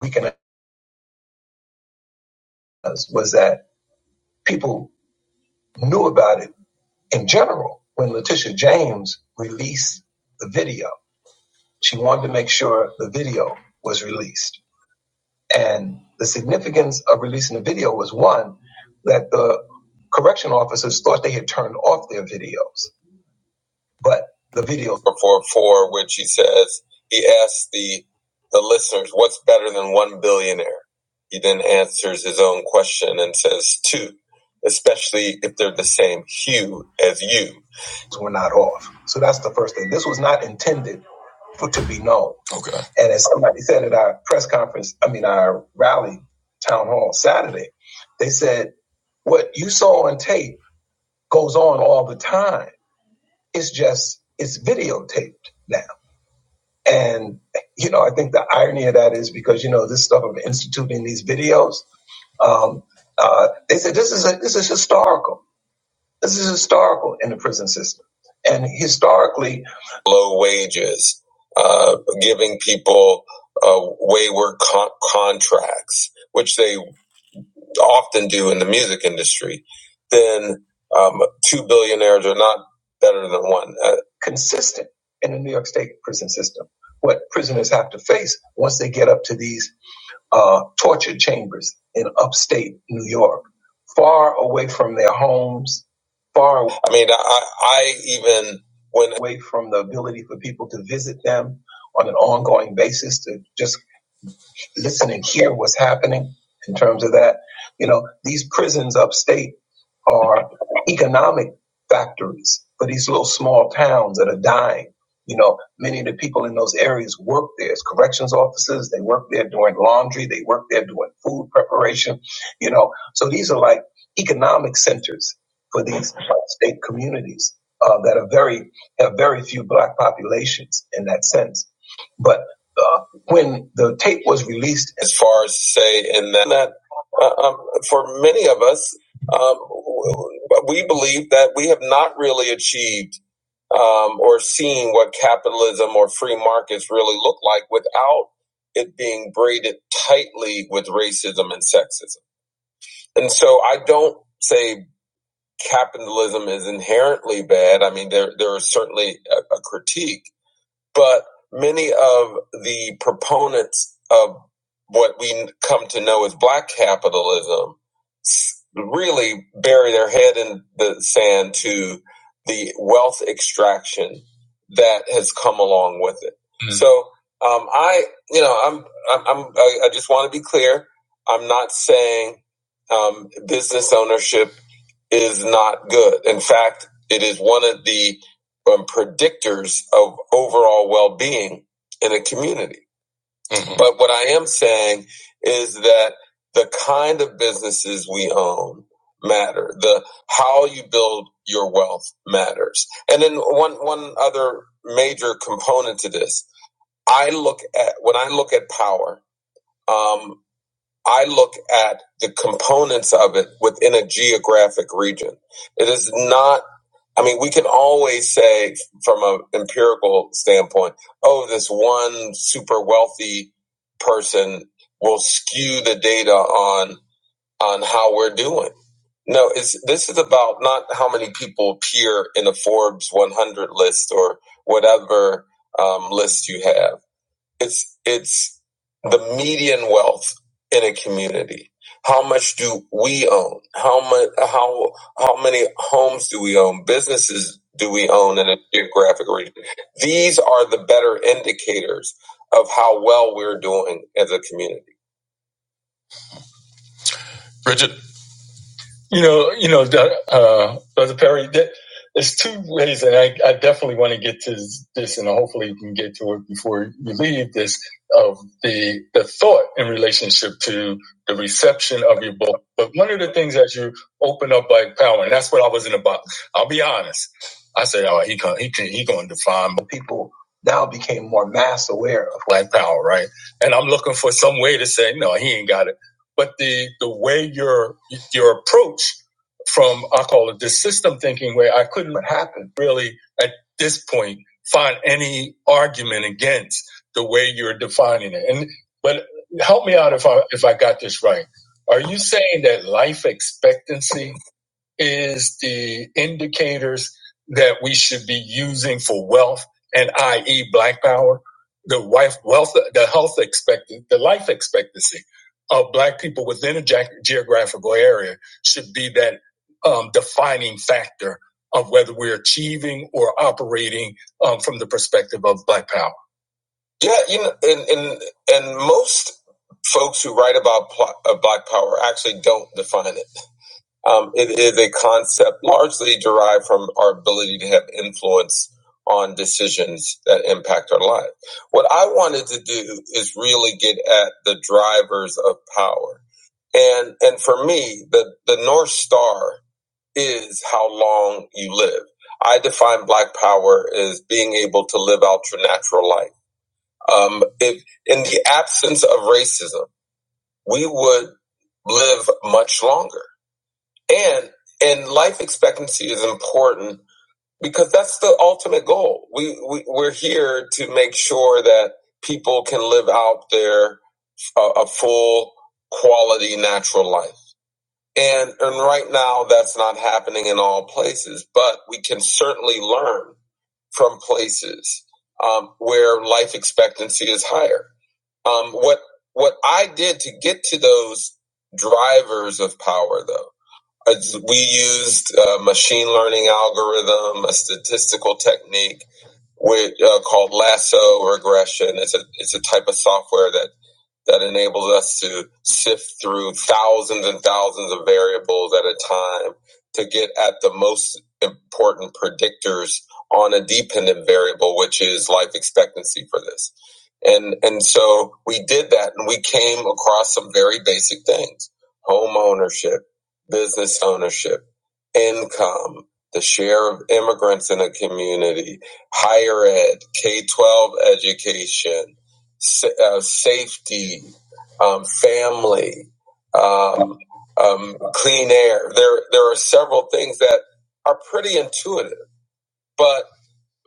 weaken us was that people knew about it in general when Letitia James released the video. She wanted to make sure the video was released. And the significance of releasing the video was one, that the correction officers thought they had turned off their videos. But the video Before four, four, which he says he asks the the listeners, "What's better than one billionaire?" He then answers his own question and says, two, especially if they're the same hue as you." So we're not off. So that's the first thing. This was not intended for to be known. Okay. And as somebody said at our press conference, I mean our rally town hall Saturday, they said, What you saw on tape goes on all the time. It's just it's videotaped now. And you know, I think the irony of that is because you know this stuff of instituting these videos. Um, uh, they said this is a, this is historical. This is historical in the prison system, and historically, low wages, uh, giving people uh, wayward con- contracts. which they often do in the music industry, then um, two billionaires are not better than one. Uh, Consistent in the New York State prison system. What prisoners have to face once they get up to these uh, torture chambers in upstate New York, far away from their homes, far. away. I mean, I I even went away from the ability for people to visit them on an ongoing basis to just listen and hear what's happening in terms of that. You know, these prisons upstate are economic factories for these little small towns that are dying. You know, many of the people in those areas work there as corrections officers. They work there doing laundry. They work there doing food preparation. You know, so these are like economic centers for these state communities uh, that are very have very few black populations in that sense. But uh, when the tape was released, as far as say in that, that uh, um, for many of us. Um, but we believe that we have not really achieved um, or seen what capitalism or free markets really look like without it being braided tightly with racism and sexism. And so I don't say capitalism is inherently bad. I mean, there, there is certainly a, a critique but many of the proponents of what we come to know as black capitalism really bury their head in the sand to the wealth extraction that has come along with it. Mm. So um, I, you know, I'm, I'm, I'm I, I just want to be clear. I'm not saying um, business ownership is not good. In fact, it is one of the um, predictors of overall well-being in a community. But what I am saying is that the kind of businesses we own matter. The how you build your wealth matters. And then one one other major component to this, I look at when I look at power, um, I look at the components of it within a geographic region. It is not I mean, we can always say from an empirical standpoint, oh, this one super wealthy person will skew the data on on how we're doing. No, it's this is about not how many people appear in the Forbes 100 list or whatever um, list you have. It's it's the median wealth in a community. How much do we own? How much? How how many homes do we own? Businesses do we own in a geographic region? These are the better indicators of how well we're doing as a community. Bridget, You know, you know, uh, Brother Perry, that, there's two ways, and I, I definitely want to get to this, and hopefully you can get to it before you leave this, of the, the thought in relationship to the reception of your book. But one of the things as you open up by power, and that's what I wasn't about. I'll be honest. I said, oh, he can, he can, he going to define, but people now became more mass aware of black power, right? And I'm looking for some way to say, no, he ain't got it but the the way your your approach from I call it this system thinking where I couldn't happen really at this point find any argument against the way you're defining it. And but help me out if I if I got this right. Are you saying that life expectancy is the indicators that we should be using for wealth and i.e. black power, the wife wealth, the health expectancy, the life expectancy of black people within a ja-, geographical area should be that um, defining factor of whether we're achieving or operating um, from the perspective of black power. Yeah, you know, and, and, and most folks who write about pl- uh, black power actually don't define it um, it is a concept largely derived from our ability to have influence on decisions that impact our life. What I wanted to do is really get at the drivers of power. And and for me, the, the North Star is how long you live. I define black power as being able to live out your natural life. Um, if in the absence of racism, we would live much longer and and life expectancy is important because that's the ultimate goal we, we we're here to make sure that people can live out their uh, a full quality natural life and and right now that's not happening in all places but we can certainly learn from places um, where life expectancy is higher um, what what i did to get to those drivers of power though we used a machine learning algorithm, a statistical technique which uh, called lasso regression. It's a it's a type of software that that enables us to sift through thousands and thousands of variables at a time to get at the most important predictors on a dependent variable, which is life expectancy for this. And, and so we did that and we came across some very basic things home ownership, business ownership, income, the share of immigrants in a community, higher ed, K 12 education, sa- uh, safety, um, family, um, um, clean air. There, there are several things that are pretty intuitive. But,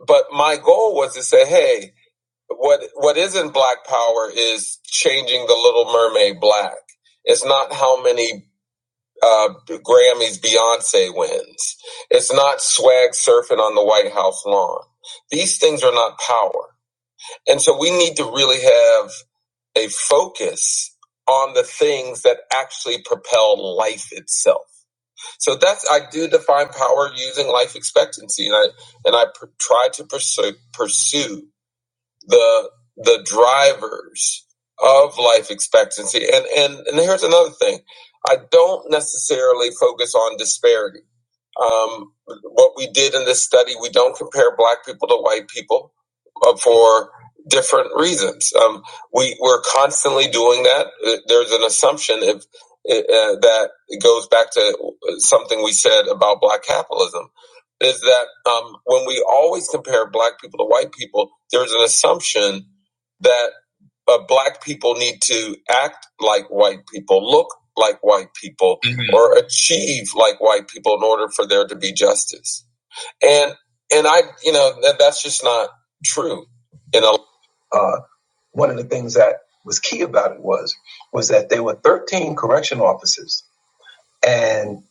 but my goal was to say, hey, what what isn't Black Power is changing the Little Mermaid black. It's not how many uh, Grammys Beyonce wins. It's not swag surfing on the White House lawn. These things are not power. And so we need to really have a focus on the things that actually propel life itself. So that's I do define power using life expectancy, and I and I pr- try to pursue pursue the the drivers of life expectancy. And and and here's another thing: I don't necessarily focus on disparity. Um, what we did in this study, we don't compare black people to white people uh, for different reasons. Um, we we're constantly doing that. Uh, There's an assumption if uh, uh, that goes back to uh, something we said about black capitalism is that um, when we always compare black people to white people, there's an assumption that uh, black people need to act like white people, look like white people Mhm. or achieve like white people in order for there to be justice. And and I, you know, that, that's just not true. You know, uh, one of the things that was key about it was was that there were 13 correction officers and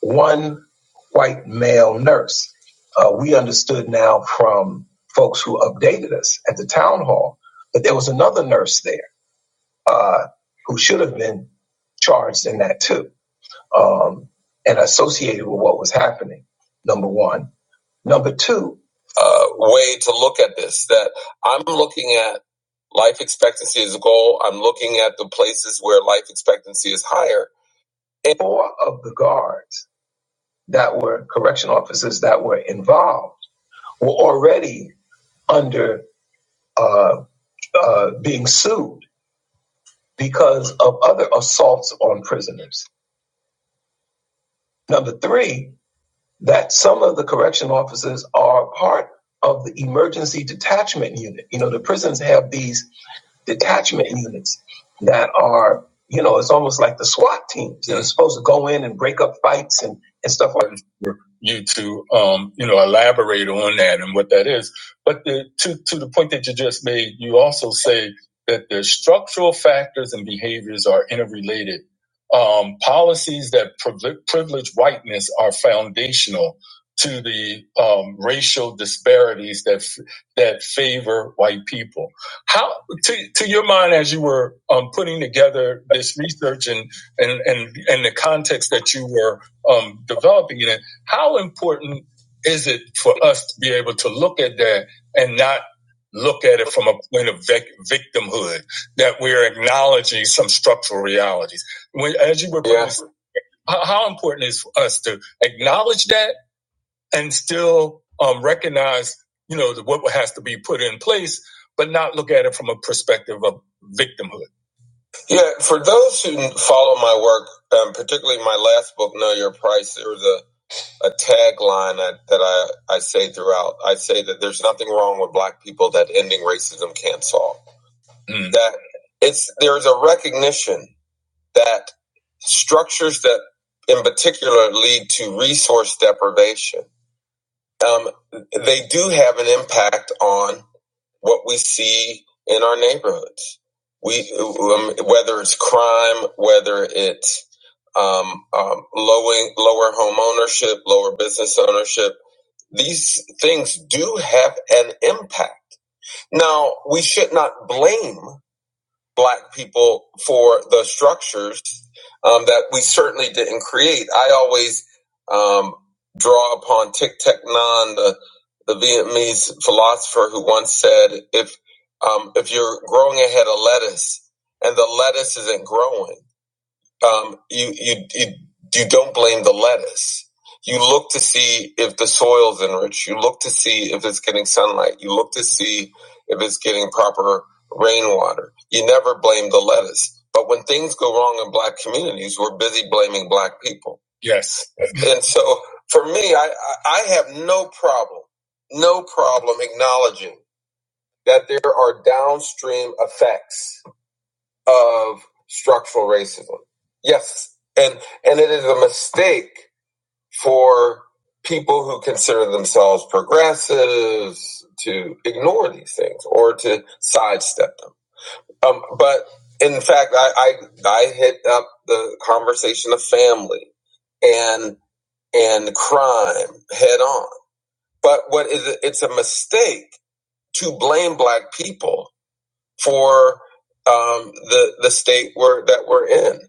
one white male nurse. Uh, we understood now from folks who updated us at the town hall that there was another nurse there uh, who should have been charged in that too um, and associated with what was happening. Number one. Number two, uh, way to look at this that I'm looking at life expectancy as a goal. I'm looking at the places where life expectancy is higher. And four of the guards that were correction officers that were involved were already under uh, uh, being sued because of other assaults on prisoners. Number three, that some of the correction officers are part of the emergency detachment unit. You know, the prisons have these detachment units that are, you know, it's almost like the SWAT teams that are supposed to go in and break up fights and, and stuff you to um, you know elaborate on that and what that is. But the, to to the point that you just made, you also say that the structural factors and behaviors are interrelated. Um, policies that privi- privilege whiteness are foundational to the um, racial disparities that f- that favor white people. How to, to your mind as you were um, putting together this research and and and and the context that you were um, developing it in, how important is it for us to be able to look at that and not look at it from a point of vic- victimhood that we're acknowledging some structural realities? When, as you were, yeah. putting, how, how important is for us to acknowledge that and still um, recognize, you know, what has to be put in place, but not look at it from a perspective of victimhood? Yeah, for those who follow my work, um, particularly my last book, Know Your Price, there was a a tagline that, that I, I say throughout. I say that there's nothing wrong with black people that ending racism can't solve. Mm. That it's there's a recognition that structures that in particular lead to resource deprivation, um, they do have an impact on what we see in our neighborhoods. We um, whether it's crime, whether it's um, um, lowering, lower home ownership, lower business ownership these things do have an impact. Now, we should not blame black people for the structures um, that we certainly didn't create. I always um, draw upon Thich Thich Nhat, Hanh, the, the Vietnamese philosopher who once said, if, um, if you're growing a head of lettuce and the lettuce isn't growing, um, you, you you you don't blame the lettuce. You look to see if the soil's enriched. You look to see if it's getting sunlight. You look to see if it's getting proper rainwater. You never blame the lettuce. But when things go wrong in black communities, we're busy blaming black people. Yes. and so for me, I, I I have no problem, no problem acknowledging that there are downstream effects of structural racism. Yes, and and it is a mistake for people who consider themselves progressives to ignore these things or to sidestep them. Um, but in fact, I, I I hit up the conversation of family and and crime head on. But what is it? It's a mistake to blame black people for um, the the state we're, that we're in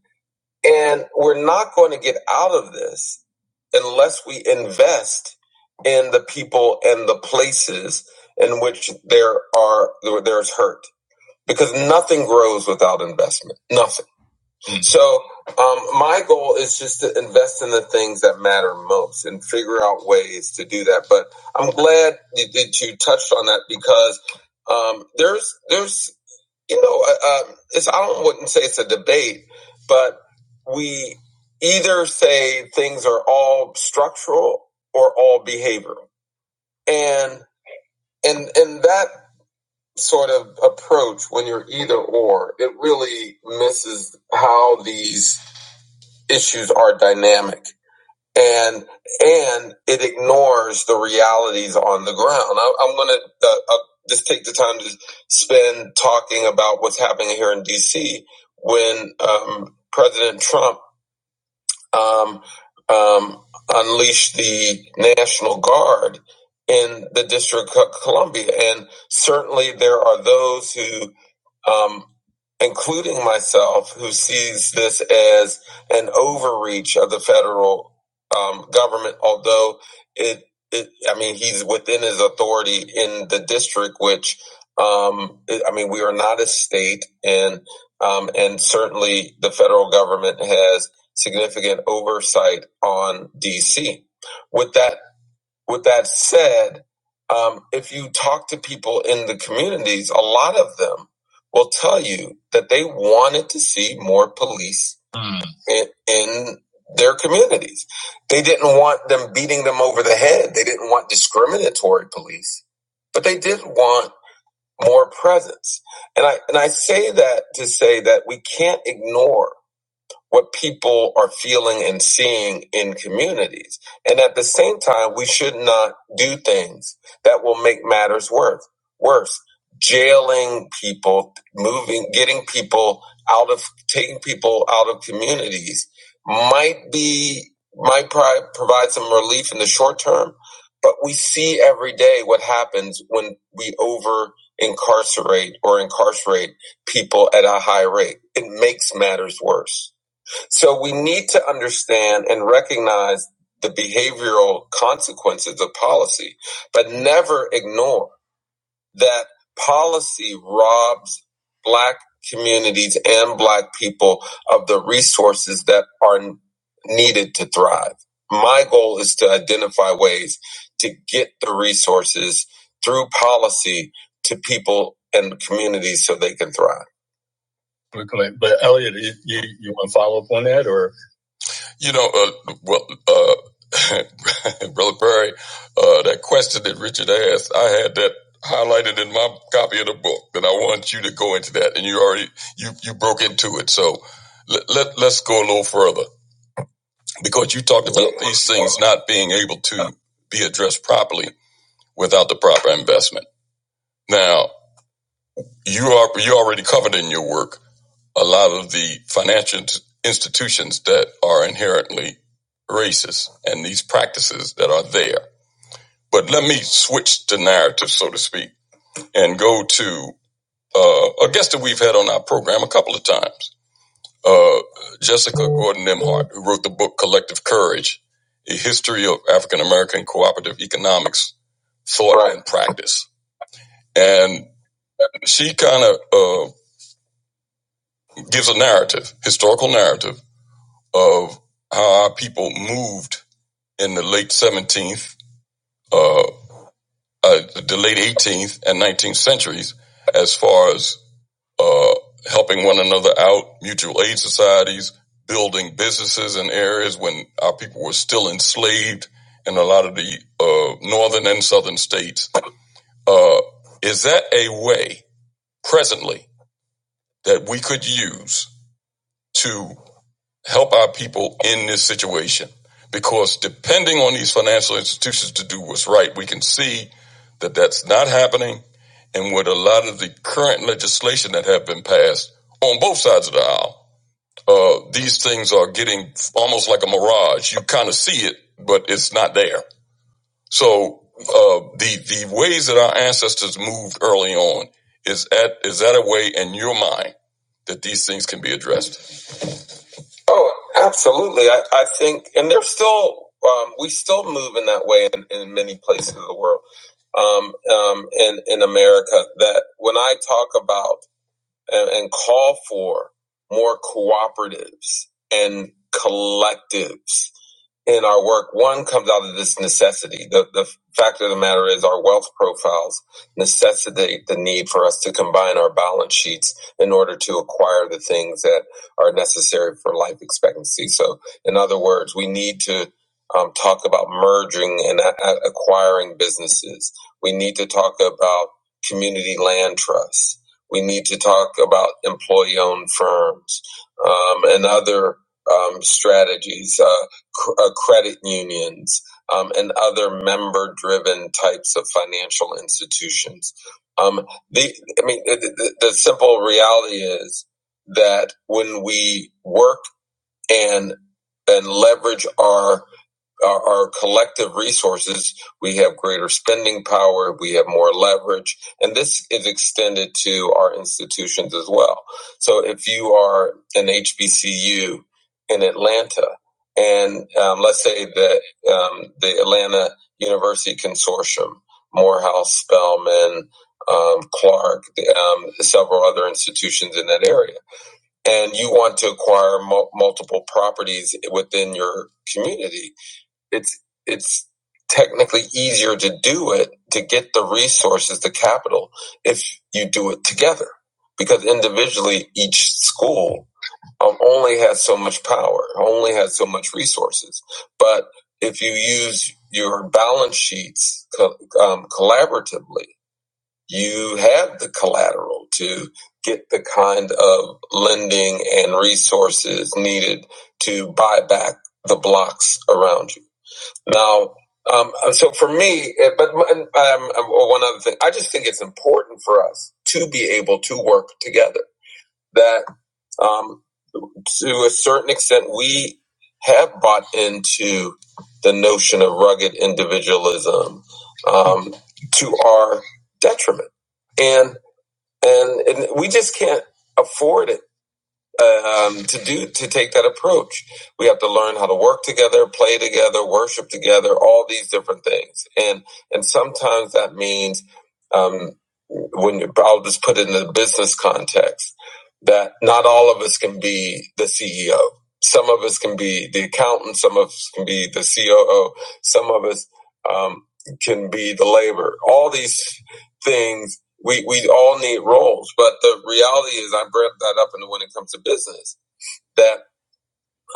and we're not going to get out of this unless we invest in the people and the places in which there are there's hurt. Because nothing grows without investment. Nothing. Mhm. So um, my goal is just to invest in the things that matter most and figure out ways to do that. But I'm glad that that you touched on that because um, there's there's you know, uh, um, it's, I don't wouldn't say it's a debate, but we either say things are all structural or all behavioral, and and and that sort of approach when you're either or, it really misses how these issues are dynamic and and it ignores the realities on the ground. I, I'm gonna uh, uh, just take the time to spend talking about what's happening here in D.C. when um, President Trump um, um, unleashed the National Guard in the District of Columbia, and certainly there are those who um, including myself, who sees this as an overreach of the federal um, government, although it, it, I mean, he's within his authority in the district, which, um, I mean, we are not a state, and um, and certainly the federal government has significant oversight on DC. With that with that said, um, if you talk to people in the communities, a lot of them will tell you that they wanted to see more police Mm. in, in their communities. They didn't want them beating them over the head. They didn't want discriminatory police, but they did want more presence. And I and I say that to say that we can't ignore what people are feeling and seeing in communities. And at the same time, we should not do things that will make matters worse. Worse, jailing people, moving, getting people out of, taking people out of communities might be, might pri- provide some relief in the short term. But we see every day what happens when we over incarcerate or incarcerate people at a high rate. It makes matters worse. So we need to understand and recognize the behavioral consequences of policy, but never ignore that policy robs black communities and black people of the resources that are needed to thrive. My goal is to identify ways to get the resources through policy to people and communities so they can thrive. Okay, But Elliot, you, you want to follow up on that or? You know, uh, well, uh, Brother Perry, uh, that question that Richard asked, I had that highlighted in my copy of the book, and I want you to go into that, and you already you you broke into it. So let, let let's go a little further because you talked about these things not being able to be addressed properly without the proper investment. Now you are you already covered in your work a lot of the financial institutions that are inherently racist and these practices that are there. But let me switch to narrative, so to speak, and go to uh, a guest that we've had on our program a couple of times, uh, Jessica Gordon Nimhart, who wrote the book Collective Courage A History of African American Cooperative Economics, Thought right. and Practice. And she kind of uh, gives a narrative, historical narrative of how our people moved in the late 17th, uh, uh, the late 18th and 19th centuries, as far as uh, helping one another out, mutual aid societies, building businesses in areas when our people were still enslaved in a lot of the uh, northern and southern states. Uh, is that a way presently that we could use? to? help our people in this situation because depending on these financial institutions to do what's right, we can see that that's not happening. And with a lot of the current legislation that have been passed on both sides of the aisle, uh, these things are getting almost like a mirage. You kind of see it, but it's not there. So uh, the the ways that our ancestors moved early on is that is that a way in your mind that these things can be addressed? Oh, absolutely. I, I think, and there's still, um, we still move in that way in, in many places of the world, um, um, in, in America, that when I talk about and, and call for more cooperatives and collectives in our work, one comes out of this necessity. The, the fact of the matter is, our wealth profiles necessitate the need for us to combine our balance sheets in order to acquire the things that are necessary for life expectancy. So, in other words, we need to um, talk about merging and a- acquiring businesses. We need to talk about community land trusts. We need to talk about employee owned firms um, and other um, strategies. Uh, cr- uh, credit unions, um, and other member driven types of financial institutions. Um, the, I mean, the, the, the simple reality is that when we work and and leverage our our, our collective resources, we have greater spending power, we have more leverage, and this is extended to our institutions as well. So if you are an HBCU in Atlanta, and um, let's say that um, the Atlanta University Consortium, Morehouse, Spelman, um, Clark, um, several other institutions in that area, and you want to acquire mul multiple properties within your community it's it's technically easier to do it to get the resources the capital if you do it together because individually each school um, only has so much power only has so much resources but if you use your balance sheets co- um, collaboratively you have the collateral to get the kind of lending and resources needed to buy back the blocks around you now, um, so for me, eh, but um, um, well, one other thing, I just think it's important for us to be able to work together. That um, to a certain extent, we have bought into the notion of rugged individualism um, to our detriment, and and and we just can't afford it um, to do to take that approach. We have to learn how to work together, play together, worship together, all these different things. And and sometimes that means um, when you, I'll just put it in the business context that not all of us can be the CEO. Some of us can be the accountant. Some of us can be the COO. Some of us um, can be the labor. All these things we we all need roles, but the reality is, I brought that up, and when it comes to business, that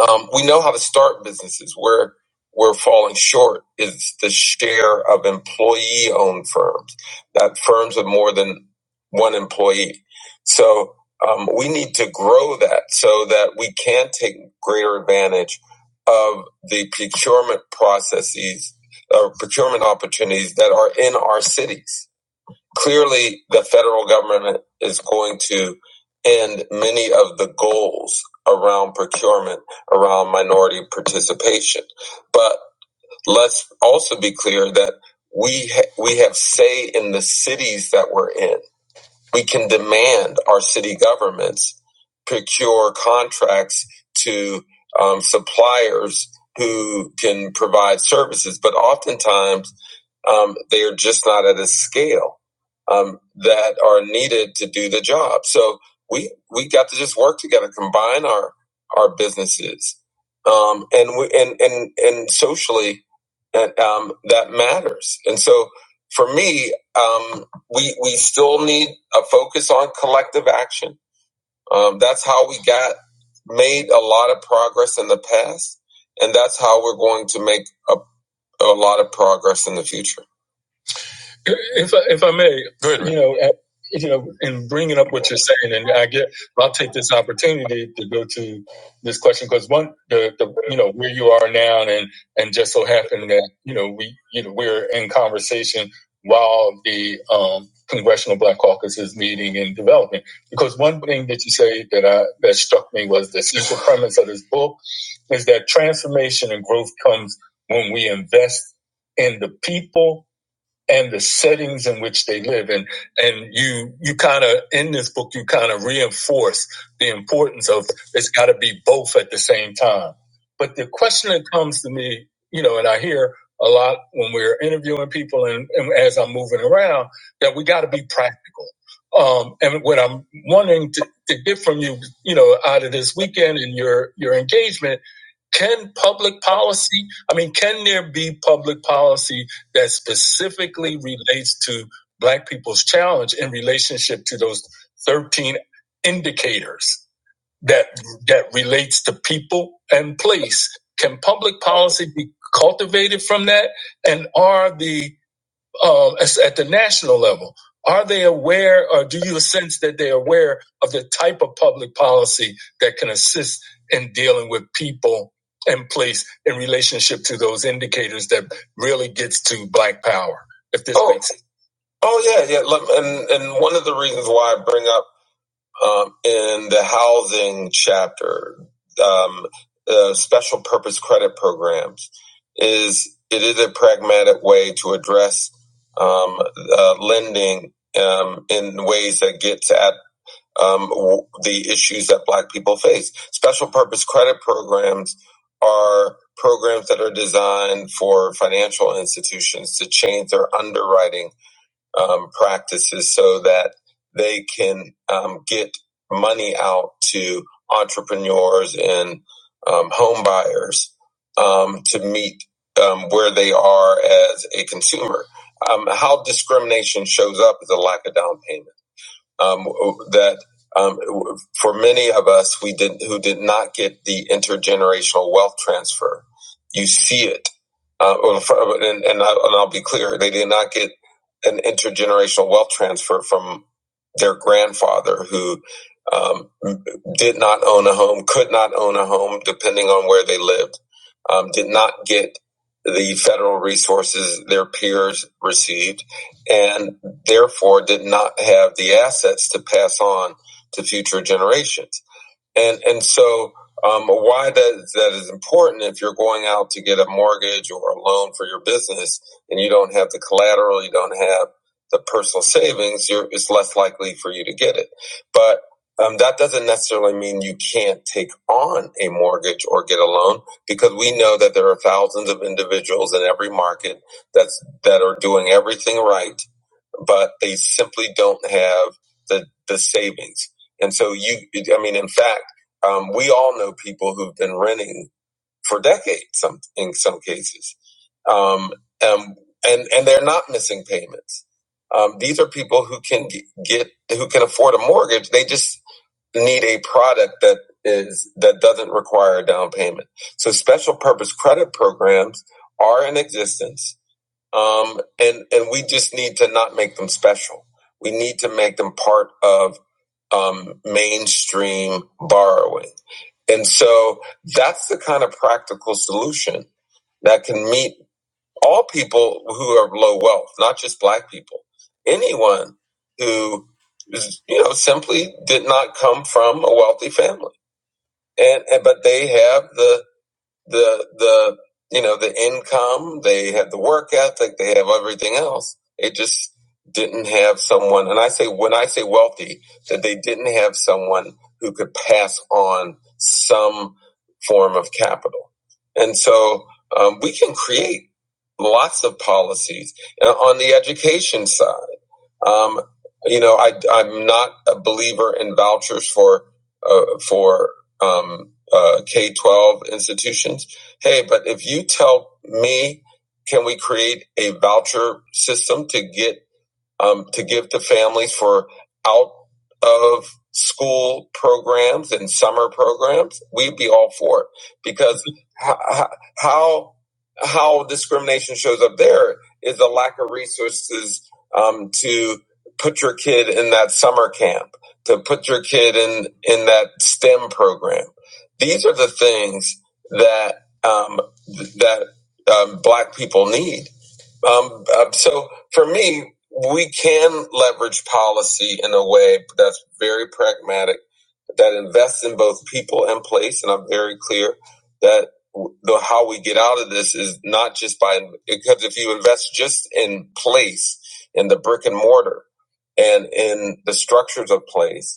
um, we know how to start businesses. Where we're falling short is the share of employee-owned firms, that firms with more than one employee. So um, we need to grow that so that we can take greater advantage of the procurement processes, uh, procurement opportunities that are in our cities clearly the federal government is going to end many of the goals around procurement, around minority participation. But let's also be clear that we ha- we have say in the cities that we're in. We can demand our city governments procure contracts to um, suppliers who can provide services, but oftentimes um, they are just not at a scale um, that are needed to do the job. So we we got to just work together, combine our our businesses, um, and we and and and socially that um, that matters. And so for me, um, we we still need a focus on collective action. Um, that's how we got made a lot of progress in the past, and that's how we're going to make a, a lot of progress in the future. If I, if I may, Go you know, at, you know, in bringing up what you're saying, and I get, I'll take this opportunity to go to this question because one, the, the you know where you are now, and and just so happened that you know we you know we're in conversation while the um, Congressional Black Caucus is meeting and developing. Because one thing that you say that I that struck me was the central premise of this book is that transformation and growth comes when we invest in the people and the settings in which they live and and you you kind of in this book you kind of reinforce the importance of it's got to be both at the same time but the question that comes to me you know and i hear a lot when we're interviewing people and, and as i'm moving around that we got to be practical um, and what i'm wanting to, to get from you you know out of this weekend and your your engagement can public policy, I mean, can there be public policy that specifically relates to Black people's challenge in relationship to those 13 indicators that, that relates to people and place? Can public policy be cultivated from that? And are the um, as- at the national level? Are they aware, or do you sense that they're aware of the type of public policy that can assist in dealing with people and place in relationship to those indicators that really gets to black power? If this Oh, makes sense. oh yeah, yeah. and and one of the reasons why I bring up um, in the housing chapter, um, uh, special purpose credit programs is it is a pragmatic way to address um, uh, lending um, in ways that gets at um, the issues that Black people face. Special purpose credit programs are programs that are designed for financial institutions to change their underwriting um, practices so that they can um, get money out to entrepreneurs and um, home buyers um, to meet um, where they are as a consumer. Um, how discrimination shows up is a lack of down payment um, that um, for many of us we did who did not get the intergenerational wealth transfer. You see it, uh, well, and, and, I, and I'll be clear: they did not get an intergenerational wealth transfer from their grandfather who. Um, did not own a home, could not own a home, depending on where they lived, um, did not get the federal resources their peers received, and therefore did not have the assets to pass on to future generations. And and so um, why that that is important if you're going out to get a mortgage or a loan for your business and you don't have the collateral, you don't have the personal savings, you're, it's less likely for you to get it. But um, that doesn't necessarily mean you can't take on a mortgage or get a loan because we know that there are thousands of individuals in every market that's that are doing everything right but they simply don't have the the savings. And so you, I mean, in fact, um, we all know people who've been renting for decades, some in some cases, um, um, and and they're not missing payments. Um, these are people who can get who can afford a mortgage. They just need a product that is that doesn't require a down payment. So special purpose credit programs are in existence um, and and we just need to not make them special. We need to make them part of um, mainstream borrowing, and so that's the kind of practical solution that can meet all people who are low wealth, not just Black people. Anyone who you know simply did not come from a wealthy family, and, and but they have the the the you know the income they had the work ethic they have everything else they just didn't have someone and i say when i say wealthy that they didn't have someone who could pass on some form of capital and so um, we can create lots of policies And on the education side um, you know, I, I'm not a believer in vouchers for uh, for um, uh, K twelve institutions. Hey, but if you tell me, can we create a voucher system to get um, to give to families for out of school programs and summer programs, we'd be all for it because how how, how discrimination shows up there is a lack of resources um, to put your kid in that summer camp, to put your kid in in that STEM program. These are the things that um, that um, Black people need um, uh, so for me, we can leverage policy in a way that's very pragmatic, that invests in both people and place. And I'm very clear that the how we get out of this is not just by because if you invest just in place, in the brick and mortar, and in the structures of place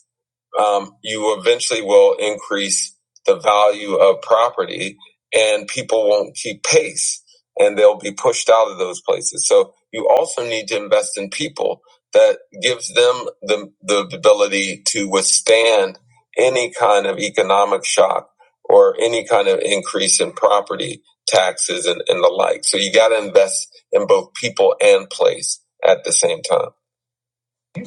um, you eventually will increase the value of property and people won't keep pace and they'll be pushed out of those places. So you also need to invest in people that gives them the, the ability to withstand any kind of economic shock or any kind of increase in property taxes and, and the like. So you got to invest in both people and place at the same time.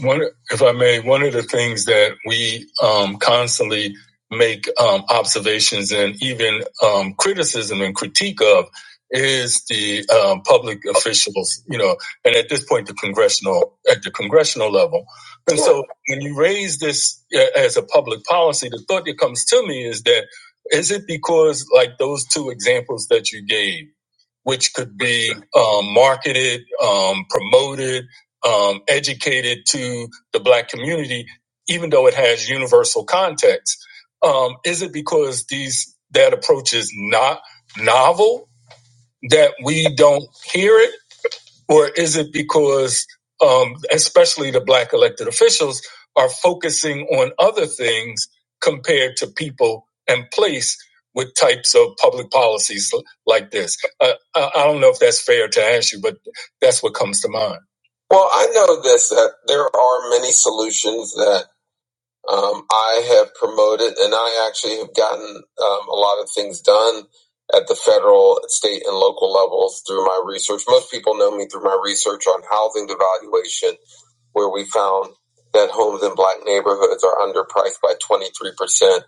One, if I may, one of the things that we um, constantly make um, observations and even um, criticism and critique of is the um, public officials, you know, and at this point, the congressional at the congressional level. And so, when you raise this uh, as a public policy, the thought that comes to me is that is it because like those two examples that you gave which could be um, marketed, um, promoted, um, educated to the black community, even though it has universal context. Um, is it because these that approach is not novel that we don't hear it? or is it because um, especially the black elected officials are focusing on other things compared to people and place with types of public policies like this? Uh, I, I don't know if that's fair to ask you, but that's what comes to mind. Well, I know this that there are many solutions that. Um, I have promoted, and I actually have gotten um, a lot of things done at the federal, state, and local levels through my research. Most people know me through my research on housing devaluation, where we found that homes in black neighborhoods are underpriced by 23%,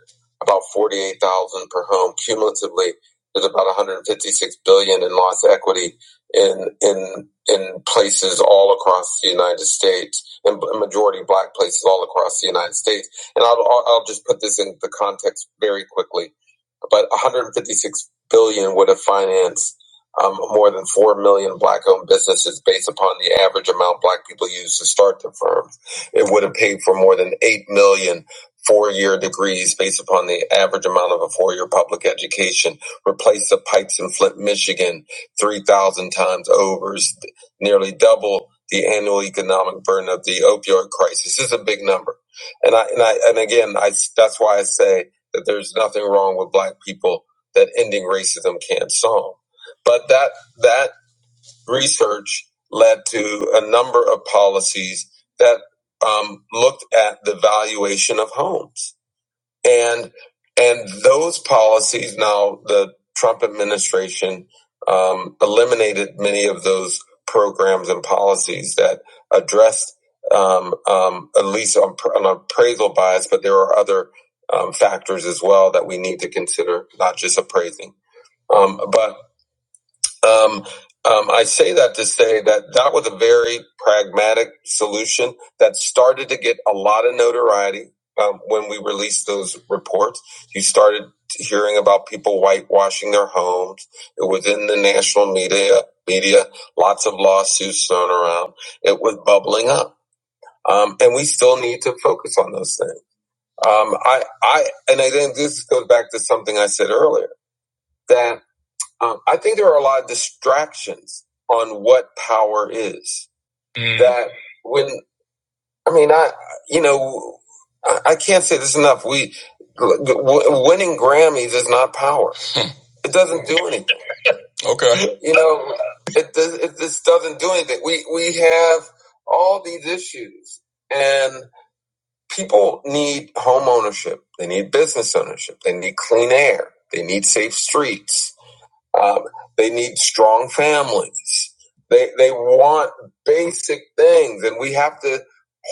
about 48,000 per home. Cumulatively, there's about 156 billion dollars in lost equity in in in places all across the United States, and majority black places all across the United States and I'll, I'll just put this in the context very quickly but 156 billion dollars would have financed um, more than 4 million black-owned businesses based upon the average amount black people use to start their firms. it would have paid for more than 8 million four-year degrees based upon the average amount of a four-year public education. Replaced the pipes in flint, michigan, 3,000 times over, nearly double the annual economic burden of the opioid crisis. this is a big number. and I, and I, and again, I, that's why i say, that there's nothing wrong with black people that ending racism can't solve. But that that research led to a number of policies that um, looked at the valuation of homes and and those policies now the Trump administration um, eliminated many of those programs and policies that addressed um, um, at least on, on appraisal bias, but there are other um, factors as well that we need to consider, not just appraising. Um, but um, um, I say that to say that that was a very pragmatic solution that started to get a lot of notoriety um, when we released those reports. You started hearing about people whitewashing their homes. It was in the national media. Media, lots of lawsuits thrown around. It was bubbling up, um, and we still need to focus on those things. Um, I, I, and I think this goes back to something I said earlier. that. Um, I think there are a lot of distractions on what power is. Mm. That when I mean, I you know, I, I can't say this enough. We w- winning Grammys is not power. It doesn't do anything. Okay. You know, it does. It just doesn't do anything. We we have all these issues, and people need home ownership. They need business ownership. They need clean air. They need safe streets um, they need strong families. They they want basic things, and we have to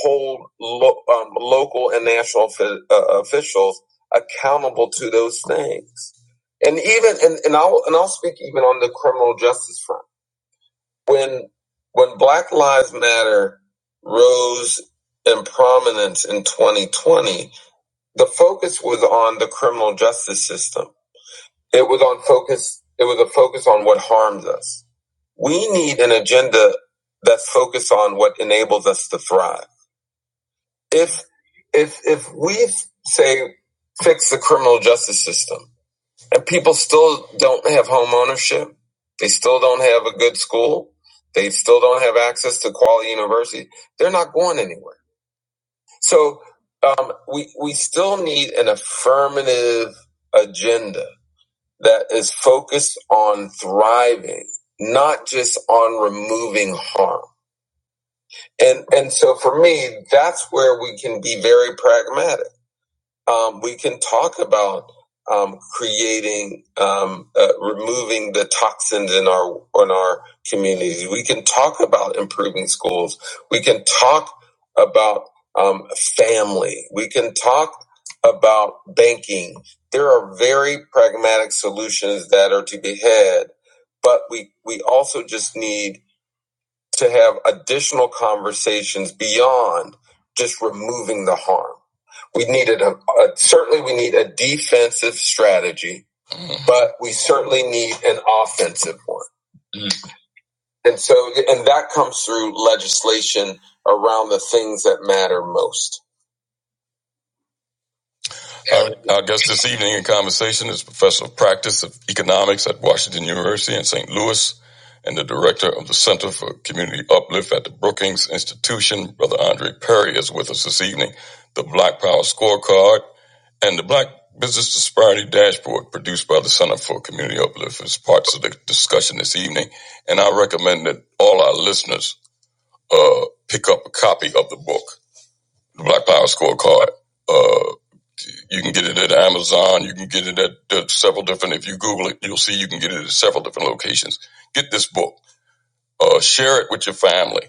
hold lo- um, local and national offi- uh, officials accountable to those things. And even and, and I'll and I'll speak even on the criminal justice front. When when Black Lives Matter rose in prominence in 2020, the focus was on the criminal justice system it was on focus. It was a focus on what harms us. We need an agenda that's focused on what enables us to thrive. If if if we say fix the criminal justice system and people still don't have home ownership, they still don't have a good school, they still don't have access to quality university, they're not going anywhere. So um, we we still need an affirmative agenda that is focused on thriving, not just on removing harm. And and so for me, that's where we can be very pragmatic um, we can talk about um, creating, um, uh, removing the toxins in our in our communities. We can talk about improving schools. We can talk about um, family. We can talk about banking. There are very pragmatic solutions that are to be had, but we we also just need to have additional conversations beyond just removing the harm we needed a, a certainly we need a defensive strategy, Mhm. but we certainly need an offensive one. Mm. And so, and that comes through legislation around the things that matter most. Our, our guest this evening in conversation is Professor of Practice of Economics at Washington University in St. Louis and the Director of the Center for Community Uplift at the Brookings Institution. Brother Andre Perry is with us this evening. The Black Power Scorecard and the Black Business Disparity Dashboard, produced by the Center for Community Uplift, is parts of the discussion this evening. And I recommend that all our listeners uh, pick up a copy of the book, The Black Power Scorecard. Uh, you can get it at Amazon. You can get it at, at several different. If you Google it, you'll see you can get it at several different locations. Get this book. Uh, share it with your family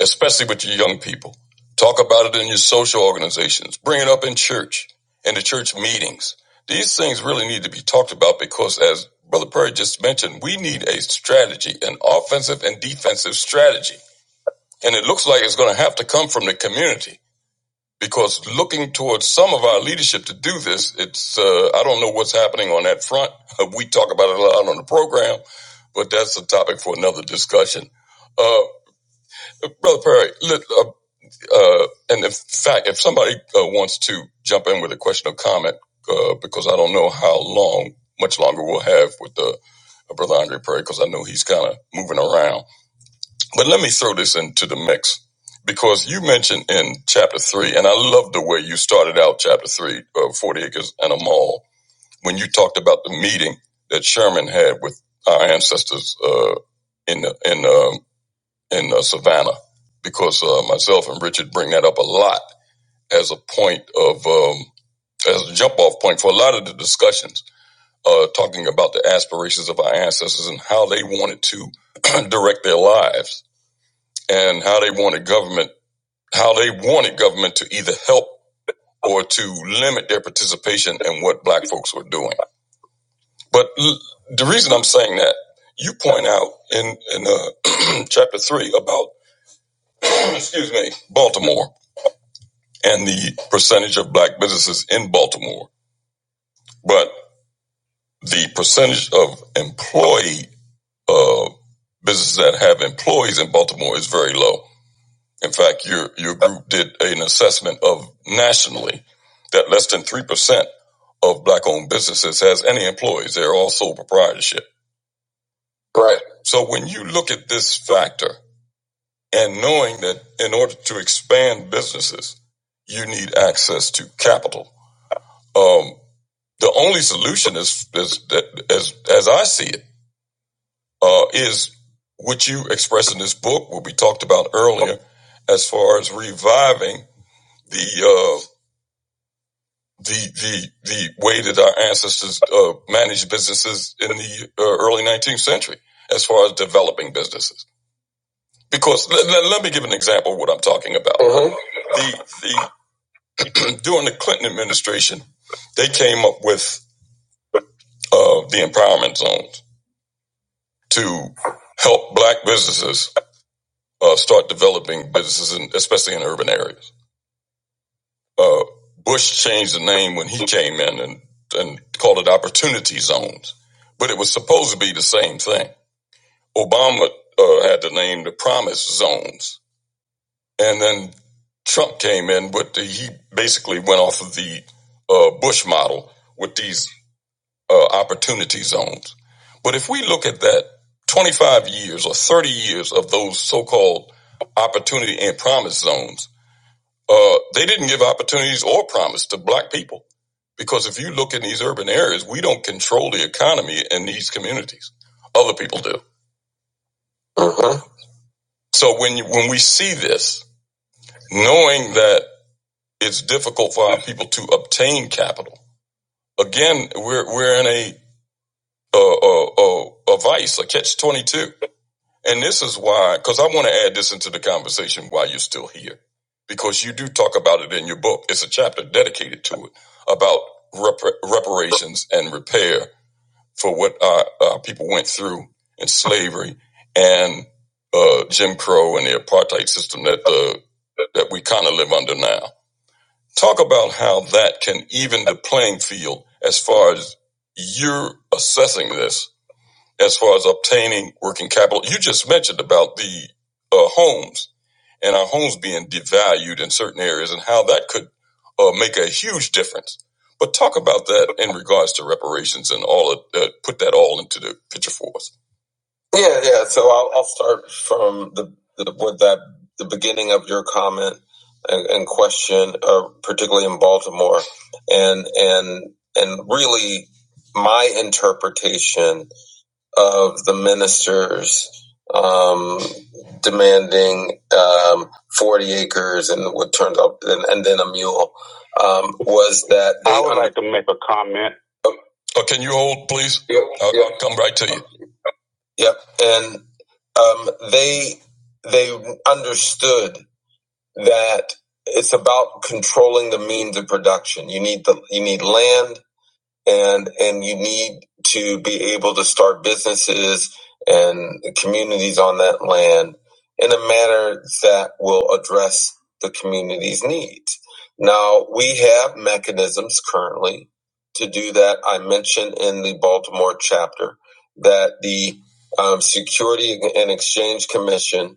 especially with your young people. Talk about it in your social organizations. Bring it up in church, in the church meetings. These things really need to be talked about because, as Brother Perry just mentioned, we need a strategy, an offensive and defensive strategy. And it looks like it's going to have to come from the community because looking towards some of our leadership to do this, it's, uh, I don't know what's happening on that front. We talk about it a lot on the program, but that's a topic for another discussion. Uh, Brother Perry, let, uh, uh, and in fact, if somebody uh, wants to jump in with a question or comment, uh, because I don't know how long, much longer we'll have with the uh, Brother Andre Perry, because I know he's kind of moving around. But let me throw this into the mix because you mentioned in chapter three, and I love the way you started out chapter three, uh, 40 acres and a mall, when you talked about the meeting that Sherman had with our ancestors uh, in in um in uh, Savannah, because uh, myself and Richard bring that up a lot as a point of um, as a jump off point for a lot of the discussions uh, talking about the aspirations of our ancestors and how they wanted to direct their lives and how they wanted government how they wanted government to either help or to limit their participation in what black folks were doing but l- the reason i'm saying that you point out in in uh, chapter 3 about excuse me baltimore and the percentage of black businesses in baltimore but. the percentage of employee uh, businesses that have employees in Baltimore is very low. In fact, your your group did an assessment of nationally that less than three percent of black-owned businesses has any employees. They're all sole proprietorship. Right. So when you look at this factor and knowing that in order to expand businesses, you need access to capital. Um, the only solution is, is, is, as I see it uh, is what you express in this book, what we talked about earlier, as far as reviving the uh, the the the way that our ancestors uh, managed businesses in the uh, early 19th century, as far as developing businesses. Because let, let, let me give an example of what I'm talking about. Mhm. The, the during the Clinton administration, they came up with uh, the empowerment zones to help black businesses uh, start developing businesses, in, especially in urban areas. Uh, Bush changed the name when he came in and, and called it opportunity zones, but it was supposed to be the same thing. Obama uh, had the name the promise zones, and then Trump came in with the, he basically went off of the uh, Bush model with these uh, opportunity zones. But if we look at that 25 years or 30 years of those so called opportunity and promise zones, Uh, they didn't give opportunities or promise to black people because if you look in these urban areas, we don't control the economy in these communities. Other people do. Uh-huh. So when you, when we see this, knowing that it's difficult for our people to obtain capital, again, we're we're in a a, a, a, a vice, a catch twenty two. And this is why, because I want to add this into the conversation while you're still here, because you do talk about it in your book. It's a chapter dedicated to it about rep- reparations and repair for what our, our people went through in slavery and uh, Jim Crow and the apartheid system that uh, that we kind of live under now. Talk about how that can even the playing field as far as you're assessing this as far as obtaining working capital. You just mentioned about the uh, homes and our homes being devalued in certain areas and how that could uh, make a huge difference. But talk about that in regards to reparations and all of uh, put that all into the picture for us. Yeah, yeah. So I'll, I'll start from the, the with that the beginning of your comment and, and question, uh, particularly in Baltimore, and and and really my interpretation of the ministers um, demanding um, 40 acres and what turned up and, and then a mule um, was that they I would under- like to make a comment. Oh, oh, can you hold, please? Yeah, I'll yeah. come right to you. Yep, and um, they they understood that it's about controlling the means of production. You need the you need land and and you need to be able to start businesses and communities on that land in a manner that will address the community's needs. Now we have mechanisms currently to do that. I mentioned in the Baltimore chapter that the um, Security and Exchange Commission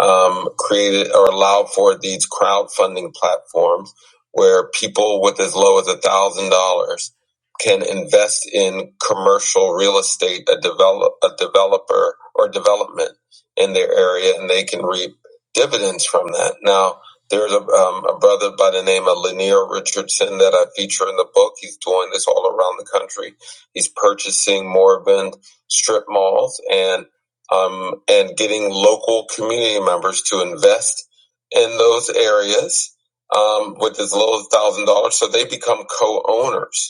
um, created or allowed for these crowdfunding platforms where people with as low as a thousand dollars can invest in commercial real estate, a develop a developer or development in their area, and they can reap dividends from that. Now, there's a, um, a brother by the name of Lanier Richardson that I feature in the book. He's doing this all around the country. He's purchasing moribund strip malls and um, and getting local community members to invest in those areas um, with as little as one thousand dollars, so they become co-owners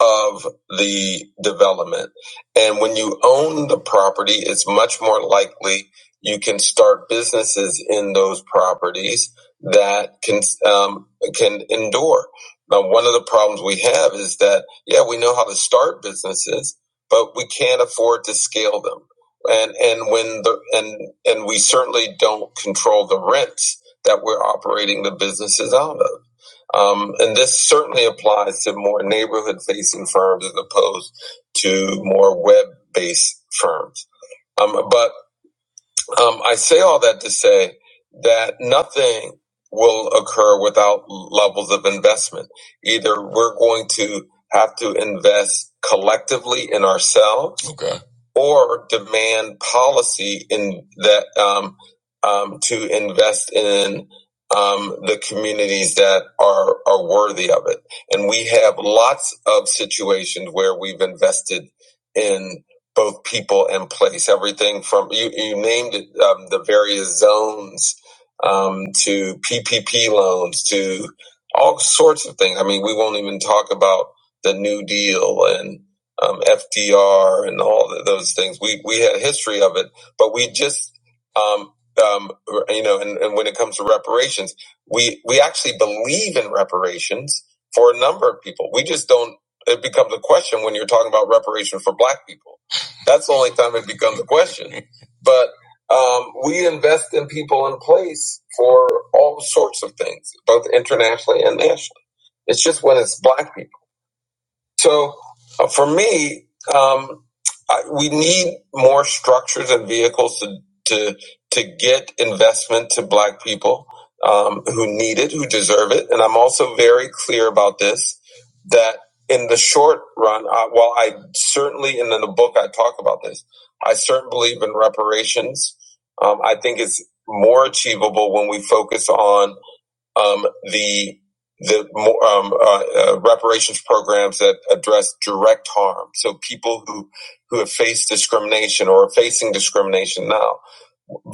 of the development. And when you own the property, it's much more likely you can start businesses in those properties that can um, can endure. Now, one of the problems we have is that yeah, we know how to start businesses, but we can't afford to scale them. And and when the and and we certainly don't control the rents that we're operating the businesses out of. Um, and this certainly applies to more neighborhood facing firms as opposed to more web based firms. Um, but um, I say all that to say that nothing will occur without levels of investment. Either we're going to have to invest collectively in ourselves, okay. or demand policy in that um, um, to invest in um, the communities that are are worthy of it. And we have lots of situations where we've invested in both people and place. Everything from you, you named it, um, the various zones um, to PPP loans to all sorts of things. I mean, we won't even talk about the New Deal and um, FDR and all th those things. We we had a history of it, but we just um, um, you know, and, and when it comes to reparations, we we actually believe in reparations for a number of people. We just don't. It becomes a question when you're talking about reparations for Black people that's the only time it becomes a question. But um, we invest in people in place for all sorts of things, both internationally and nationally. It's just when it's black people. So uh, for me, um, I, we need more structures and vehicles to to to get investment to Black people um, who need it, who deserve it. And I'm also very clear about this that in the short run, uh, while I certainly, and in the book I talk about this, I certainly believe in reparations. Um, I think it's more achievable when we focus on um, the the more um, uh, uh, reparations programs that address direct harm. So people who who have faced discrimination or are facing discrimination now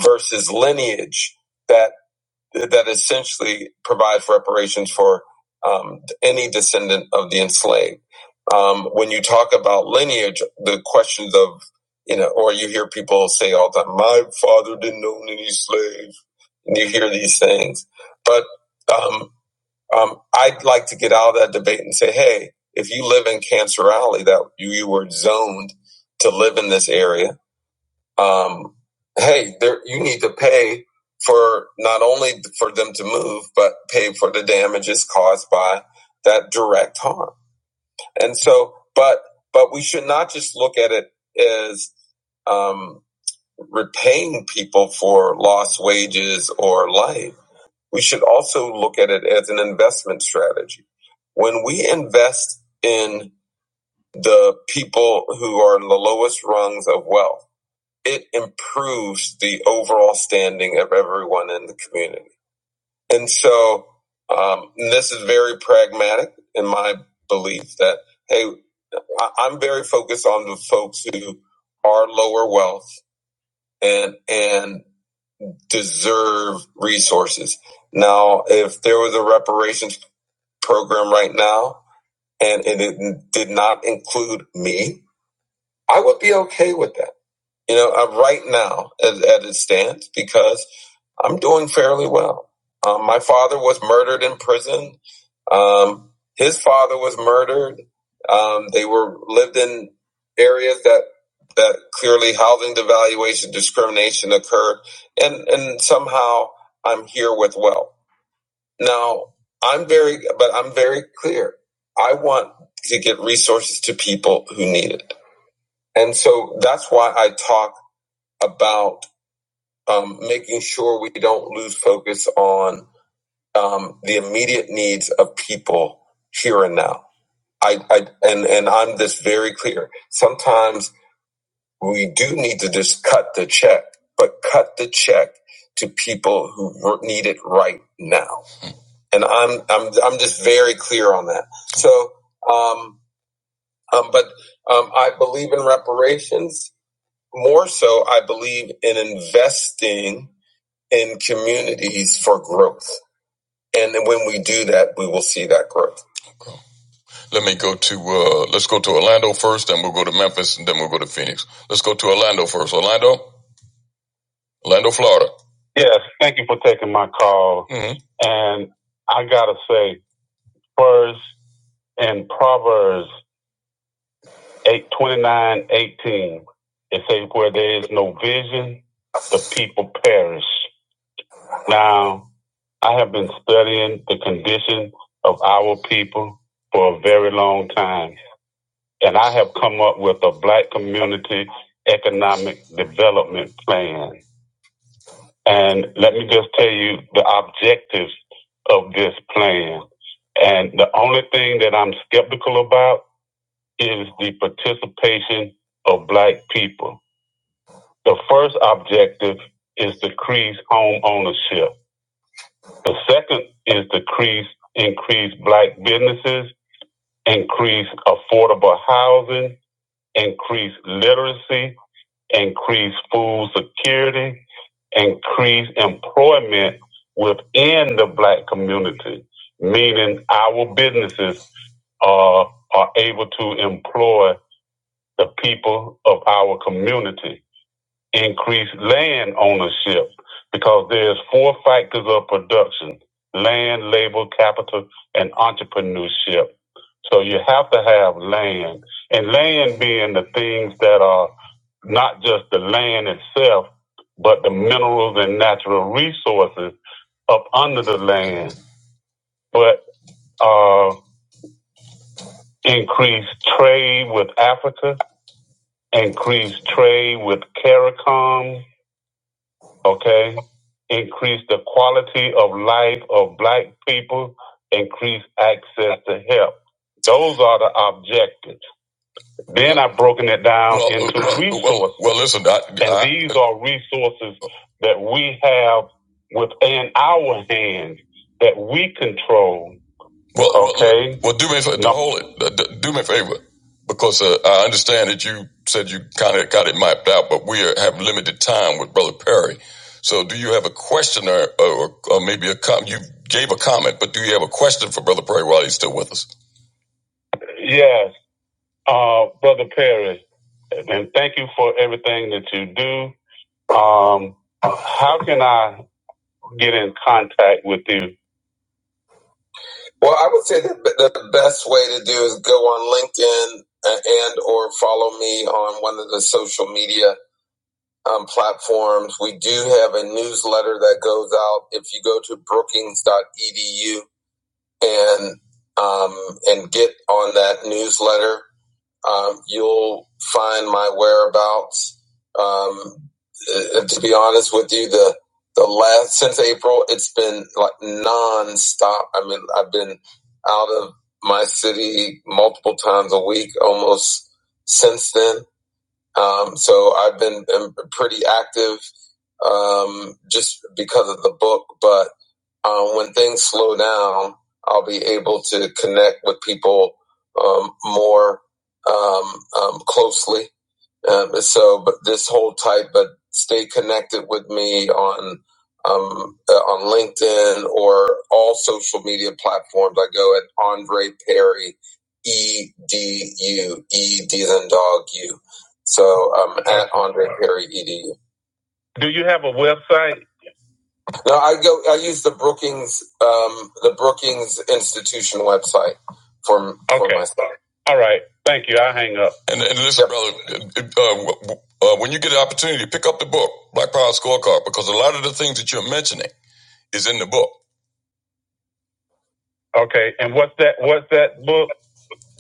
versus lineage that that essentially provides reparations for um, any descendant of the enslaved. Um, when you talk about lineage, the questions of you know, or you hear people say all the time, "My father didn't own any slaves," and you hear these things, but um, um, I'd like to get out of that debate and say, hey, if you live in Cancer Alley, that you, you were zoned to live in this area, um, hey, there, you need to pay for not only for them to move, but pay for the damages caused by that direct harm. And so, but but we should not just look at it as um, repaying people for lost wages or life we should also look at it as an investment strategy. When we invest in the people who are in the lowest rungs of wealth, it improves the overall standing of everyone in the community. And so, um, and this is very pragmatic in my belief that, hey, I'm very focused on the folks who are lower wealth and, and deserve resources. Now, if there was a reparations program right now and it didn't- include me, I would be okay with that. You know, uh, right now, as, as it stands, because I'm doing fairly well. Um, my father was murdered in prison. Um, his father was murdered. Um, they were lived in areas that that clearly housing devaluation discrimination occurred, and and somehow I'm here with wealth. Now, I'm very, but I'm very clear. I want to get resources to people who need it. And so that's why I talk about um, making sure we don't lose focus on um, the immediate needs of people here and now. I, I and and I'm this very clear. Sometimes we do need to just cut the check, but cut the check to people who need it right now and I'm I'm I'm just very clear on that. So, um, um, but um, I believe in reparations more so. I believe in investing in communities for growth, and when we do that, we will see that growth. Okay. Let me go to uh, let's go to Orlando first, then we'll go to Memphis, and then we'll go to Phoenix. Let's go to Orlando first. Orlando, Orlando, Florida. Yes, thank you for taking my call, Mhm. and I gotta say. First in Proverbs 8 29 18, it says, Where there is no vision, the people perish. Now, I have been studying the condition of our people for a very long time, and I have come up with a Black Community Economic Development Plan. And let me just tell you the objectives of this plan. And the only thing that I'm skeptical about is the participation of black people. The first objective is decrease home ownership. The second is decrease increase black businesses, increase affordable housing, increase literacy, increase food security, increase employment within the black community, meaning our businesses are are able to employ the people of our community, increase land ownership because there's four factors of production, land, labor, capital, and entrepreneurship. So you have to have land and land being the things that are not just the land itself, but the minerals and natural resources up under the land, but uh, increase trade with Africa, increase trade with CARICOM, okay? Increase the quality of life of black people, increase access to help. Those are the objectives. Then I've broken it down Well, into well, resources. well well, listen, I, And I, these are resources that we have within our hands that we control well, uh, Okay. well, do me a favor. Now, hold it. Uh, d- Do me a favor, because uh, I understand that you said you kind of got it mapped out, but we are, have limited time with Brother Perry. So, do you have a question, or, or, or maybe a com- you gave a comment, but do you have a question for Brother Perry while he's still with us? Yes, uh, Brother Perry, and thank you for everything that you do. Um, how can I get in contact with you? Well, I would say that the best way to do is go on LinkedIn uh, and or follow me on one of the social media um, platforms. We do have a newsletter that goes out. If you go to Brookings. Edu and um, and get on that newsletter, um, you'll find my whereabouts. Um, uh, to be honest with you, the the last since April, it's been like nonstop. I mean, I've been out of my city multiple times a week almost since then um, so I've been, been pretty active um, just because of the book. But um, when things slow down, I'll be able to connect with people um, more um, um, closely. Um, so, but this whole type, but stay connected with me on um, uh, on LinkedIn or all social media platforms. I go at Andre Perry, E D U E D than dog U. So um, at Andre Perry E D U. Do you have a website? No, I go. I use the Brookings, um, the Brookings Institution website for okay. for okay. my stuff. All right, thank you. I hang up. And, and listen, Yep. brother, uh, uh, when you get an opportunity, pick up the book Black Power Scorecard because a lot of the things that you're mentioning is in the book. Okay, and what's that? What's that book?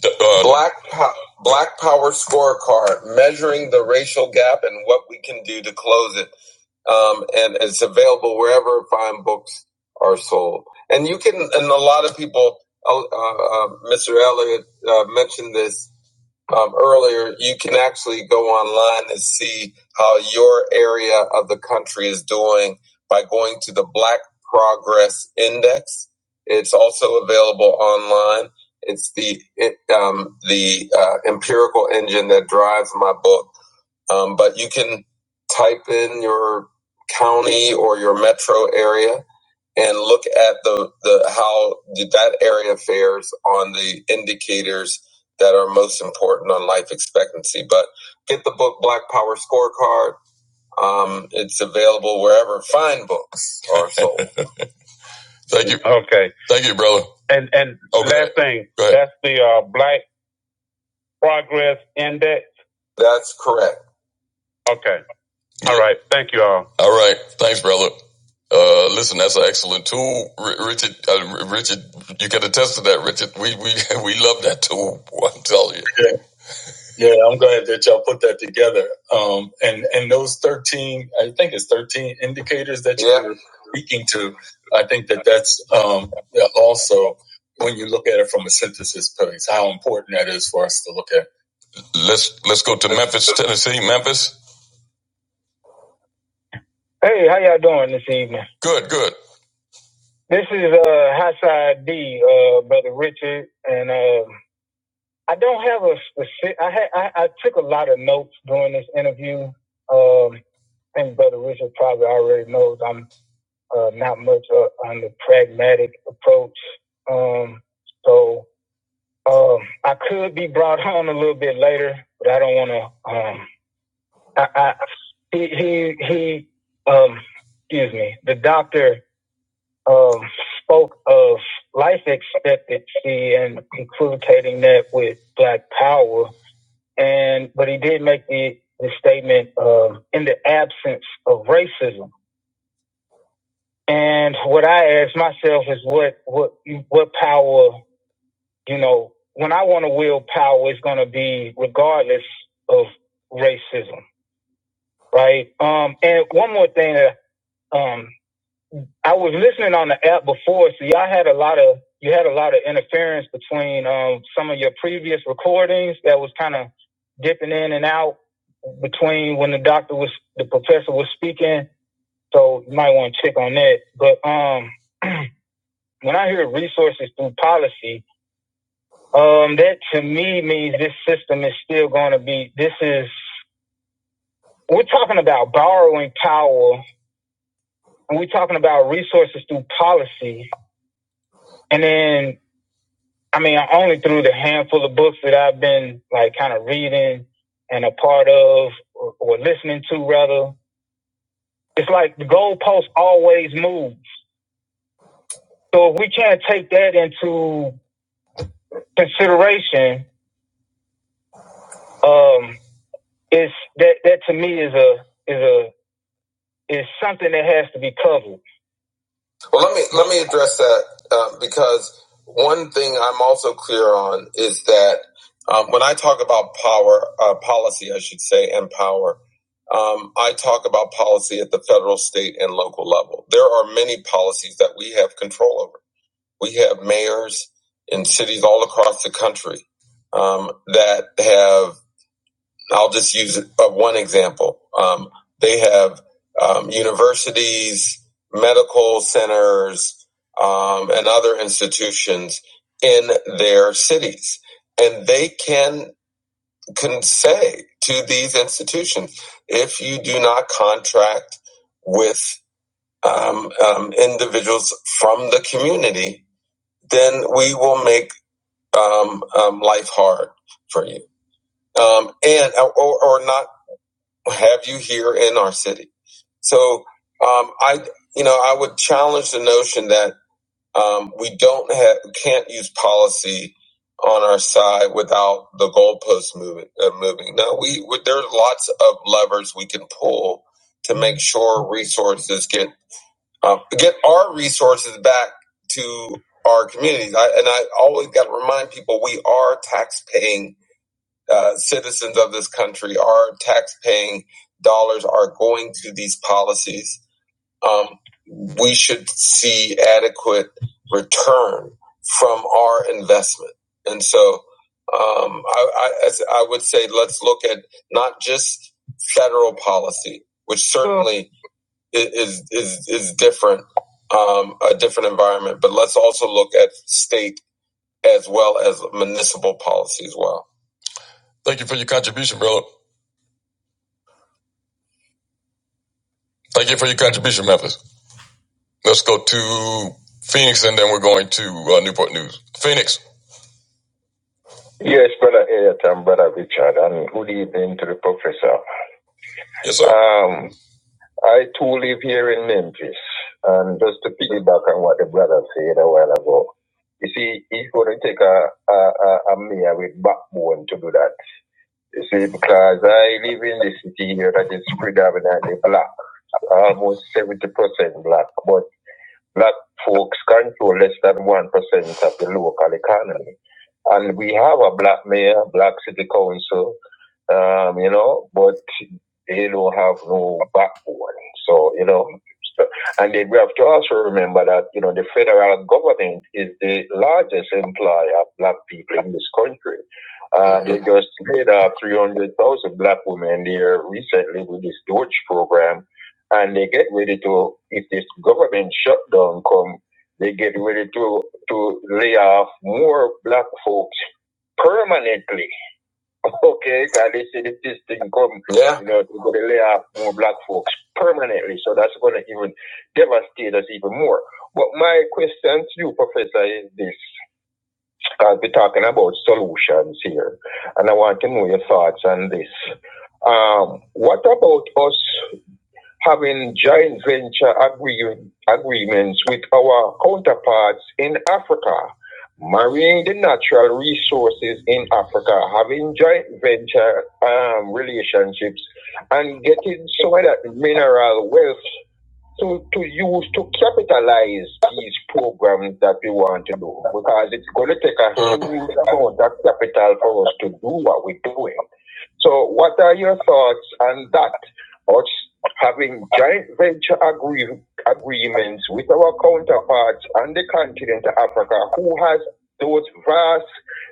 D- uh, Black po- Black Power Scorecard: Measuring the Racial Gap and What We Can Do to Close It. Um, and it's available wherever fine books are sold. And you can, and a lot of people, uh, uh, Mr. Elliott uh, mentioned this um, earlier, you can actually go online and see how your area of the country is doing by going to the Black Progress Index. It's also available online. It's the it, um, the uh, empirical engine that drives my book um, but you can type in your county or your metro area and look at the, the how that area fares on the indicators that are most important on life expectancy. But get the book Black Power Scorecard. Um, it's available wherever fine books are sold. Thank you. Okay. Thank you, brother. And and okay. last thing, that's the uh, Black Progress Index. That's correct. Okay. All right. Thank you all. All right. Thanks, brother. Uh, listen, that's an excellent tool, R- Richard. Uh, Richard, you can attest to that, Richard. We we we love that tool. I'm telling you. Yeah, yeah. I'm glad that y'all put that together. Um, and and those thirteen, I think it's thirteen indicators that you're yeah. speaking to. I think that that's um yeah, also when you look at it from a synthesis place, how important that is for us to look at. Let's let's go to Memphis, Tennessee. Memphis. Hey, how y'all doing this evening? Good, good. This is uh Hassan D, uh brother Richard, and uh, I don't have a specific. I, had I I took a lot of notes during this interview. Um, and brother Richard probably already knows I'm uh, not much uh, on the pragmatic approach. Um, so um, I could be brought on a little bit later, but I don't want to. Um, I, I he he he. Um, excuse me. The doctor. um, spoke of life expectancy and equivocating that with Black Power, and but he did make the, the statement um, in the absence of racism. And what I ask myself is what what what power you know when I want to wield power is going to be regardless of racism, right? Um, and one more thing that um, I was listening on the app before, so y'all had a lot of you had a lot of interference between um, some of your previous recordings that was kind of dipping in and out between when the doctor was the professor was speaking. So you might want to check on that. But um, when I hear resources through policy, um, that to me means this system is still going to be. This is we're talking about borrowing power, and we're talking about resources through policy, and then I mean, only through the handful of books that I've been like kind of reading and a part of or, or listening to rather. It's like the goalpost always moves. So if we can't take that into consideration, um, it's that that to me is a is a is something that has to be covered. Well, let me let me address that um, because one thing I'm also clear on is that um, when I talk about power uh, policy, I should say, and power, um, I talk about policy at the federal, state, and local level. There are many policies that we have control over. We have mayors in cities all across the country um, that have I'll just use uh, one example. Um, they have um, universities, medical centers, um, and other institutions in their cities. And they can, can say to these institutions if you do not contract with um, um, individuals from the community, then we will make um, um, life hard for you um, and or, or not have you here in our city. So um, I, you know, I would challenge the notion that um, we don't have can't use policy on our side without the goalposts moving. Uh, moving. No, we, we there are lots of levers we can pull to make sure resources get um, get our resources back to our communities. I, and I always got to remind people we are taxpaying uh, citizens of this country, our tax-paying dollars are going to these policies. Um, we should see adequate return from our investment, and so um, I, I, I would say let's look at not just federal policy, which certainly is is is different, um, a different environment, but let's also look at state as well as municipal policy as well. Thank you for your contribution, bro. Thank you for your contribution, Memphis. Let's go to Phoenix, and then we're going to uh, Newport News. Phanix. Yes, brother Elliot and brother Richard, and good evening to the professor. Yes, sir. Um, I too live here in Memphis, and just to piggyback on what the brother said a while ago, you see, it's going to take a a, a, a mayor with backbone to do that. You see, because I live in the city here that is predominantly black, almost seventy percent black, but. Black folks control less than 1% of the local economy. And we have a black mayor, black city council, um, you know, but they don't have no backbone. So, you know, so- and then we have to also remember that, you know, the federal government is the largest employer of black people in this country. Uh, they just laid off 300,000 black women there recently with this Doge program and they get ready to, if this government shutdown come, they get ready to, to lay off more black folks permanently. Okay, because they say if this thing come, Yeah. you know, they're going to lay off more black folks permanently. So that's going to even devastate us even more. But my question to you, Professor, is this. Because we're talking about solutions here, and I want to know your thoughts on this. Um, what about us? having joint venture agree- agreements with our counterparts in Africa, marrying the natural resources in Africa, having joint venture um, relationships, and getting some of that mineral wealth to, to use to capitalize these programs that we want to do because it's going to take a huge amount of capital for us to do what we're doing. So, what are your thoughts on that? Us having joint venture agree- agreements with our counterparts on the continent of Africa who has those vast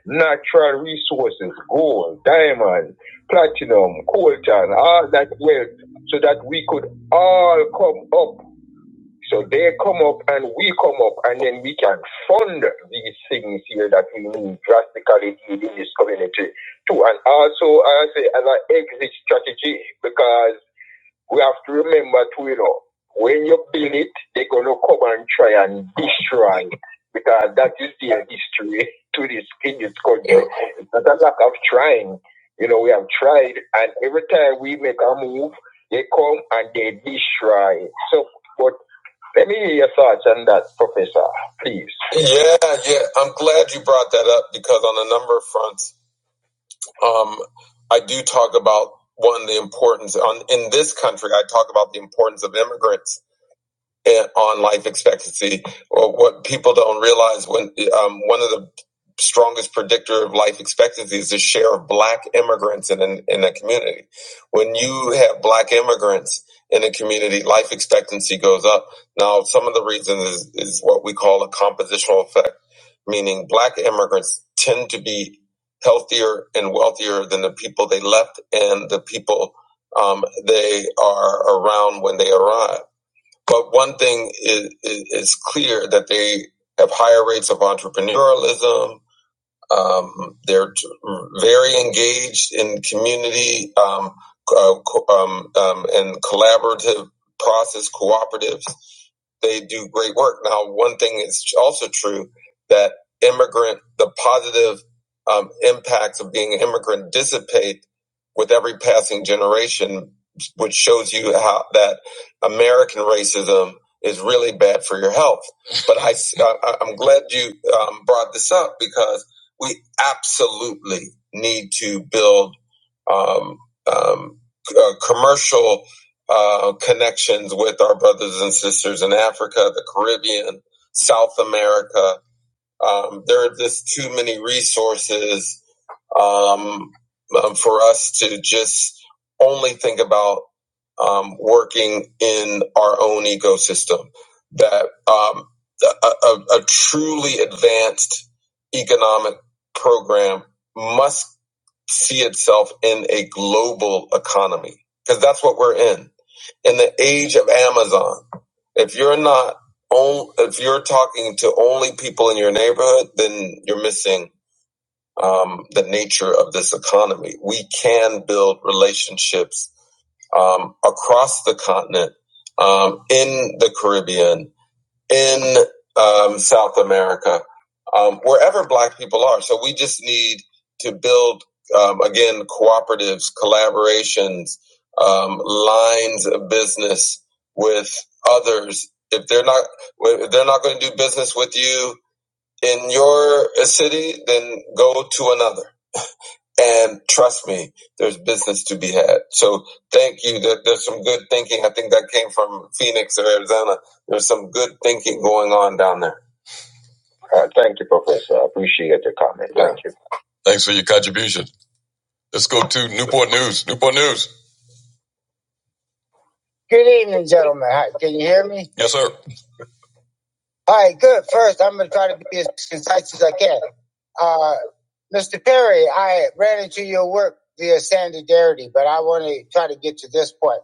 natural resources, gold, diamond, platinum, coltan, all that wealth, so that we could all come up. So they come up and we come up, and then we can fund these things here that we need drastically in this community too. And also, I say as an exit strategy because we have to remember too, you know, when you build it, they're gonna come and try and destroy it because that is their history to this in this country. It's not a lack of trying. You know, we have tried, and every time we make a move, they come and they destroy. So, but let me hear your thoughts on that, Professor, please. yeah, yeah. I'm glad you brought that up because on a number of fronts, um, I do talk about one the importance on in this country. I talk about the importance of immigrants and on life expectancy. Or what people don't realize when um, one of the strongest predictor of life expectancy is the share of black immigrants in, in, in a community. When you have black immigrants in a community, life expectancy goes up. Now, some of the reasons is, is what we call a compositional effect, meaning black immigrants tend to be healthier and wealthier than the people they left and the people um, they are around when they arrive but one thing is, is, clear that they have higher rates of entrepreneurialism. Um, they're very engaged in community um, uh, co- um, um, and collaborative process cooperatives they do great work. Now, one thing is also true that immigrant, the positive um, impacts of being an immigrant dissipate with every passing generation, which shows you how that American racism is really bad for your health. But I, i am glad you um, brought this up because we absolutely need to build um, um, uh, commercial uh, connections with our brothers and sisters in Africa, the Caribbean, South America. Um, there are just too many resources um, uh, for us to just only think about um, working in our own ecosystem. That um, a, a, a truly advanced economic program must see itself in a global economy because that's what we're in in the age of Amazon, if you're not on, if you're talking to only people in your neighborhood, then you're missing um, the nature of this economy. We can build relationships um, across the continent, um, in the Caribbean in um, South America, um, wherever Black people are. So we just need to build, um, again, cooperatives, collaborations, um, lines of business with others. If they're not, if they're not going to do business with you in your uh, city, then go to another. And trust me, there's business to be had. So thank you. There, there's some good thinking. I think that came from Phoenix or Arizona. There's some good thinking going on down there. Uh, thank you, Professor. I appreciate your comment. Thank you. Thanks for your contribution. Let's go to Newport News. Newport News. Good evening, gentlemen. Hi, can you hear me? Yes, sir. All right, good. First, I'm going to try to be as concise as I can. Uh, Mr. Perry, I ran into your work via Sandarity, but I want to try to get to this point.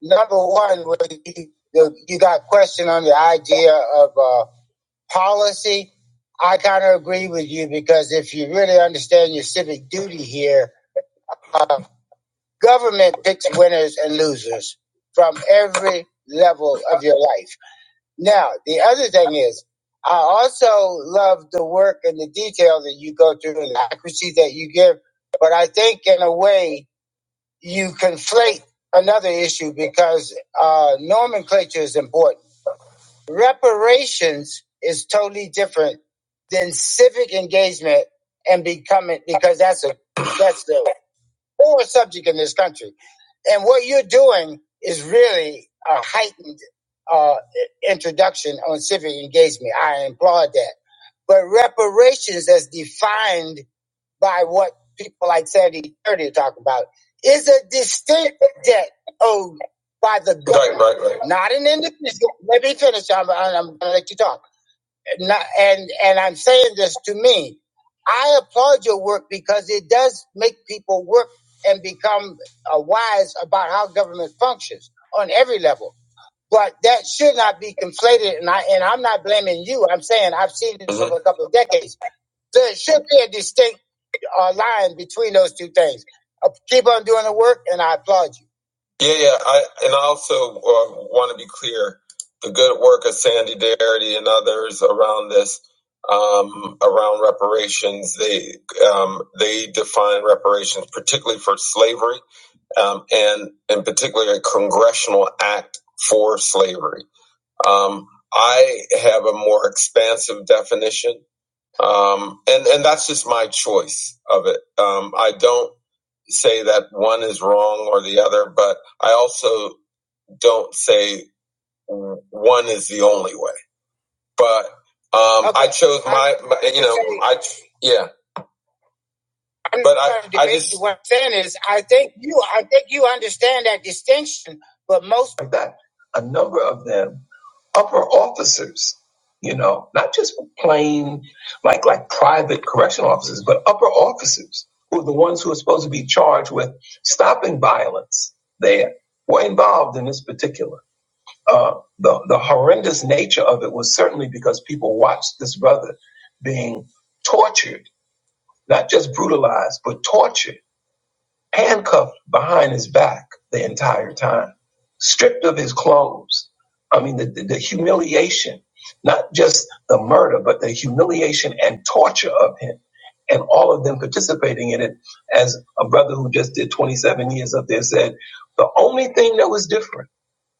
Number one, when you, you you got questioned on the idea of uh, policy, I kind of agree with you because if you really understand your civic duty here, uh, government picks winners and losers from every level of your life. Now, the other thing is, I also love the work and the detail that you go through and the accuracy that you give. But I think, in a way, you conflate another issue because uh, nomenclature is important. Reparations is totally different than civic engagement and becoming because that's a that's the or a subject in this country. And what you're doing is really a heightened uh, introduction on civic engagement. I applaud that. But reparations, as defined by what people like Sandy Thirty talk about, is a distinct debt owed by the Right, government, right, right. right. not an individual. Let me finish. I'm, I'm going to let you talk not, and and I'm saying this to me. I applaud your work because it does make people work and become uh, wise about how government functions on every level. But that should not be conflated, and I and I'm not blaming you. I'm saying I've seen it Uh-huh. over a couple of decades. There should be a distinct uh, line between those two things. Uh, keep on doing the work, and I applaud you. Yeah, yeah. I and I also uh, want to be clear: the good work of Sandy Darity and others around this, um, around reparations, they um, they define reparations, particularly for slavery, um, and in particular, a congressional act for slavery. Um, I have a more expansive definition um, and and that's just my choice of it. Um, I don't say that one is wrong or the other, but I also don't say one is the only way. But um, okay. I Okay. chose my, my you know, I yeah. I'm but not I, trying to debate I just, you. What I'm saying is, I think you, I think you understand that distinction. But most like that, a number of them, upper officers, you know, not just plain like like private correctional officers, but upper officers who are the ones who are supposed to be charged with stopping violence. They were involved in this particular. Uh, the the horrendous nature of it was certainly because people watched this brother being tortured, not just brutalized, but tortured handcuffed behind his back the entire time, stripped of his clothes. I mean, the, the, the humiliation, not just the murder, but the humiliation and torture of him, and all of them participating in it. As a brother who just did 27 years up there said, the only thing that was different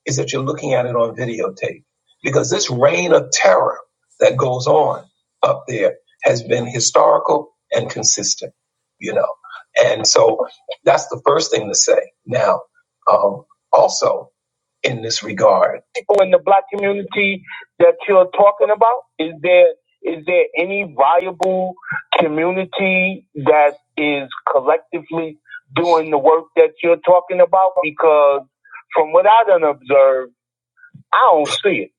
is that you're looking at it on videotape because this reign of terror that goes on up there has been historical and consistent, you know. And so that's the first thing to say. Now, um, also, in this regard. people in the black community that you're talking about? Is there is there any viable community that is collectively doing the work that you're talking about? Because from what I done observed, I don't see it.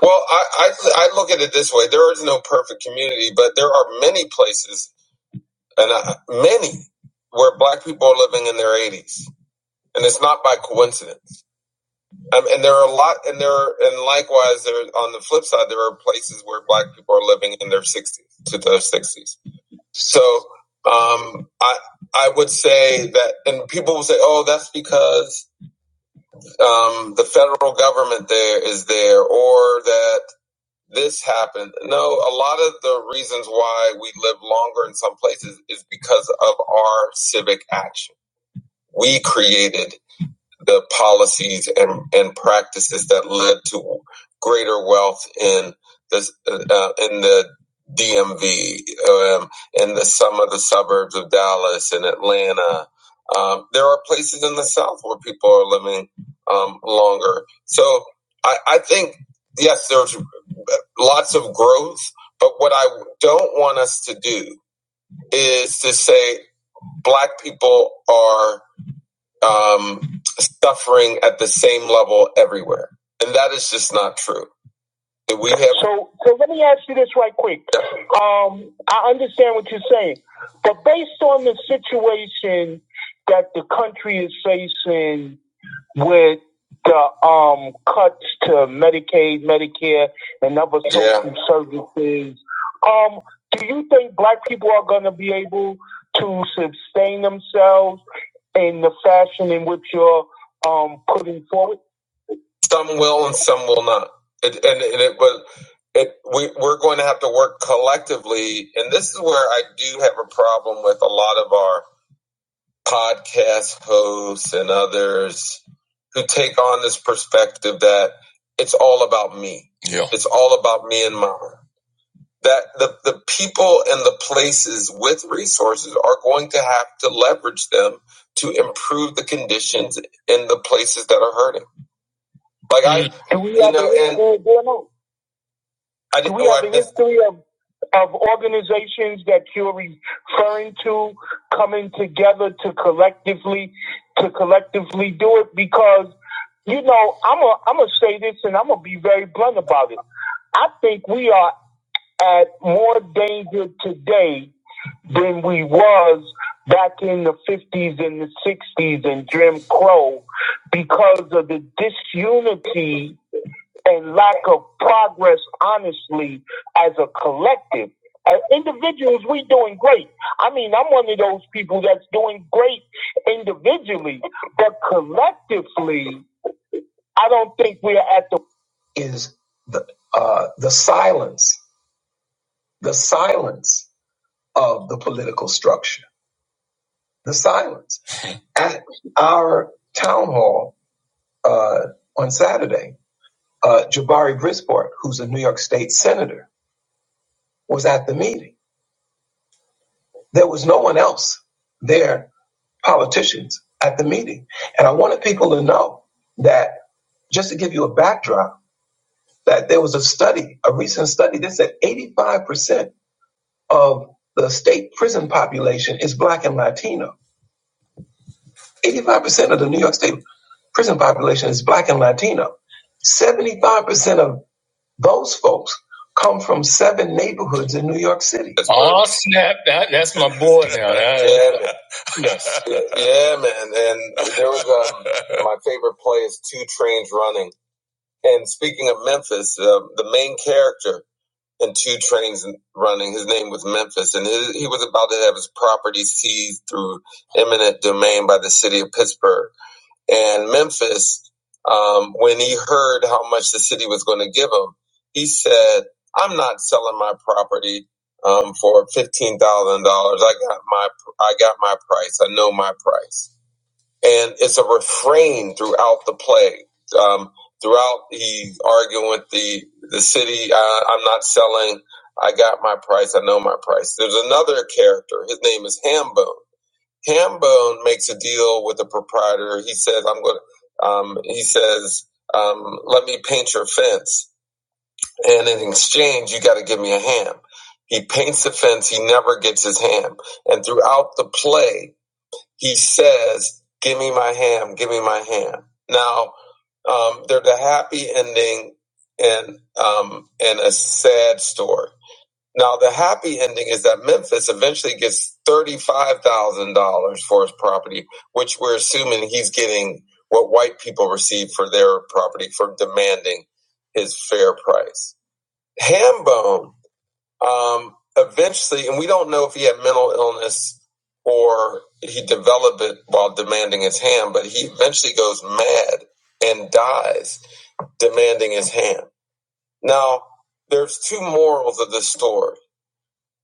Well, I, I, I look at it this way there is no perfect community, but there are many places, and I, many, where black people are living in their 80s. And it's not by coincidence. Um, and there are a lot, and there, are, and likewise, there on the flip side, there are places where Black people are living in their sixties to their sixties. So um, I I would say that, and people will say, "Oh, that's because um, the federal government there is there, or that this happened." No, a lot of the reasons why we live longer in some places is because of our civic action. We created the policies and, and practices that led to greater wealth in the uh, in the DMV, um, in the some of the suburbs of Dallas and Atlanta. Um, there are places in the South where people are living um, longer. So I, I think yes, there's lots of growth. But what I don't want us to do is to say black people are um, suffering at the same level everywhere, and that is just not true. we have. So, so let me ask you this right quick. Um, I understand what you're saying, but based on the situation that the country is facing with the um, cuts to Medicaid, Medicare, and other social Yeah. services, um, do you think black people are going to be able to sustain themselves? in the fashion in which you're um, putting forward? Some will and some will not. It, and, and it, but it, we, we're going to have to work collectively. And this is where I do have a problem with a lot of our podcast hosts and others who take on this perspective that it's all about me. Yeah. It's all about me and mine that the, the people and the places with resources are going to have to leverage them to improve the conditions in the places that are hurting. Like I, do we you have know, a- and do I didn't we know have I a missed- history of of organizations that you're referring to coming together to collectively to collectively do it because you know I'm a I'm gonna say this and I'm gonna be very blunt about it. I think we are at more danger today than we was back in the 50s and the 60s and Jim Crow because of the disunity and lack of progress, honestly, as a collective. As individuals, we doing great. I mean, I'm one of those people that's doing great individually, but collectively, I don't think we're at the is the uh, the silence, the silence of the political structure, the silence. At our town hall uh, on Saturday, uh, Jabari Brisport, who's a New York State senator, was at the meeting. There was no one else there, politicians, at the meeting. And I wanted people to know that, just to give you a backdrop, that there was a study, a recent study that said 85% of the state prison population is black and Latino. 85% of the New York State prison population is black and Latino. 75% of those folks come from seven neighborhoods in New York City. right. Oh snap! That, that's my boy now. That- yeah, man. yeah, man. And there was um, my favorite play is Two Trains Running. And speaking of Memphis, uh, the main character in Two Trains Running, his name was Memphis, and his, he was about to have his property seized through eminent domain by the city of Pittsburgh. And Memphis, um, when he heard how much the city was going to give him, he said, "I'm not selling my property um, for fifteen thousand dollars. I got my I got my price. I know my price." And it's a refrain throughout the play. Um, throughout, he's arguing with the the city. Uh, I'm not selling. I got my price. I know my price. There's another character. His name is Hambone. Hambone makes a deal with the proprietor. He says, "I'm going." to Um, he says, um, "Let me paint your fence, and in exchange, you got to give me a ham." He paints the fence. He never gets his ham, and throughout the play, he says, "Give me my ham. Give me my ham." Now, um, there's a happy ending and um, and a sad story. Now, the happy ending is that Memphis eventually gets $35,000 for his property, which we're assuming he's getting what white people receive for their property for demanding his fair price. Hambone um, eventually, and we don't know if he had mental illness or he developed it while demanding his hand, but he eventually goes mad and dies demanding his hand. Now, there's two morals of this story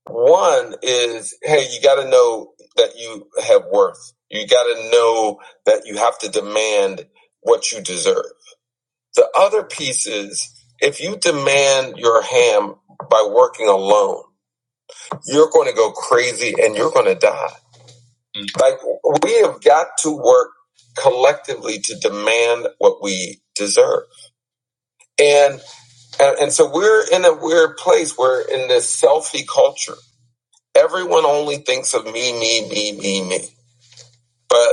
one is, hey, you got to know that you have worth. You got to know that you have to demand what you deserve. The other piece is, if you demand your ham by working alone, you're going to go crazy and you're going to die. Like, we have got to work collectively to demand what we deserve. And, and, and so we're in a weird place. We're in this selfie culture. Everyone only thinks of me, me, me, me, me But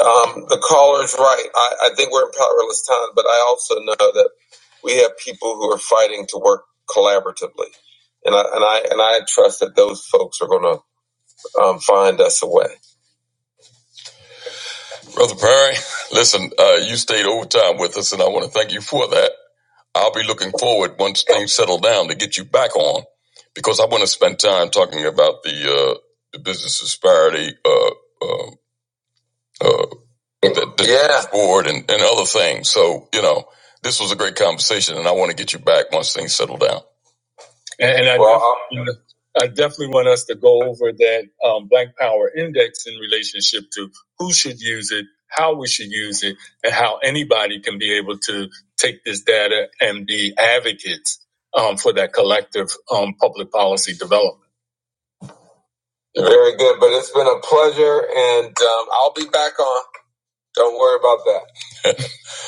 um, the caller's right. I, I think we're in powerless times, but I also know that we have people who are fighting to work collaboratively. And I, and I and I trust that those folks are going to um, find us a way. Brother Perry, listen, uh, you stayed overtime with us, and I want to thank you for that. I'll be looking forward once things settle down to get you back on, because I want to spend time talking about the uh, the business disparity uh, uh, uh, the, yeah. board and, and other things. So, you know, this was a great conversation, and I want to get you back once things settle down. And, and I, Well, definitely, want I definitely want us to go over that um, Black Power Index in relationship to who should use it, how we should use it, and how anybody can be able to take this data and be advocates um, for that collective um, public policy development. Very good, but it's been a pleasure, and um, I'll be back on. Don't worry about that.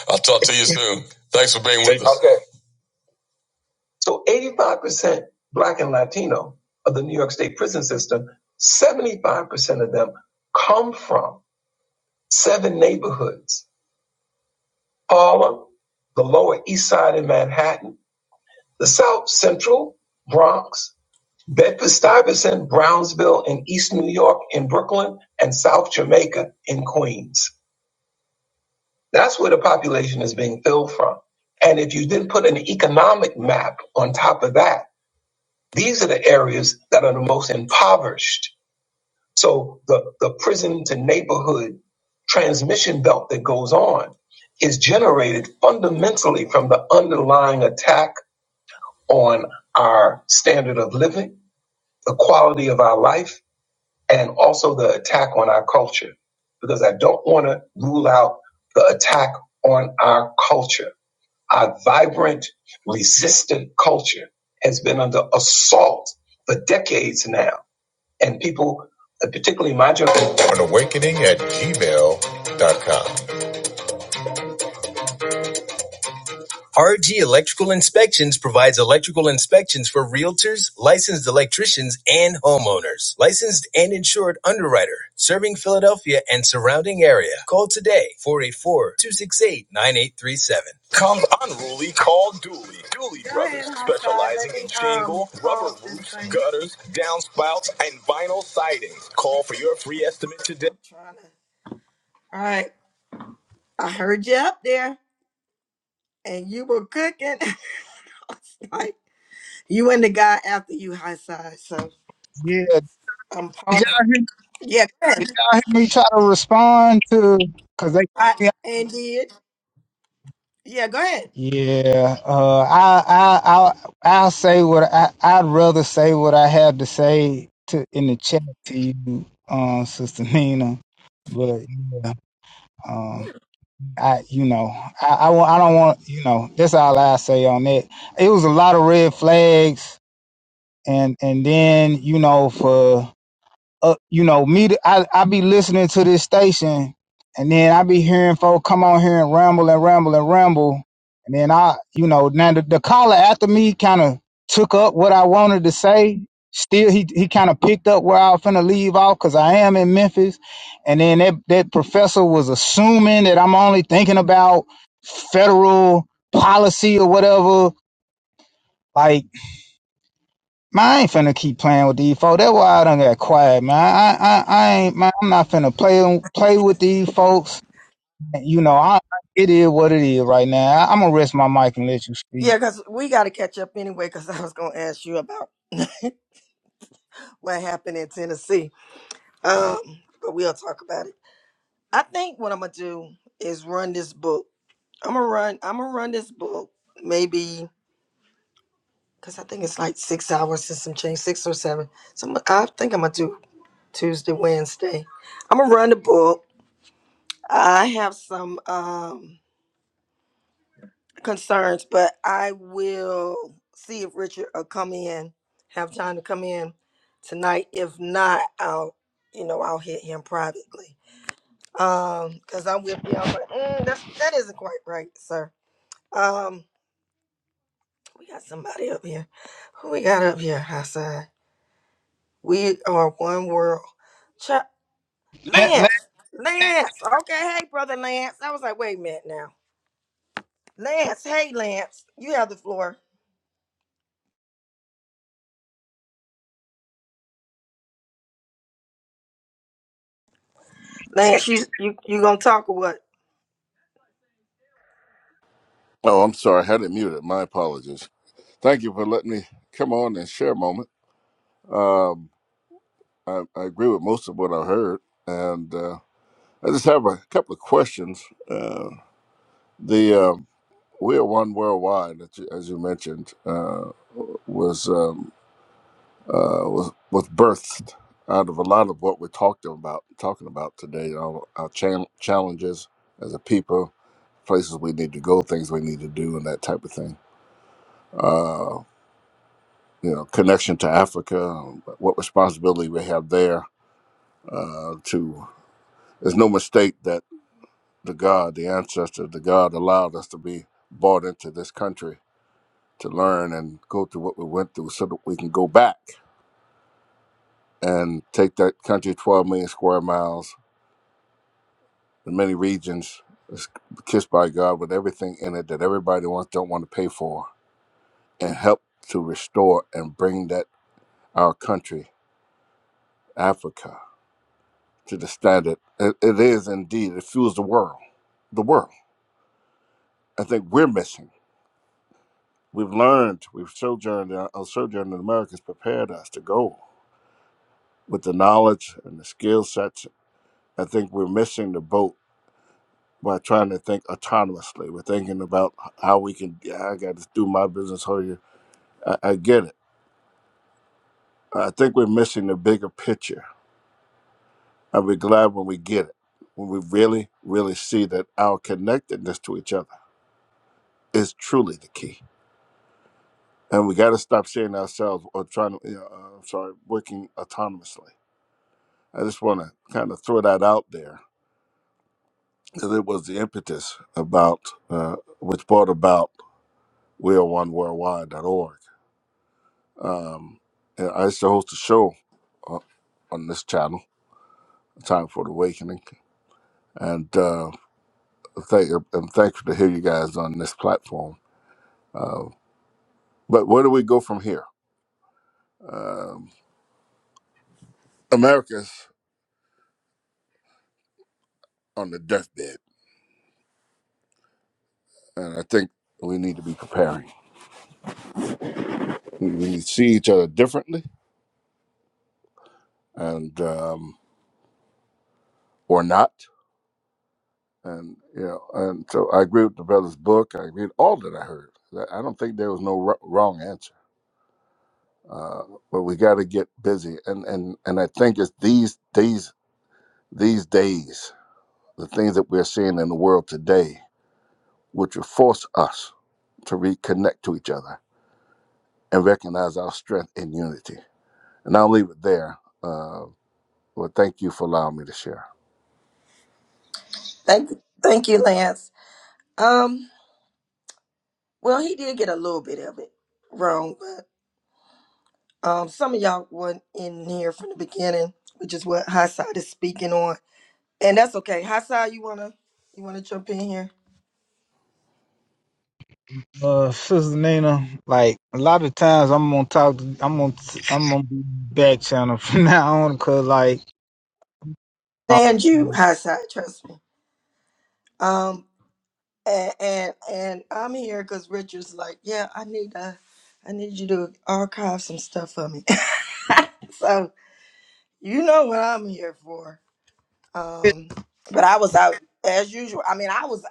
I'll talk to you soon. Thanks for being with us. Okay. So 85% black and Latino of the New York State prison system, 75% of them come from seven neighborhoods Harlem, the Lower East Side in Manhattan, the South Central, Bronx, Bedford Stuyvesant, Brownsville in East New York, in Brooklyn, and South Jamaica in Queens. That's where the population is being filled from. And if you then put an economic map on top of that, These are the areas that are the most impoverished. So the, the prison to neighborhood transmission belt that goes on is generated fundamentally from the underlying attack on our standard of living, the quality of our life, and also the attack on our culture. Because I don't want to rule out the attack on our culture. Our vibrant, resistant culture has been under assault for decades now and people, uh, particularly my general, no, no, no. RG Electrical Inspections provides electrical inspections for realtors, licensed electricians, and homeowners. Licensed and insured underwriter, serving Philadelphia and surrounding area. Call today four eight four two six eight nine eight three seven. Rubber, utilizing angle, rubber, 484 268 9837. I heard and you were cooking. Like, you and the guy after Yeah. Did y'all hear, did y'all hear me try to respond to? Cause I they. did. Yeah, go ahead. Yeah. Uh. I. I. I. I'll say what I. I'd rather say what I have to say to in the chat to you, um, Sister Nina. But yeah. Um. I. You know. I. I, wa- I don't want. You know. That's all I say on that. It was a lot of red flags, and and then you know for uh, you know, me, I, I be listening to this station and then I be hearing folk come on here and ramble and ramble and ramble. And then I, you know, now the, the caller after me kind of took up what I wanted to say. Still, he, he kind of picked up where I was finna leave off because I am in Memphis. And then that, that professor was assuming that I'm only thinking about federal policy or whatever. Like, Man, I ain't finna keep playing with these folks. That's why I done got quiet, man. I, I, I ain't, man, I'm not finna play, play with these folks. You know, I, it is what it is right now. I, I'm gonna rest my mic and let you speak. We got to catch up anyway because I was going to ask you about what happened in Tennessee. Um, but we'll talk about it. I think what I'm gonna do is run this book. I'm gonna run. I'm gonna run this book. Maybe because I think it's like six hours since some change, six or seven. So I'm, I think I'm gonna do Tuesday, Wednesday. I'm gonna run the book. I have some um concerns, but I will see if Richard will come in. Have time to come in tonight. If not, I'll you know I'll hit him privately Um, because I'm with you. I'm like, mm, that's, that isn't quite right, sir. Um, we got somebody up here. Who we got up here, Hassan? We are one world. Ch- Let, let, Lance, Lance. Okay, hey, brother. Lance. I was like, wait a minute now. Lance, hey, Lance. You have the floor. Lance, you you you gonna talk or what? Oh, I'm sorry. I had it muted. My apologies. Thank you for letting me come on and share a moment. Um, I, I agree with most of what I heard, and uh, I just have a couple of questions. Uh, the um, "We Are One Worldwide," that you, as you mentioned, uh, was um, uh, was was birthed out of a lot of what we're talking about talking about today. Our, our chan challenges as a people, places we need to go, things we need to do, and that type of thing. Uh, you know, connection to Africa, um, what responsibility we have there uh, to. There's no mistake that the God, the ancestor, the God allowed us to be brought into this country to learn and go through what we went through so that we can go back and take that country 12 million square miles, the many regions that's kissed by God with everything in it that everybody wants don't want to pay for and help to restore and bring that our country, Africa to the standard. It, it is indeed. It fuels the world. The world. I think we're missing. We've learned. We've sojourned. Our sojourn in America has prepared us to go with the knowledge and the skill sets. I think we're missing the boat by trying to think autonomously. We're thinking about how we can. "Yeah, I got to do my business. How you? I, I get it. I think we're missing the bigger picture, and we're glad when we get it. When we really, really see that our connectedness to each other is truly the key and we got to stop saying ourselves or trying to, yeah, uh, I'm sorry, working autonomously. I just want to kind of throw that out there because it was the impetus about uh, which brought about weareoneworldwide.org. Um, and I used to host a show on, on this channel, Time for the Awakening, and uh, thank I'm thankful to hear you guys on this platform. Uh, but where do we go from here? Um, America's on the deathbed, and I think we need to be preparing. we, we see each other differently and um, or not and you know and so i agree with the brother's book i agree with all that i heard i I don't think there was no r- wrong answer uh, but we got to get busy and and and i think it's these these these days the things that we're seeing in the world today which will force us to reconnect to each other and recognize our strength in unity and i'll leave it there uh, well thank you for allowing me to share Lance, Um, some of y'all weren't in here from the beginning, which is what Hassan is speaking on, and that's okay. Hassan, you wanna you wanna jump in? uh, Sister Nina, like a lot of times, I'm gonna talk. To, I'm gonna, I'm gonna be back channel from now on, cause like, uh, Stand you, Hassan. Trust me. Um. and and, and I'm here because um, you I'm here for. Um, it, but I was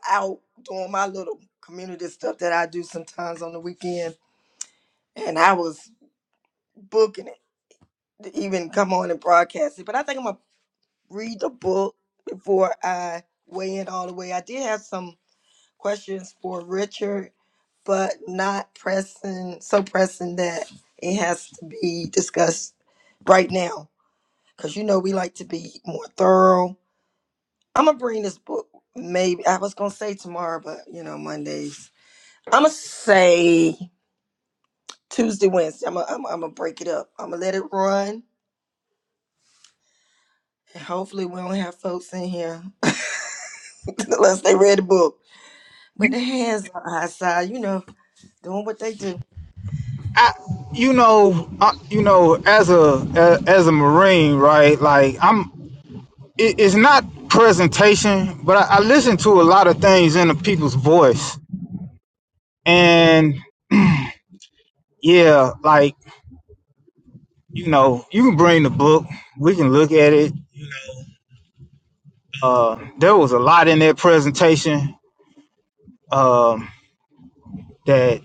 out doing my little community stuff that I do sometimes on the weekend, and I was booking it to even come on and broadcast it. But I think I'm gonna read the book before I weigh in all the way. I did have some questions, but pressing so pressing that it has to be discussed right now because you like to be more thorough. I'm gonna bring this book maybe I was gonna say tomorrow, but you know Mondays I'm gonna say Tuesday, Wednesday. I'm gonna I'm, I'm gonna break it up. I'm gonna let it run, and hopefully we don't have folks in here. I, you know, I, you know, as a, as, as a Marine, right? Like, I'm, it, it's not presentation, but I, I listen to a lot of things in the people's voice. And yeah, like, you know, you can bring the book, we can look at it. Uh, there was a lot in that presentation um, that,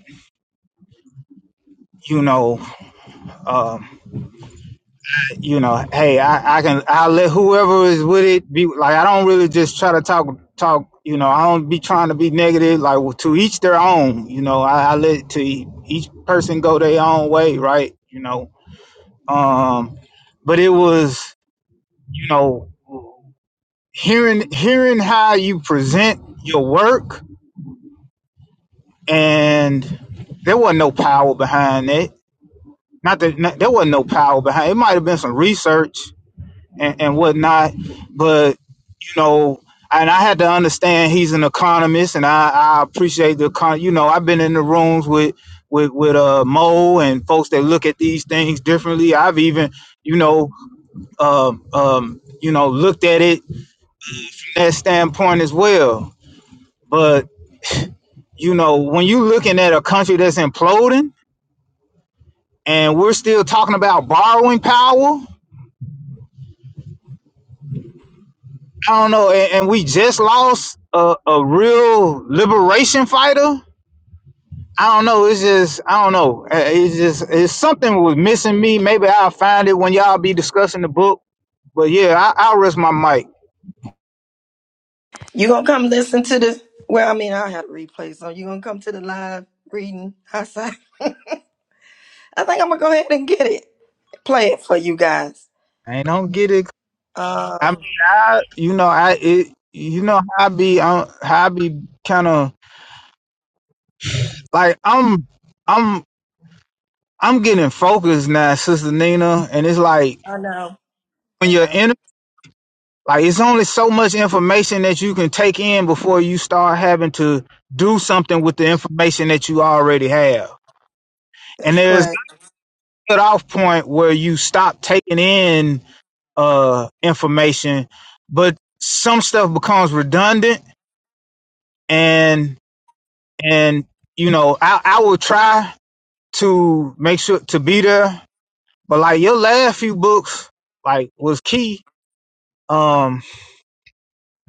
you know, um, you know, hey, I, I can, I'll let whoever is with it be like, I don't really just try to talk, talk, you know, I don't be trying to be negative, like well, to each their own, you know, I, I let to e, each person go their own way, right? You know, Um, but it was, you know, hearing hearing how you present your work, and there wasn't no power behind it. Not that not, there wasn't no power behind it. It Might have been some research and, and whatnot, but you know, and I had to understand he's an economist, and I, I appreciate the con. You know, I've been in the rooms with with with uh Mo and folks that look at these things differently. I've even you know um um you know looked at it that standpoint as well. But you know, when you're looking at a country that's imploding, and we're still talking about borrowing power, I don't know, and, and we just lost a, a real liberation fighter. I don't know. It's just I don't know. Uh, It's just it's something was missing me. Maybe I'll find it when y'all be discussing the book. But yeah, I, I'll rest my mic. You gonna just well, I have to replay, so you gonna guys. I don't get it. I mean, Um, I you know I it you know how I be I, how I be kind of like I'm I'm I'm getting focused now, Sister Nina, and it's like when you're in like it's only so much information that you can take in before you start having to do something with the information that you already have. And there's a cutoff point where you stop taking in uh information, but some stuff becomes redundant and and you know, I, I will try to make sure to be there But like your last few books, like was key. Um,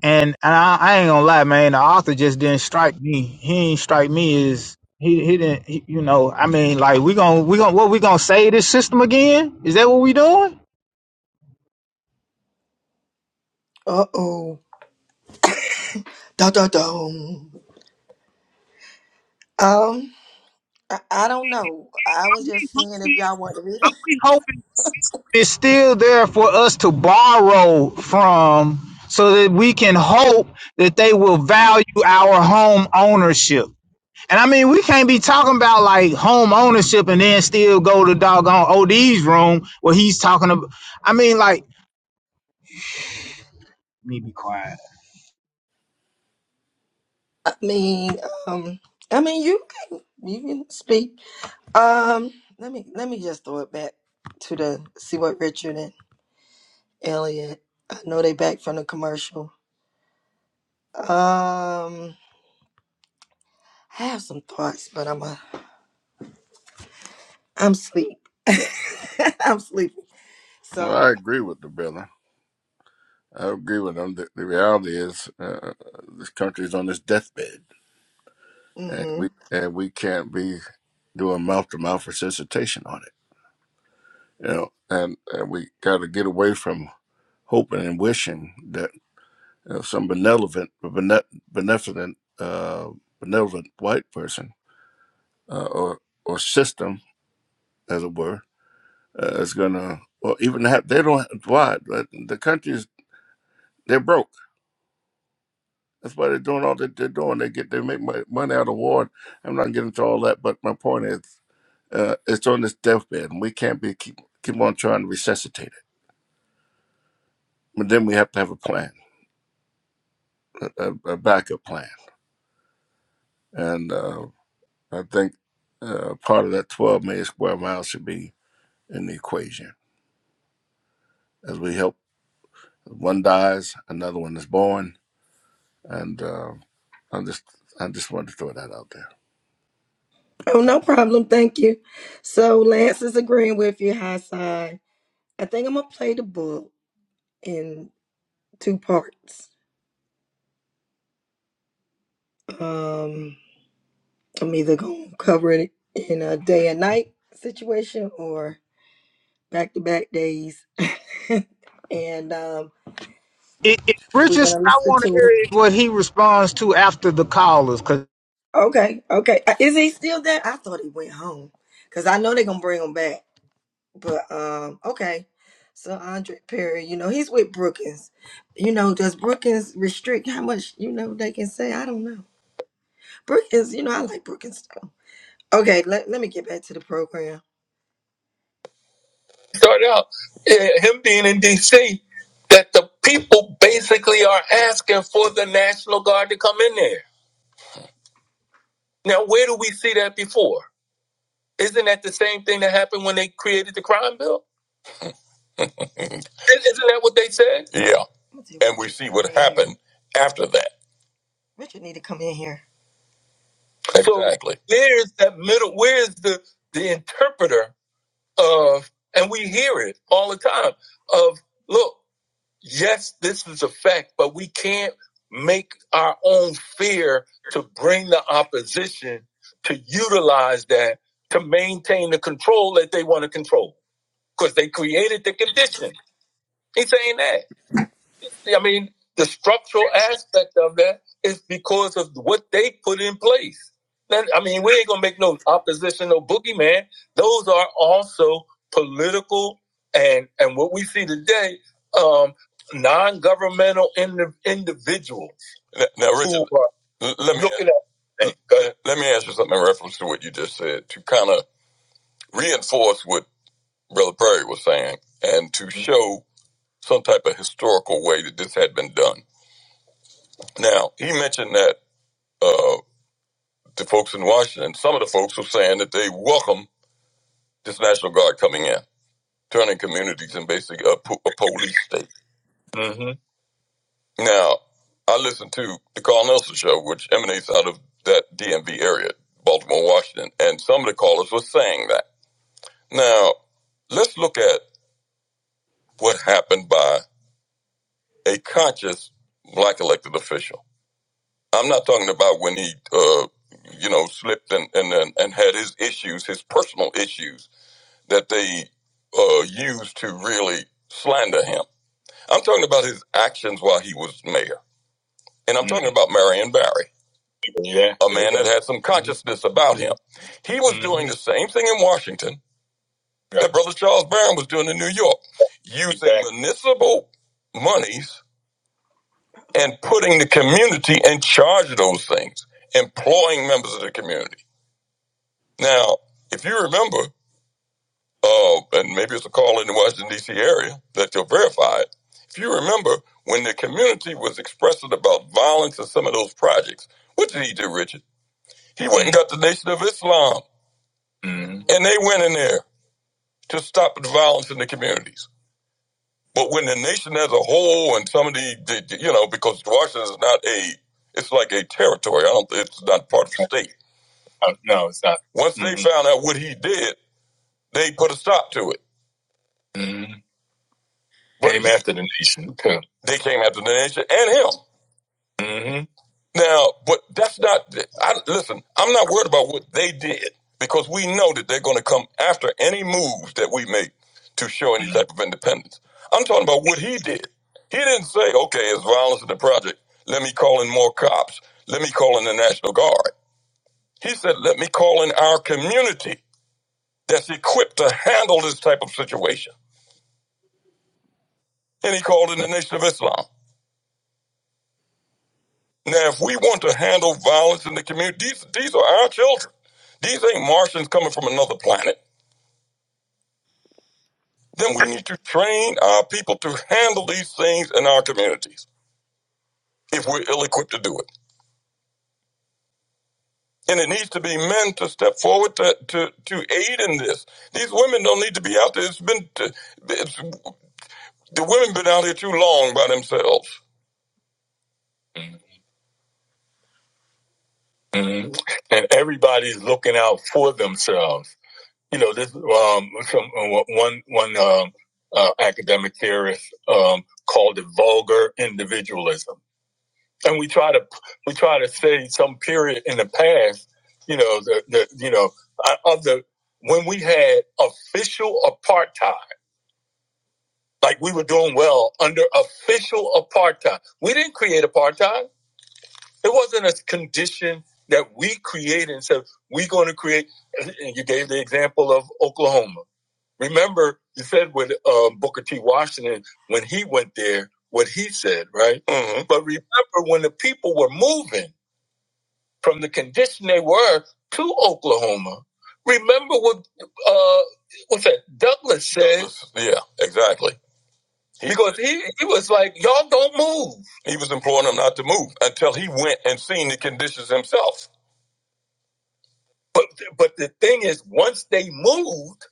and, and I, I ain't gonna lie, man. The author just didn't strike me. He ain't strike me as he he didn't. He, you know, I mean, like we gonna we gonna what we gonna say this system again? Is that what we doing? uh, I'm just seeing if y'all want to read We hoping it. it's still there for us to borrow from, so that we can hope that they will value our home ownership And I mean, we can't be talking about like home ownership and then still go to doggone OD's room where he's talking about. I mean, like, let me be quiet. Uh, let me just throw it back to the see what Richard and Elliot. I know they back from the commercial. Um, I have some. I'm sleep. I'm sleepy. well So i agree with the brother I agree with them. The, the reality is, uh, this country is on its deathbed, and Mm-hmm. we and we can't be doing mouth to mouth resuscitation on it. You know, and, and we got to get away from hoping and wishing that you know, some benevolent, bene- beneficent, uh, benevolent white person uh, or or system, as it were, uh, is gonna. Well, even have, they don't. Why? But The country's they're broke That's why they're doing all that they're doing. They get they make mo- money out of war. I'm not getting into all that, but my point is, uh, it's on this deathbed, and we can't be keep keep on trying to resuscitate it. But then we have to have a plan, a, a backup plan, and uh, I think uh, part of that 12 million square miles should be in the equation as we help. One dies, another one is born, and uh, I just I just wanted to throw that out there. Oh, no problem. Thank you. So, Lance, with you, I, I think I'm gonna play the book in two parts. Um, I'm either gonna cover it in a day and night situation or back to back days, and um, It, it we're Richardson, gonna I listen want to to hear it. it, what he responds to after the callers, because Okay, okay. Uh, Is he still there? I thought he went home because I know they're gonna bring him back. But um, it's- you know, does Brookings restrict how much Brookings? You know, I like. Okay, get back to the program. start out, eh, him being in D.C., that the people basically are asking for the National Guard to come in there. Now, where do we see that before? Isn't that the same thing that happened when they created the crime bill? I- Isn't that what they said? Yeah. And we see what happened after that. Richard need to come in here. Exactly. So where's that middle? Where's the the interpreter of? And we hear it all the time. Of look, yes, this is a fact, but we can't make our own fear to bring the opposition to utilize that to maintain the control that they want to control because they created the condition. He's saying that. I mean, the structural aspect of that is because of what they put in place. Then, I mean, we ain't gonna make no opposition, no boogeyman. Those are also political and and what we see today, um, non-governmental indi- individuals. Now, now Richard, who are let me looking at- let me ask you something in reference to what you just said to kind of reinforce what Brother Perry was saying and to show some type of historical way that this had been done Now, he mentioned that uh, the folks in Washington, some of the folks were saying that they welcome this National Guard coming in, turning communities in basically a, po- a police state. Now, I listened to the Carl Nelson show, which emanates out of that DMV area, Baltimore, Washington, and some of the callers were saying that. Now, let's look at what happened by a conscious black elected official. I'm not talking about when he, uh, you know, slipped and, and, and, and had his issues, his personal issues that they uh, used to really slander him. I'm talking about his actions while he was mayor. And I'm mm-hmm. talking Mhm. about Marion Barry, a man that had some consciousness about him. He was Mhm. doing the same thing in Washington yeah. that Brother Charles Brown was doing in New York, using Exactly. municipal monies and putting the community in charge of those things, employing members of the community. Now, if you remember, uh, and maybe it's a call in the Washington, D.C. area that you'll verify it. If you remember, when the community was expressing about violence in some of those projects, what did he do, Richard? He went and got the Nation of Islam, Mhm. and they went in there to stop the violence in the communities. But when the nation as a whole and some of the, the you know, because Washington is not a, it's like a territory. I don't, it's not part of the state. Once they Mhm. found out what he did, they put a stop to it. But Came after- they came after the nation and him. Now, but that's not. I listen. I'm not worried about what they did because we know that they're going to come after any moves that we make to show any type of independence. I'm talking about what he did. He didn't say, "Okay, it's violence in the project. Let me call in more cops. Let me call in the National Guard." He said, "Let me call in our community that's equipped to handle this type of situation." And he called in the Nation of Islam. Now, if we want to handle violence in the community, these, these are our children. These ain't Martians coming from another planet. Then we need to train our people to handle these things in our communities if we're ill equipped to do it. And it needs to be men to step forward to, to, to aid in this. These women don't need to be out there. It's been, it's, the women been out here too long by themselves. Mhm. And everybody's looking out for themselves. you know this um some uh, one one um uh, academic theorist um called it vulgar individualism and we try to we try to say some period in the past you know the, the you know uh, of the when we had official apartheid like we were doing well under official apartheid we didn't create apartheid it wasn't a condition that we created and said we're going to create and you gave the example of oklahoma Remember, you said when um, Booker T. Washington, when he went there, what he said, right? Mhm. But remember when the people were moving from the condition they were to Oklahoma. Remember what uh, what's that? Douglas said. Douglas, Yeah, exactly. He- because he, he was like, y'all don't move. He was imploring them not to move until he went and seen the conditions himself. But but the thing is, once they moved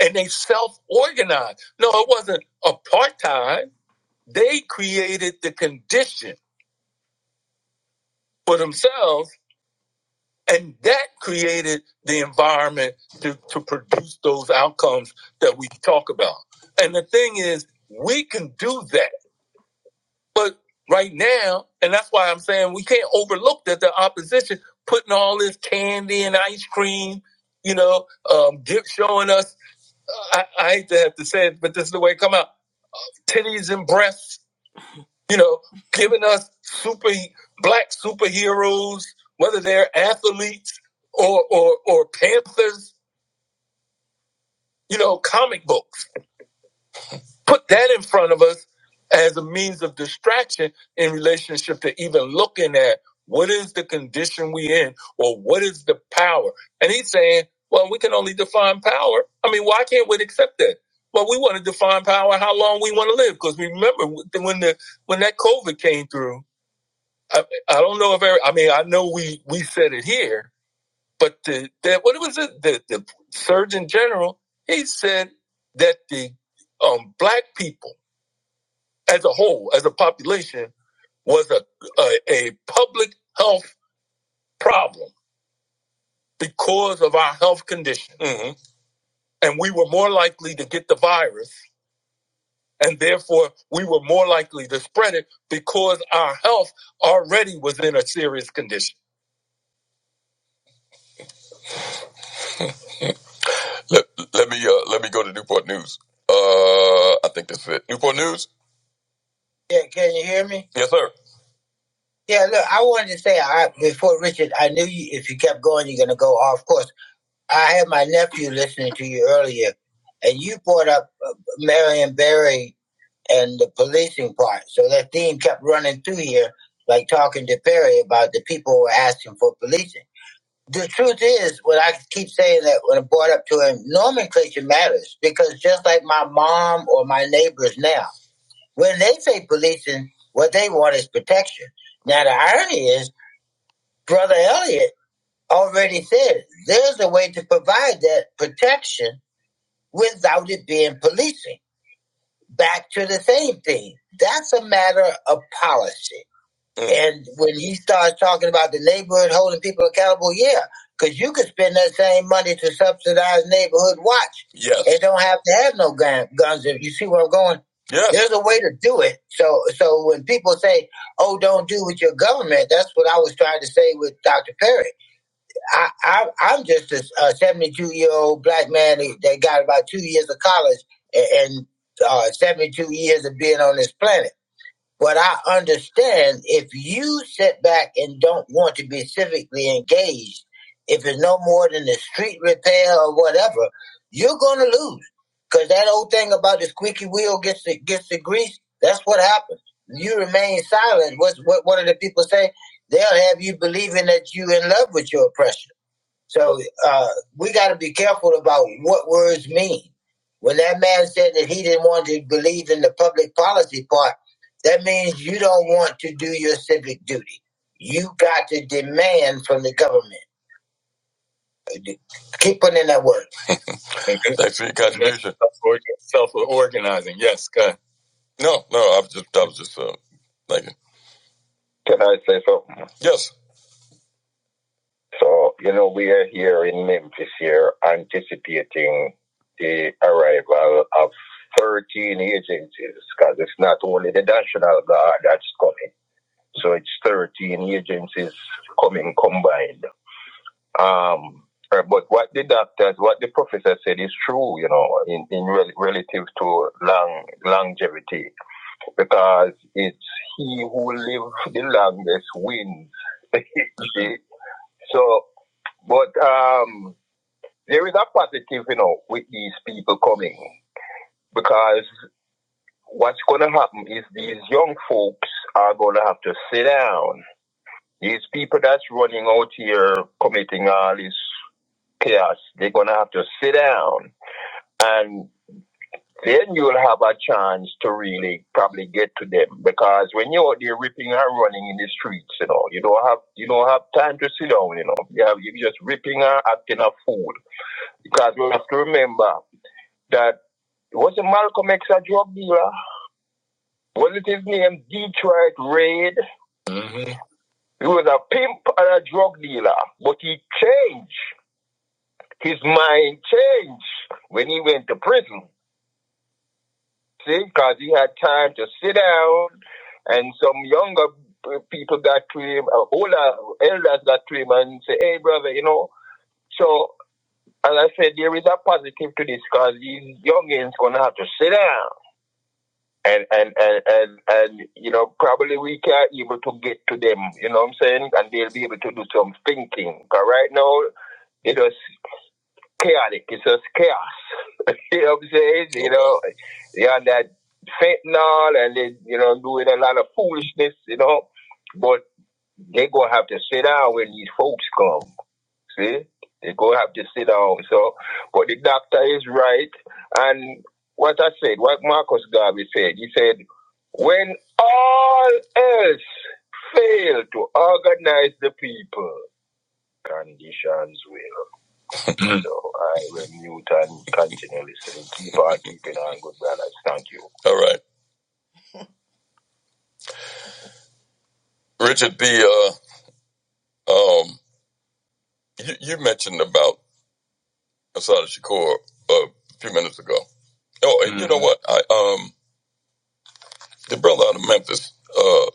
and they self-organized. No, it wasn't apartheid. They created the condition for themselves, and that created the environment to, to produce those outcomes that we talk about. And the thing is, we can do that. But right now, and that's why I'm saying we can't overlook that the opposition putting all this candy and ice cream, you know, um, showing us, uh, I, I hate to have to say it, but this is the way it come out, titties and breasts you know, giving us super black superheroes, whether they're athletes or or or Panthers, you know, comic books. Put that in front of us as a means of distraction in relationship to even looking at what is the condition we in or what is the power. And he's saying, well, we can only define power. I mean, why can't we accept that? Well, we want to define power how long we want to live because remember when the when that COVID came through I, I don't know if every, I mean I know we we said it here, but the that what was it the the Surgeon General he said that the um black people as a whole as a population was a a, a public health problem because of our health condition, Mhm. and we were more likely to get the virus, and therefore we were more likely to spread it because our health already was in a serious condition. Let, let me uh, let me go to Newport News. Uh, I think that's it. Newport News. Yeah, can you hear me? Yes, sir. Yeah, look, I wanted to say I, before Richard, I knew you, if you kept going, you're going to go off course. I had my nephew listening to you earlier, and you brought up uh, Marion Barry and the policing part. So that theme kept running through here, like talking to Perry about the people who were asking for policing. the truth is, what I keep saying that when I brought up to him, nomenclature matters because just like my mom or my neighbors now, when they say policing, what they want is protection. Now, the irony is, Brother Elliot already said there's a way to provide that protection without it being policing. Back to the same thing. That's a matter of policy. And when he starts talking about the neighborhood holding people accountable, yeah, because you could spend that same money to subsidize neighborhood watch. Yes. They don't have to have no gun, guns. If you see where I'm going, yes. there's a way to do it. So, so when people say, "Oh, don't do with your government," that's what I was trying to say with Dr. Perry. I, I I'm just a, 72 year old black man that got about two years of college and, and uh, 72 years of being on this planet. But I understand if you sit back and don't want to be civically engaged, if it's no more than the street repair or whatever, you're going to lose. Because that old thing about the squeaky wheel gets the, gets the grease, that's what happens. You remain silent. What's, what, what do the people say? They'll have you believing that you are in love with your oppression. So uh, we got to be careful about what words mean. When that man said that he didn't want to believe in the public policy part, that means you don't want to do your civic duty. You got to demand from the government. Keep putting in that word. Thanks for your contribution. Self organizing, yes. No, no, I was just, I was just uh, thinking. Can I say something? Yes. So, you know, we are here in Memphis here anticipating the arrival of 13 agencies because it's not only the National Guard that's coming. So it's 13 agencies coming combined. Um, uh, but what the doctors, what the professor said is true, you know, in, in rel- relative to long, longevity, because it's he who lives the longest wins. so, but, um, there is a positive, you know, with these people coming because what's going to happen is these young folks are going to have to sit down. These people that's running out here committing all this chaos, they're going to have to sit down. And then you'll have a chance to really probably get to them because when you're out there ripping and running in the streets, you know, you don't have you don't have time to sit down, you know. You have you're just ripping and acting a fool. Because we have to remember that wasn't Malcolm X a drug dealer? Wasn't his name Detroit Raid? He was a pimp and a drug dealer, but he changed. His mind changed when he went to prison, see, because he had time to sit down, and some younger people got to him, uh, older elders got to him and say, hey, brother, you know. So, as I said, there is a positive to this because these youngins going to have to sit down and and and and, and you know probably we can not able to get to them you know what i'm saying and they'll be able to do some thinking but right now it was chaotic it's just chaos you know what i'm saying you Okay. know yeah on that fentanyl and they you know doing a lot of foolishness you know but they gonna have to sit down when these folks come See, they go have to sit down. So, but the doctor is right. And what I said, what Marcus Garvey said, he said, when all else fail to organize the people, conditions will. Mm. So I will mute and continue listening. Keep on keeping on, good brothers. Thank you. All right, Richard. The uh, um, you, you mentioned about Asada Shakur uh, a few minutes ago. Oh, and mm. you know what, I um. the brother out of Memphis, uh,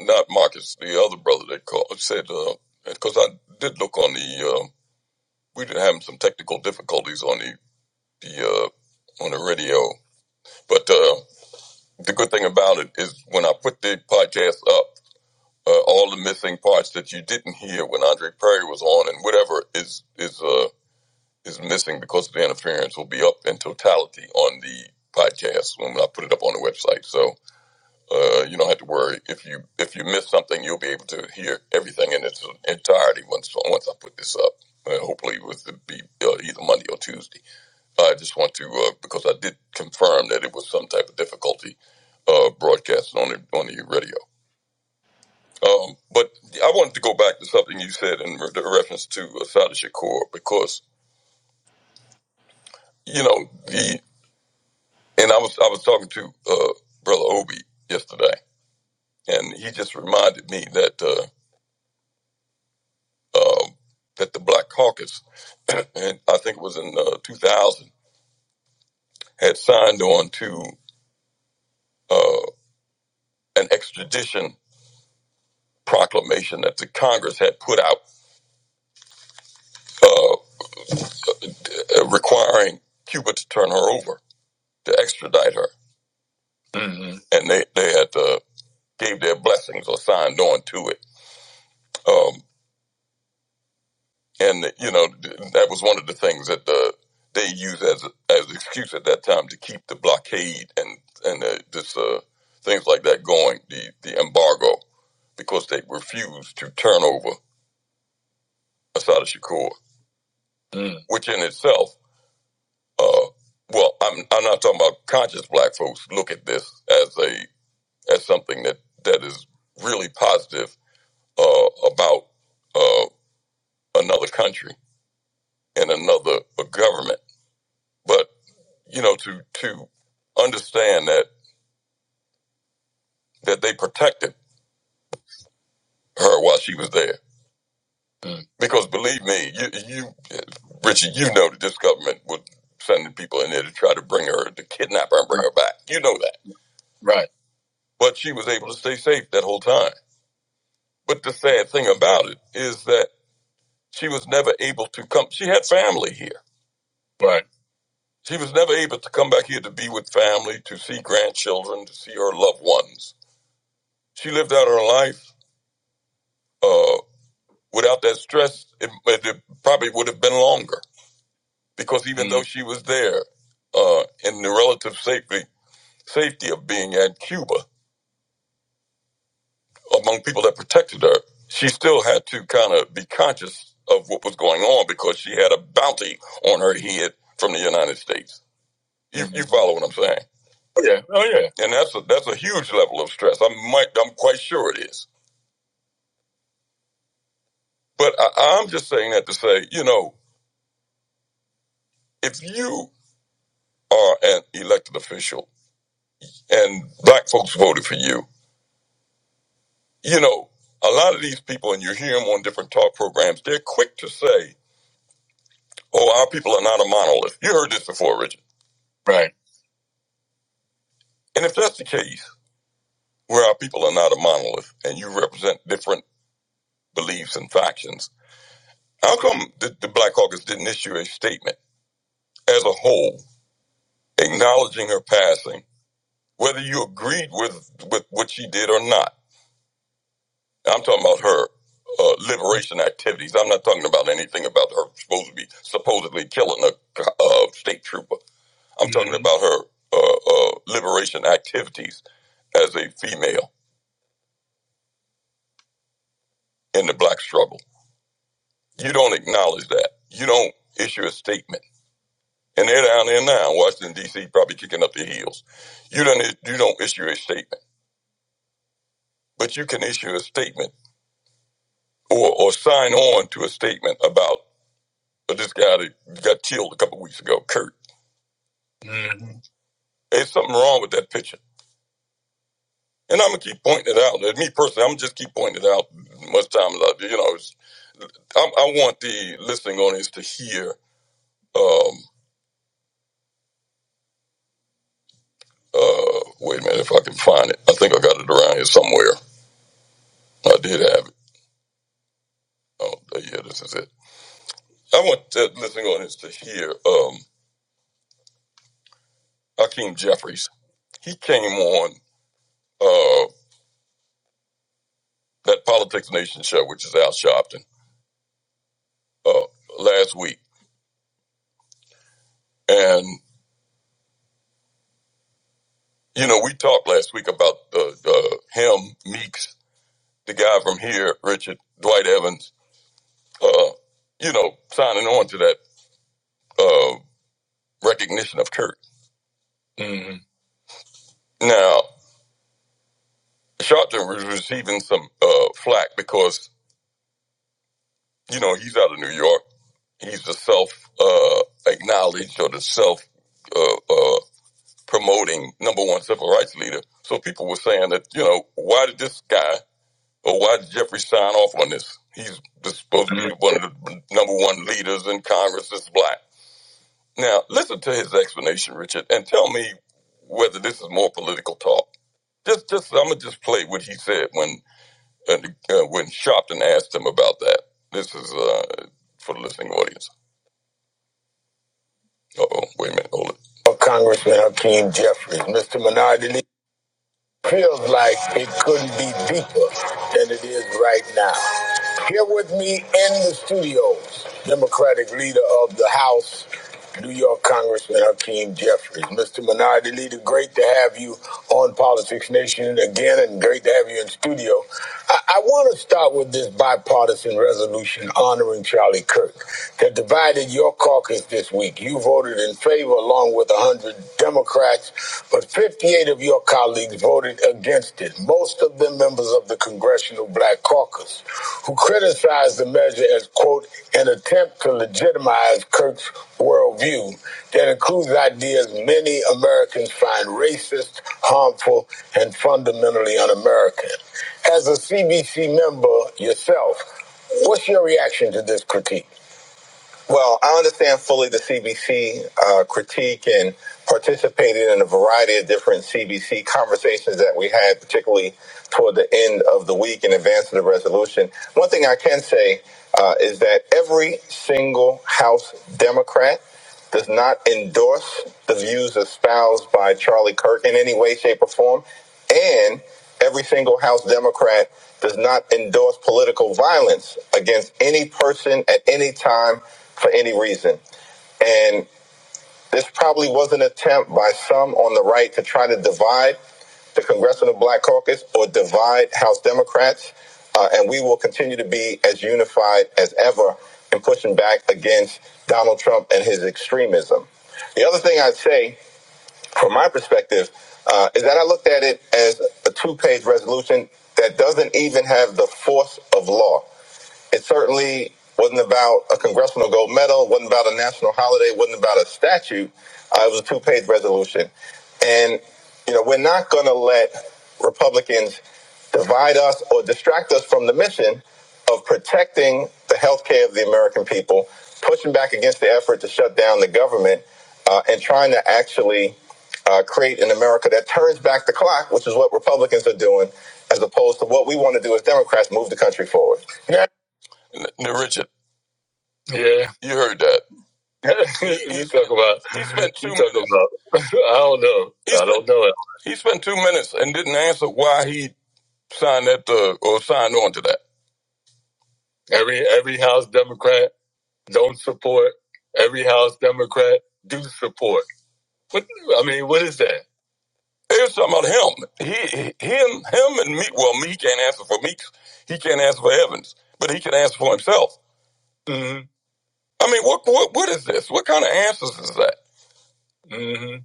not Marcus, the other brother that called said, because I did look on the, uh, we did have some technical difficulties on the the uh, on the radio, but uh, the good thing about it is when I put the podcast up, uh, all the missing parts that you didn't hear when Andre Perry was on, and whatever is is uh, is missing because of the interference will be up in totality on the podcast when I put it up on the website. So Uh, you don't have to worry. If you if you miss something, you'll be able to hear everything in its entirety once once I put this up. Uh, hopefully, it was to be uh, either Monday or Tuesday. I just want to uh, because I did confirm that it was some type of difficulty uh, broadcasting on the on the radio. Um, but I wanted to go back to something you said in re- reference to uh, Sada Shakur because you know the and I was I was talking to uh, brother Obi yesterday, and he just reminded me that. Uh, um, that the Black Caucus, and I think it was in uh, 2000, had signed on to uh, an extradition proclamation that the Congress had put out uh, uh, requiring Cuba to turn her over, to extradite her. Mhm. And they, they had uh, gave their blessings or signed on to it. Um, and you know that was one of the things that uh, they used as as excuse at that time to keep the blockade and and uh, this uh, things like that going, the the embargo, because they refused to turn over Asada Shakur, Mm. which in itself, uh, well, I'm I'm not talking about conscious black folks. Look at this as a as something that that is really positive uh, about uh, another country and another uh, government, but you know, to to understand that that they protected her while she was there. Because believe me, you you Richard, you know that this government was sending people in there to try to bring her to kidnap her and bring her back. You know that. Right. But she was able to stay safe that whole time. But the sad thing about it is that she was never able to come she had family here. Right. She was never able to come back here to be with family, to see grandchildren, to see her loved ones. She lived out her life. Uh, Without that stress, it, it probably would have been longer because even mm-hmm. though she was there uh, in the relative safety safety of being at Cuba among people that protected her, she still had to kind of be conscious of what was going on because she had a bounty on her head from the United States. You, mm-hmm. you follow what I'm saying? Yeah. Oh yeah. And that's a that's a huge level of stress. I might I'm quite sure it is. But I, I'm just saying that to say, you know, if you are an elected official and black folks voted for you. You know, a lot of these people, and you hear them on different talk programs, they're quick to say, oh, our people are not a monolith. You heard this before, Richard. Right. And if that's the case, where our people are not a monolith and you represent different beliefs and factions, how come the, the Black Caucus didn't issue a statement as a whole acknowledging her passing, whether you agreed with, with what she did or not? I'm talking about her uh, liberation activities. I'm not talking about anything about her supposed to be supposedly killing a uh, state trooper. I'm talking Mhm. about her uh, uh, liberation activities as a female in the black struggle. You don't acknowledge that. You don't issue a statement. And they're down there now in Washington, D.C., probably kicking up their heels. You don't, you don't issue a statement, but you can issue a statement or, or sign on to a statement about uh, this guy that got killed a couple weeks ago, Kurt. There's something wrong with that picture. And I'm gonna keep pointing it out. And me personally, I'm gonna just keep pointing it out as much time as I do. You know, it's, i I want the listening audience to hear. Um, uh, wait a minute, if I can find it, I think I got it around here somewhere. I did have it. Oh, yeah, this is it. I want the listening audience to hear um, Hakeem Jeffries. He came on uh, that Politics Nation show, which is Al Sharpton, uh, last week, and you know, we talked last week about uh, uh, him, Meeks the guy from here, Richard Dwight Evans, uh, you know, signing on to that uh, recognition of Kirk. hmm Now, Sharpton was receiving some uh, flack because, you know, he's out of New York. He's the self uh, acknowledged or the self uh, uh, promoting number one civil rights leader. So people were saying that, you know, why did this guy or why did Jeffrey sign off on this? He's supposed to be Mhm. one of the number one leaders in Congress that's black Now, listen to his explanation, Richard, and tell me whether this is more political talk. Just, just I'm gonna just play what he said when uh, uh, when Shopton asked him about that. This is uh, for the listening audience. Uh oh, wait a minute, hold it. Well, Congressman Hakeem Jeffries, Mr. Minardi Lee, feels like deeper than it is right now. Here with me in the studios, Democratic leader of the House, New York Congressman Hakeem Jeffries. Mr. Minardi Leader, great to have you on Politics Nation again, and great to have you in studio. I want to start Democrat, your comment that criticized as, quote, an attempt to as Kurt's work that includes harmful and really un What's your reaction to this critique? I can participate in a variety of different CBC. conversations that we had, particularly toward the end of the week in advance of the resolution. One thing I can say uh, is that every single House Democrat does not endorse the views of Sally Kirk anymore. And every single House Democrat does not endorse political violence against any person at any time for any reason. And it probably was an attempt by some on the try to divide Congressional Black Caucus or divide House Democrats, uh, and we will continue to be as unified as ever in pushing Donald Trumpism. Uh, is that I looked at it as a tool that doesn't even have the force of law. Certainly wasn't about a congressional gold medal, wasn't about a national holiday, wasn't about a statute. Uh, it was a two-page resolution, and you know we're not going to let Republicans divide us or distract us from the mission of protecting the health care of the American people, pushing back against the effort to shut down the government, uh, and trying to actually uh, create an America that turns back the clock, which is what Republicans are doing, as opposed to what we want to do as Democrats move the country forward. N- Now, Richard. Yeah. You heard that. you talk about. He spent two you talk minutes. About, I don't know. He I don't spent- don't know. It. He spent two minutes and didn't answer why he signed that uh, or signed on to that. Every every House Democrat Don't support every House Democrat. Do support. What I mean, what is that? They was talking about him. He, he- him, him, and Meek. Well, Meek can't answer for Meek. He can't answer for Evans, but he can answer for himself. hmm I mean, what, what, what is this? What kind of answers is that? hmm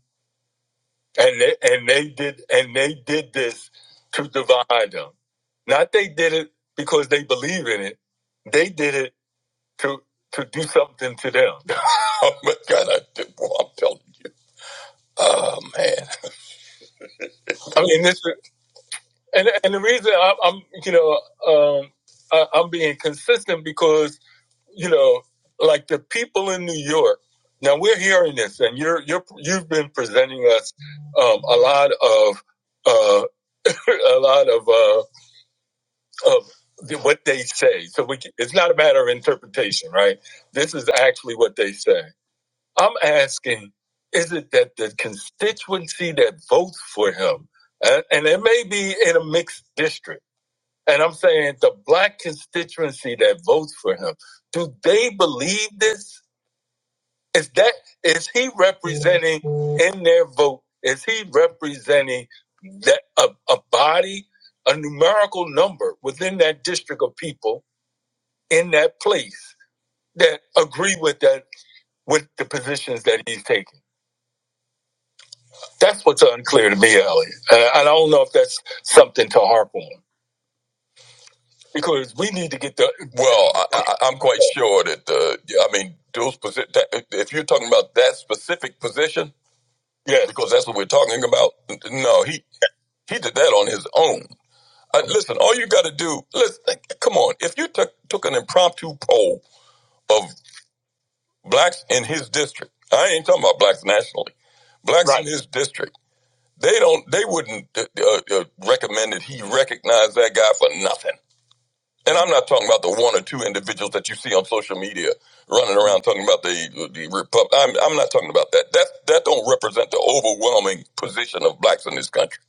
And they and they did and they did this to divide them. Not they did it because they believe in it. They did it to to do something to them. Oh my God, I did, well, I'm telling you. Ah. I mean, this is, and and the reason I'm, I'm you know um, I, I'm being consistent because you know like the people in New York. Now we're hearing this, and you're you're you've been presenting us um, a lot of uh, a lot of uh, of the- what they say. So we can, it's not a matter of interpretation, right? This is actually what they say. I'm asking, is it that the constituency that votes for him, and, and it may be in a mixed district? And I'm saying the black constituency that votes for him, do they believe this? Is that is he representing in their vote? Is he representing that a, a body, a numerical number within that district of people in that place that agree with that with the positions that he's taking? That's what's unclear to me, Elliot. And I, and I don't know if that's something to harp on. Because we need to get the well, I, I, I'm quite sure that the I mean those posi- that, if you're talking about that specific position, yeah, because that's what we're talking about. No, he he did that on his own. Uh, listen, all you got to do, let's eh, come on. If you took took an impromptu poll of blacks in his district, I ain't talking about blacks nationally, blacks in Right. his district, they don't, they wouldn't uh, uh, uh, recommend that he recognize that guy for nothing And I'm not talking about the one or two individuals that you see on social media running around talking about the the republic. I'm, I'm not talking about that. That that don't represent the overwhelming position of blacks in this country.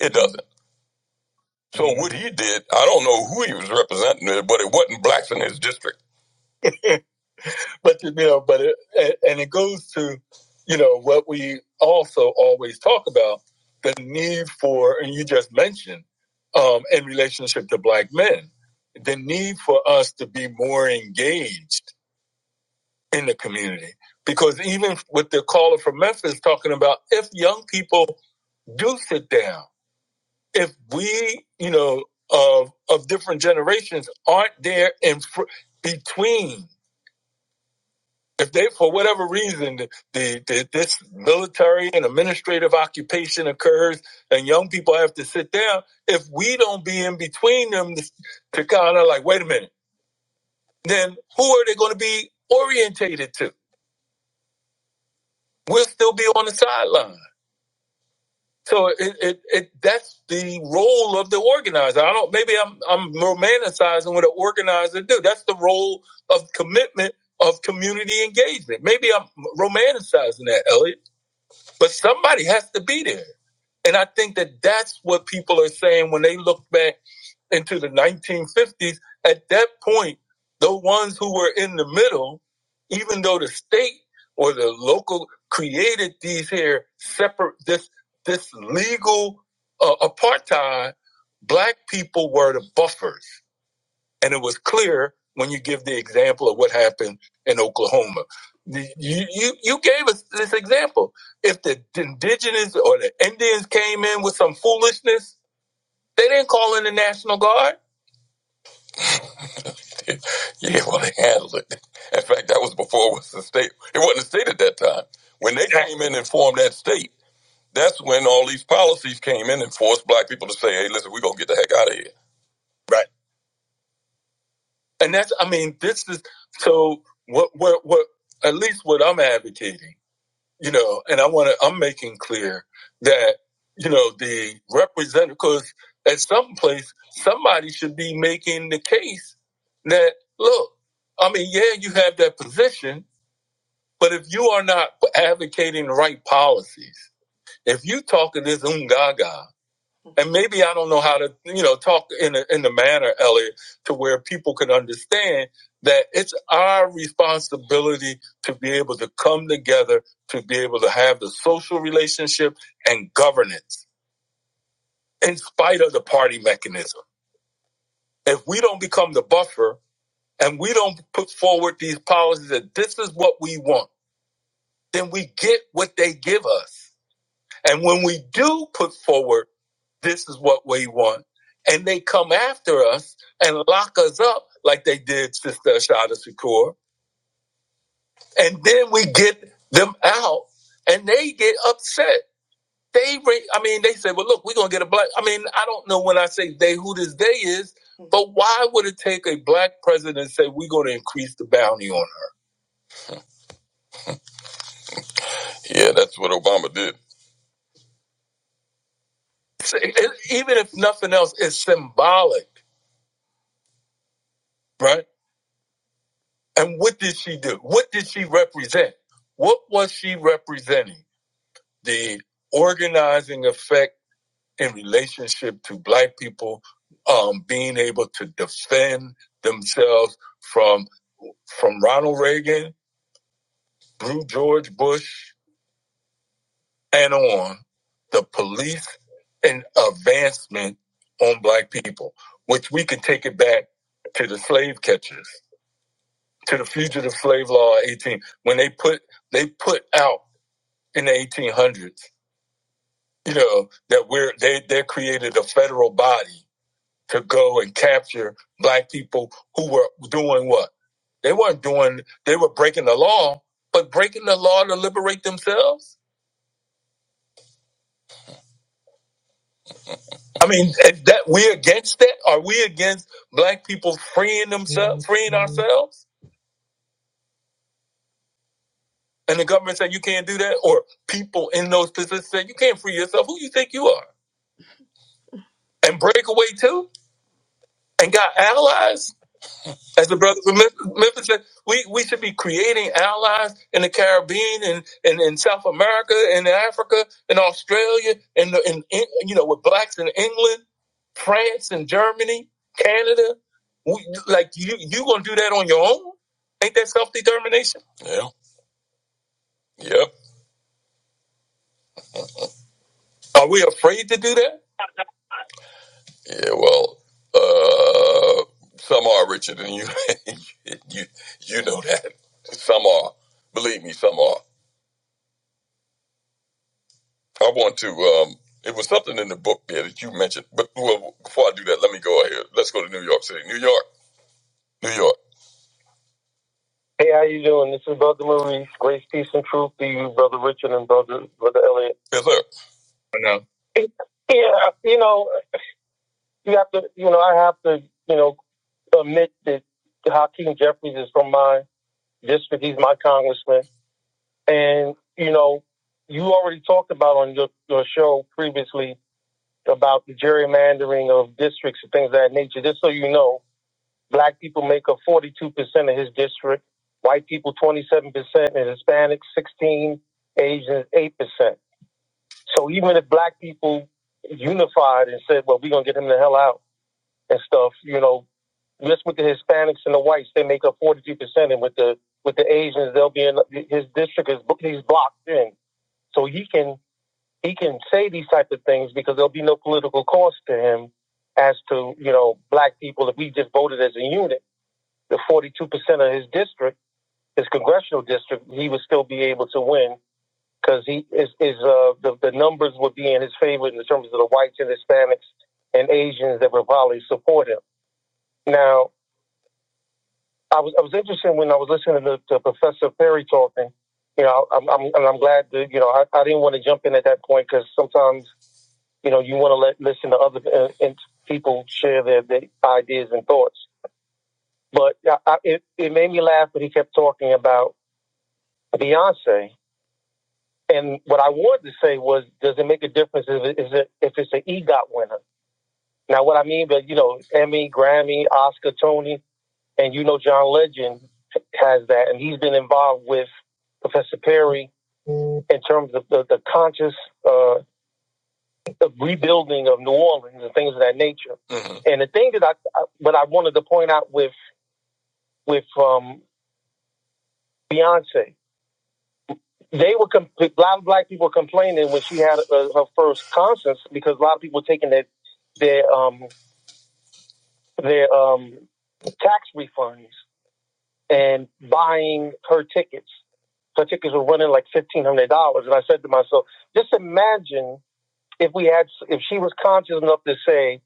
It doesn't. So what he did, I don't represent it, but it wasn't blacks in his district. but you know, but it, and it goes to you know what we also always talk about the need for, and you just mentioned um, in relationship to black men, the need for us to be more engaged in the community. Because even with the caller from Memphis talking about if young people do sit down, if we, you know, of of different generations aren't there in fr- between, if they for whatever reason the, the, the this military and administrative occupation occurs and young people have to sit down, if we don't be in between them to, to kind of like wait a minute, then who are they going to be orientated to? We'll still be on the sideline. So it, it, it that's the role of the organizer. I don't maybe I'm I'm romanticizing what an organizer do. That's the role of commitment of community engagement. Maybe I'm romanticizing that, Elliot. But somebody has to be there. And I think that that's what people are saying when they look back into the 1950s, at that point, the ones who were in the middle, even though the state or the local created these here separate this this legal uh, apartheid, black people were the buffers, and it was clear when you give the example of what happened in Oklahoma. You, you, you gave us this example. If the indigenous or the Indians came in with some foolishness, they didn't call in the National Guard Yeah, well, they handled it. In fact, that was before it was a state. It wasn't a state at that time. When they came in and formed that state, that's when all these policies came in and forced black people to say, "Hey, listen, we're gonna get the heck out of here." And that's, I mean, this is so. What, what, what? I'm advocating, you know, and I want to. I'm making clear that because somebody should be making the case that look. I mean, yeah, you have that position, but if you are not advocating the right policies if you talking this ungaga, and maybe I don't know how to, you know, talk in a, in the manner, Elliot, to where people can understand that it's our responsibility to be able to come together, to be able to have the social relationship and governance in spite of the party mechanism. If we don't become the buffer and we don't put forward these policies that this is what we want, then we get what they give us. And when we do put forward This is what we want. And they come after us and lock us up like they did Sister Ashada Shakur. And then we get them out and they get upset. They, re- I mean, they say, well, look, we're going to get a black. I mean, I don't know when I say they who this they is, but why would it take a black president and say we're going to increase the bounty on her? Yeah, that's what Obama did. So, e- even if nothing else, it's symbolic, right? And what did she do? What did she represent? What was she representing? The organizing effect in relationship to black people um, being able to defend themselves from from Ronald Reagan through George Bush and on the police and advancement on black people, which we can take it back to the slave catchers, to the fugitive slave law 18, when they put they put out in the 1800s. You know that we're they they created a federal body to go and capture black people who were doing what they weren't doing. They were breaking the law, but breaking the law to liberate themselves. I mean, is that we against that? Are we against black people freeing themselves, freeing ourselves? And the government said you can't do that, or people in those positions said you can't free yourself. Who you think you are? And break away too, and got allies As the brother from Memphis Memphis said, we, we should be creating allies in the Caribbean and, and, in South America and Africa and Australia and, the- and, and you know with blacks in England, France and Germany, Canada. We, like you you gonna do that on your own? Ain't that self determination? Yeah. Yep. Are we afraid to do that? Yeah. Well, uh, some are Richard, and you you you know that some are. Believe me, some are. I want to. Um, it was something in the book there that you mentioned. But well, before I do that, let me go ahead. Let's go to New York City, New York, New York. Hey, how you doing? This is Brother Maurice. Grace, peace, and truth to you, Brother Richard and Brother Brother Elliot. Yes, sir. I know. Yeah, you know, you have to. You know, I have to. You know, admit that Hakeem Jeffries is from my district. He's my congressman. You know, you already talked about on your, your show previously about the gerrymandering of districts and things of that nature. Just so you know, black people make up 40% his district. White people 20 percent, Hispanics 16, Asians 8 percent. So even if black people unified and said, "Well, we're gonna get the hell out with the Asians," they'll be in his district is he's blocked in, so he can he can say these type of things because there'll be no political cost to him as to you know black people if we just voted as a unit. The 42 percent of his district, his congressional district, he would still be able to win because he is is uh the, the numbers would be in his favor in terms of the whites and Hispanics and Asians that would probably support him. Now, I was I was interested when I was listening to, to Professor Perry talking. You know, I'm I'm and I'm glad that you know I, I didn't want to jump in at that point because sometimes you know you want to let listen to other uh, and people share their, their ideas and thoughts. But yeah, I, it it made me laugh when he kept talking about Beyonce. And what I wanted to say was, does it make a difference if, it, if it's an EGOT winner? but you know, Emmy, Grammy, Oscar, Tony, and you know, John Legend has that, and he's been involved with Professor Perry in terms of the, the conscious uh, the rebuilding of New Orleans and things of that nature. Mhm. And the thing that I, I what I wanted to point out with with um, Beyonce, they were com- a lot of black people complaining when she had uh, her first concerts because a lot of people were taking their their um, their um, tax refunds and buying her tickets. Her tickets were running like fifteen hundred dollars, and I said to myself, just imagine if we had, if she was conscious enough to say,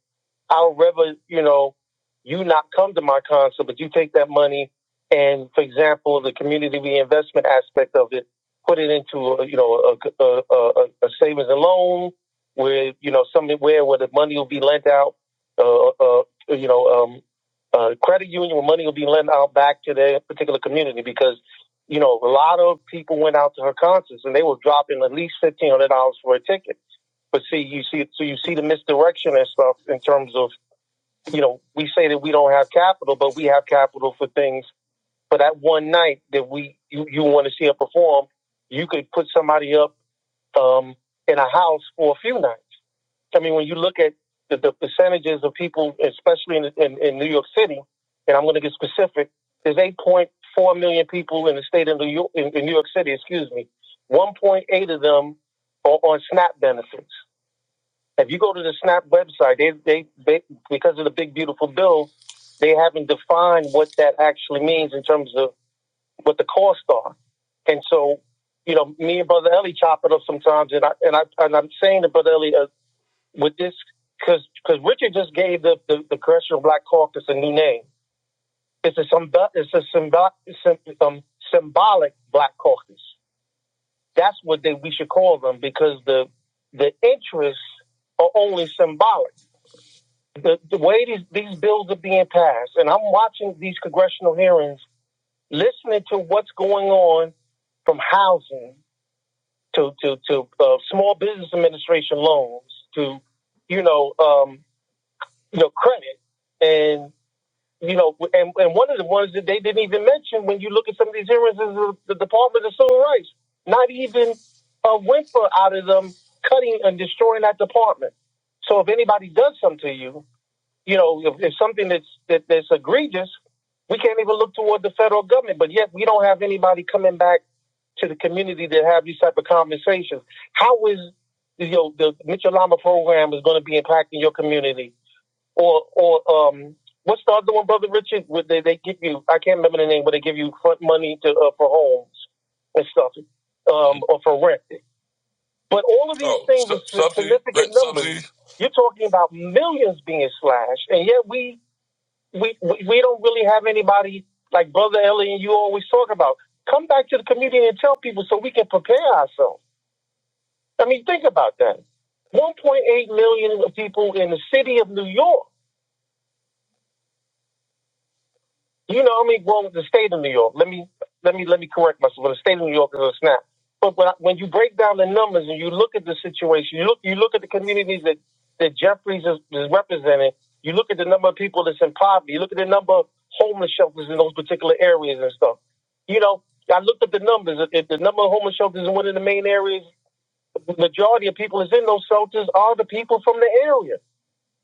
I would rather, you know, you not come to my concert, but you take that money and, for example, the community reinvestment aspect of it, put it into, a, you know, a, a, a, a savings and loan where, you know, somewhere where the money will be lent out, uh, uh, you know, um, uh, credit union where money will be lent out back to their particular community because, you know, a lot of people went out to her concerts and they were dropping at least $1,500 for a ticket. But see, you see, so you see the misdirection and stuff in terms of you know, we say that we don't have capital, but we have capital for things. For that one night that we you, you want to see us perform, you could put somebody up um, in a house for a few nights. I mean, when you look at the, the percentages of people, especially in, in, in New York City, and I'm going to get specific, there's 8.4 million people in the state of New York, in, in New York City, excuse me. 1.8 of them are on SNAP benefits. If you go to the SNAP website, they, they, they because of the big beautiful bill, they haven't defined what that actually means in terms of what the costs are. And so, you know, me and Brother Ellie chop it up sometimes, and I and I and I'm saying to Brother Ellie uh, with this because because Richard just gave the, the the Congressional Black Caucus a new name. It's a symb- it's a symb- symb- um, symbolic Black Caucus um, because the the ifs are only symbolic. The, the way these, these bills, and I'm watching these congressional hearings, listening to what's going on from housing to to, to uh, small business administration loans to you know um, you know credit and you know one of these areas is the, the Department of Civil Rights not even a whimper out of them cutting and destroying that department. So if anybody does something to you, you know, if, if something that's that, that's egregious, we can't even look toward the federal government. But yet, we don't have anybody coming back to the community to have these type of conversations. How is you know the Mitchell Lama program is going to be impacting your community? Or or um, what's the other one, brother Richard? Would they they give you? I can't remember the name, but they give you front money to uh, for homes and stuff, um, or for rent. But all of these Oh, things are subsidy, significant numbers. subsidies. You're talking about millions being slashed, and yet we we, we we don't really have anybody like Brother Ellie and you always talk about. Come back to the community and tell people so we can prepare ourselves. I mean, think about that. 1.8 million people in the city of New York. You know, I mean, well, the state of New York. Let me let me let me correct myself. Well, the state of New York is a snap. But when, I, when you break down the numbers and you look at the situation, you look you look at the communities that that Jeffries is, is representing. You look at the number of people that's in poverty. You look at the number of homeless shelters in those particular areas and stuff. You know, I looked at the numbers. If if the number of homeless shelters in one of the main areas, the majority of people is in those shelters are the people from the area.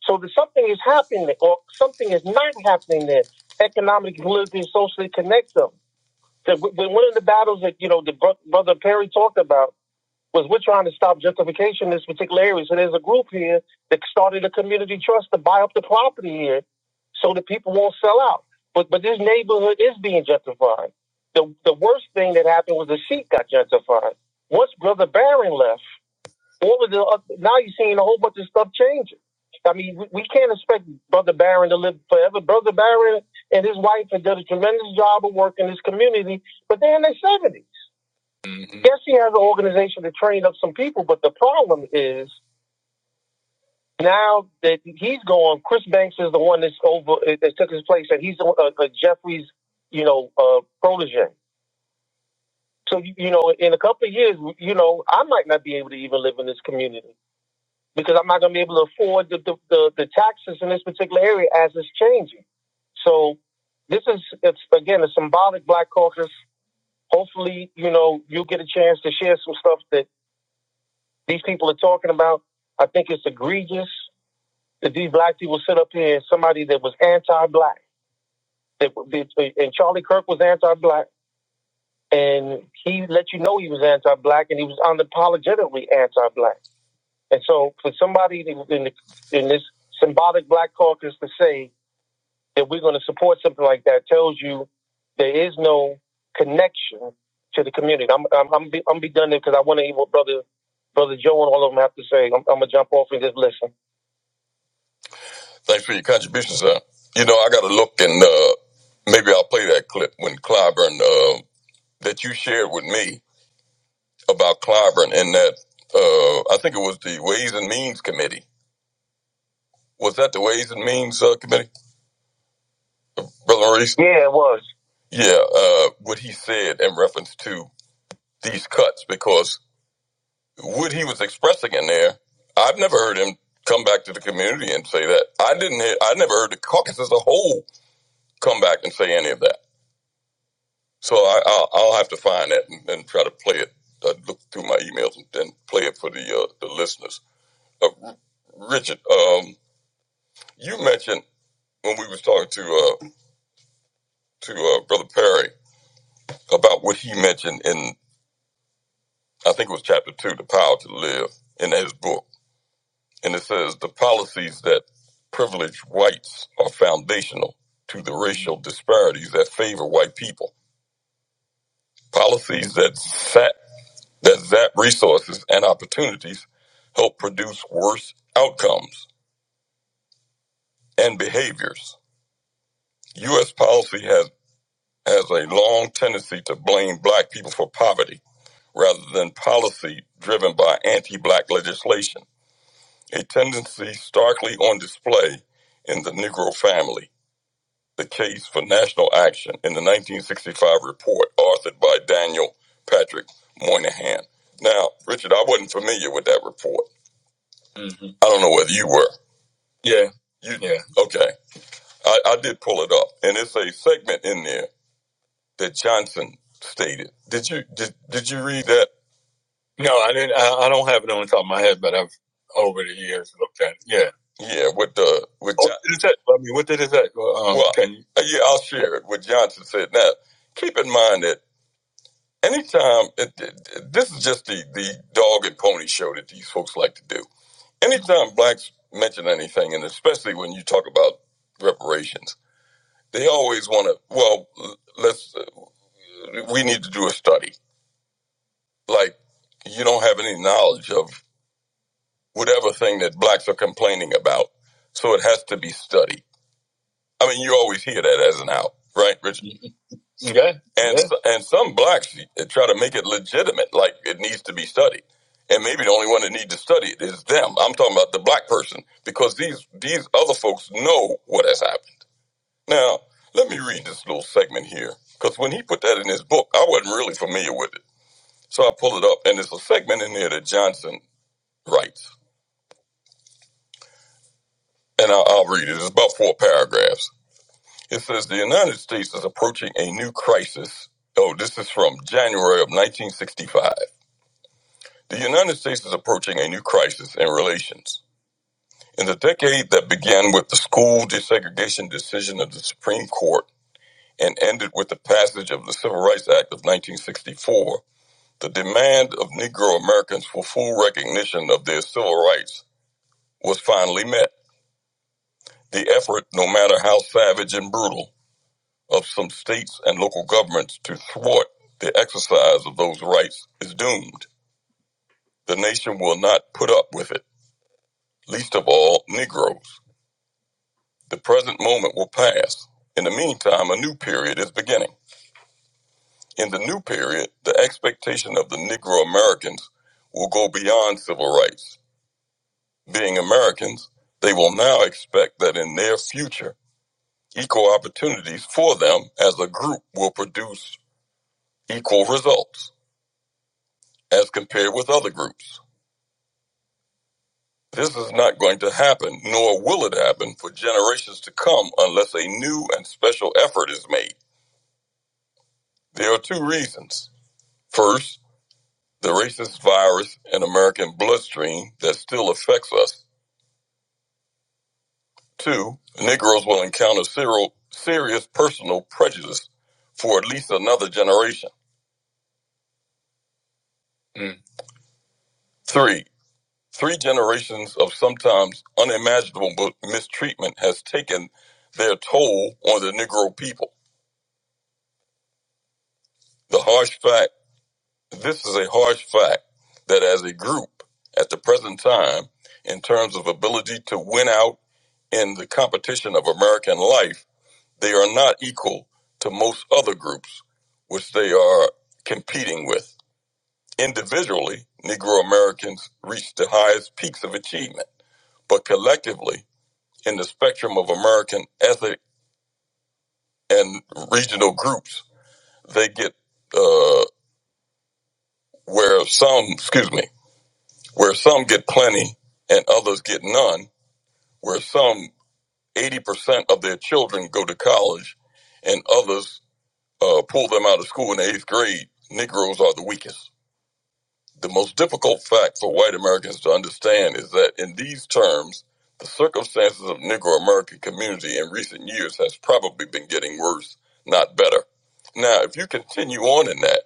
So that something is happening there, or something is not happening there. Economic, politically, socially connect them. The, the battles that, you know, the bro- brother Perry talked about was we're trying to stop gentrification in this particular area. So there's a group here that started an entity trust to buy up the property here so that it won't sell out. But, but it is being gentrified. The, the worst that happened got gentrified. What if? What was the other? This stuff changing. I mean, we, we can't expect Brother Barron to live forever. Brother Barron and his wife have done a tremendous job of work in this community, but they're in their 70s. hmm Yes, you have some people, but the problem is now that he's gone, Chris Banks is the one that's over, that took his place, and he's a, a Jeffrey's, you know, uh, protege. So, you know, in a couple of years, you know, I might not be able to even live in this community. because I'm not going to be able to afford the, the, the, the taxes in this particular area as it's changing. So this is, it's again, a symbolic black caucus. Hopefully, you know, you get a chance to share some stuff that these people are talking about. I think it's egregious that these black people sit up here and somebody that was anti-black, that, that- and Charlie Kirk was anti-black, and he let you know he was anti-black, and he was unapologetically anti-black And so for somebody in, the, in this symbolic black caucus to say that we're going to support something like that tells you there is no connection to the community. I'm I'm I'm be, I'm be done there because I want to hear what brother brother Joe and all of them have to say. I'm, I'm gonna jump off and just listen. Thanks for your contribution, sir. You know, I got to look and uh, maybe I'll play that clip when Clyburn uh, that you shared with me about Clyburn and that uh, I think it was the Ways and Means Committee. Was that the Ways and Means uh, Committee? Brother Maurice? Yeah. Yeah, uh, what he said in reference to these cuts, because what he was expressing in there, I've never heard him come back to the community and say that. I didn't hear, I never heard the caucus as a whole come back and say any of that. So I, I'll, I'll have to find that and, and try to play it. I look through my emails and, and play it for the uh, the listeners. Uh, Richard, um, you mentioned when we was talking to uh, to uh, Brother Perry about what he mentioned in I think it was chapter two, The Power to Live, in his book. And it says the policies that privilege whites are foundational to the racial disparities that favor white people. Policies that zap, that zap resources and opportunities help produce worse outcomes and behaviors. U.S. policy has, has a long tendency to blame black people for poverty rather than policy driven by anti black legislation a tendency starkly on display in the Negro family. The case for national action in the 1965 report, authored by Daniel Patrick Moynihan. Now, Richard, I wasn't familiar with that report. I don't know whether you were. Yeah. You, yeah. Okay. I, I did pull it up, and it's a segment in there that Johnson stated. Did you did, did you read that? but I've over the years looked at it. Yeah. Yeah, with the with Oh, John, what did it I mean, what did it say? Well, Um, well, can you? uh, yeah, I'll share it. What Johnson said. Now, keep in mind that anytime it, it- this is just the the dog and pony show that these folks like to do. Anytime blacks mention anything, and especially when you talk about reparations, they always want to. Well, let's. Uh, we need to do a study. Like you don't have any knowledge of whatever thing that blacks are complaining about. So it has to be studied. I mean, you always hear that as an out, right, Richard? Yeah. And Yeah. and some blacks try to make it legitimate, like it needs to be studied. And maybe the only one that needs to study it is them. I'm talking about the black person because these these other folks know what has happened. Now, let me read this little segment here because when he put that in his book, I wasn't really familiar with it. So I pull it up, and there's a segment in there that Johnson writes, and I'll, I'll read it. It's about four paragraphs. It says the United States is approaching a new crisis. Oh, this is from January of 1965. The United States is approaching a new crisis in relations. In the decade that began with the school desegregation decision of the Supreme Court and ended with the passage of the Civil Rights Act of 1964, the demand of Negro Americans for full recognition of their civil rights was finally met. The effort, no matter how savage and brutal, of some states and local governments to thwart the exercise of those rights is doomed. The nation will not put up with it, least of all Negroes. The present moment will pass. In the meantime, a new period is beginning. In the new period, the expectation of the Negro Americans will go beyond civil rights. Being Americans, they will now expect that in their future, equal opportunities for them as a group will produce equal results as compared with other groups. This is not going to happen, nor will it happen for generations to come unless a new and special effort is made. There are two reasons. First, the racist virus in American bloodstream that still affects us. Two, Negroes will encounter serious personal prejudice for at least another generation. Mm. Three, three generations of sometimes unimaginable mistreatment has taken their toll on the Negro people. The harsh fact This is a harsh fact that as a group at the present time, in terms of ability to win out in the competition of American life, they are not equal to most other groups which they are competing with. Individually, Negro Americans reach the highest peaks of achievement, but collectively, in the spectrum of American ethnic and regional groups, they get uh, where some, excuse me, where some get plenty and others get none, where some 80% of their children go to college and others uh, pull them out of school in the eighth grade, Negroes are the weakest. The most difficult fact for white Americans to understand is that in these terms, the circumstances of Negro American community in recent years has probably been getting worse, not better. Now, if you continue on in that,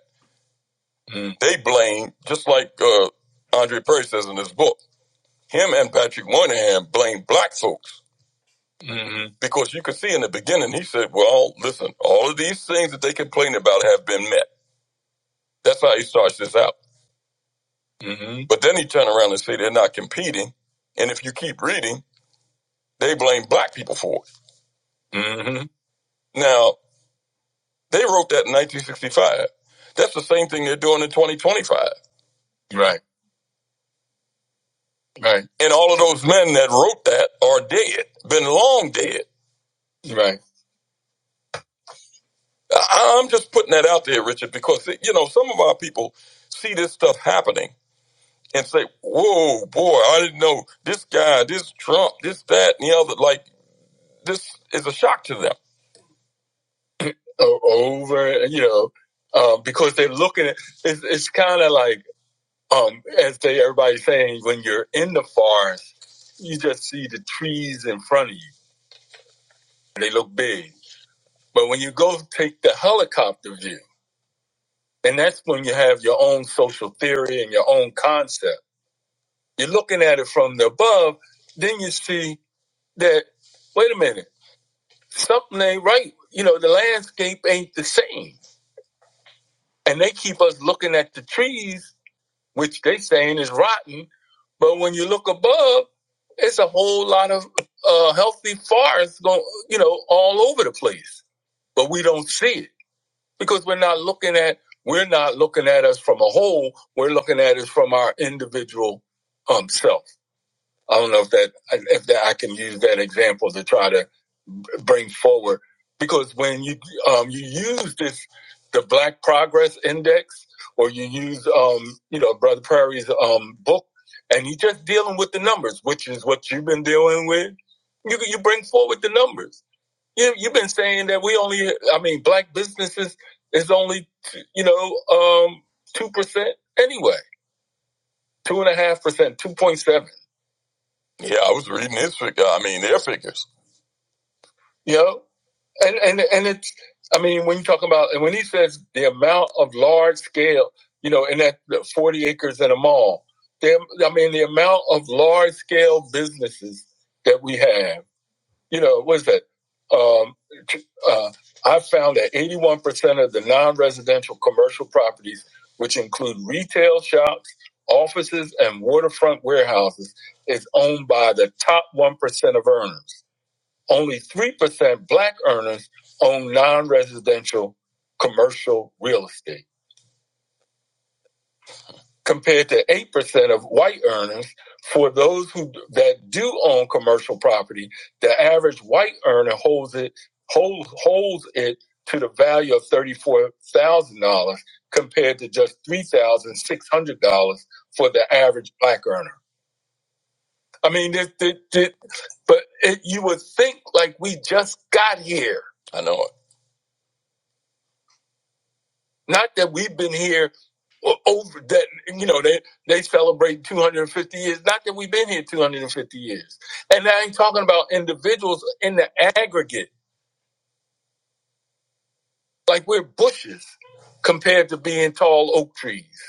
they blame, just like uh, Andre Perry says in his book, Him and Patrick Moynihan blamed black folks Mhm. because you could see in the beginning he said, "Well, listen, all of these things that they complain about have been met." That's how he starts this out. Mhm. But then he turned around and said they're not competing, and if you keep reading, they blame black people for it. hmm Now they wrote that in 1965. That's the same thing they're doing in 2025. Right, right. And all of those men that wrote that are dead, been long dead. Right. I- I'm just putting that out there, Richard, because you know some of our people see this stuff happening and say, "Whoa, boy, I didn't know this guy, this Trump, this that, and the other." Like this is a shock to them. O- Over, you know, um, because they're looking at it's, it's kind of like um, as they everybody's saying, when you're in the forest, you just see the trees in front of you. They look big, but when you go take the helicopter view And that's when you have your own social theory and your own concept. You're looking at it from the above, then you see that, wait a minute, something ain't right. You know, the landscape ain't the same. And they keep us looking at the trees, which they saying is rotten. But when you look above, it's a whole lot of uh, healthy forests going, you know, all over the place. But we don't see it. because we're not looking at we're not looking at us from a whole we're looking at us from our individual um self i don't know if that if that i can use that example to try to bring forward because when you um you use this the black progress index or you use um you know brother prairie's um book and you're just dealing with the numbers which is what you've been dealing with you you bring forward the numbers you you've been saying that we only, I mean, black businesses is only, you know, um, two percent anyway, two and a half percent, two point seven. Yeah, I was reading his figure. I mean, their figures. You know, and and and it's, I mean, when you talk about and when he says the amount of large scale, you know, in that forty acres at a mall, the, I mean, the amount of large scale businesses that we have. you know, what is that? Um, uh, I found that 81% of the non residential commercial properties, which include retail shops, offices, and waterfront warehouses, is owned by the top 1% of earners. Only 3% black earners own non residential commercial real estate. compared to 8% of white earners. For those who that do own commercial property, the average white earner holds it hold, holds it to the value of $34,000 compared to just $3,600 for the average black earner. I mean, this, this, this- but it, you would think like we just got here. I know. Not that we've been here o- over that, you know, they, they celebrate 250 years. Not that we've been here 250 years. And I ain't talking about individuals in the aggregate. Like we're bushes compared to being tall oak trees.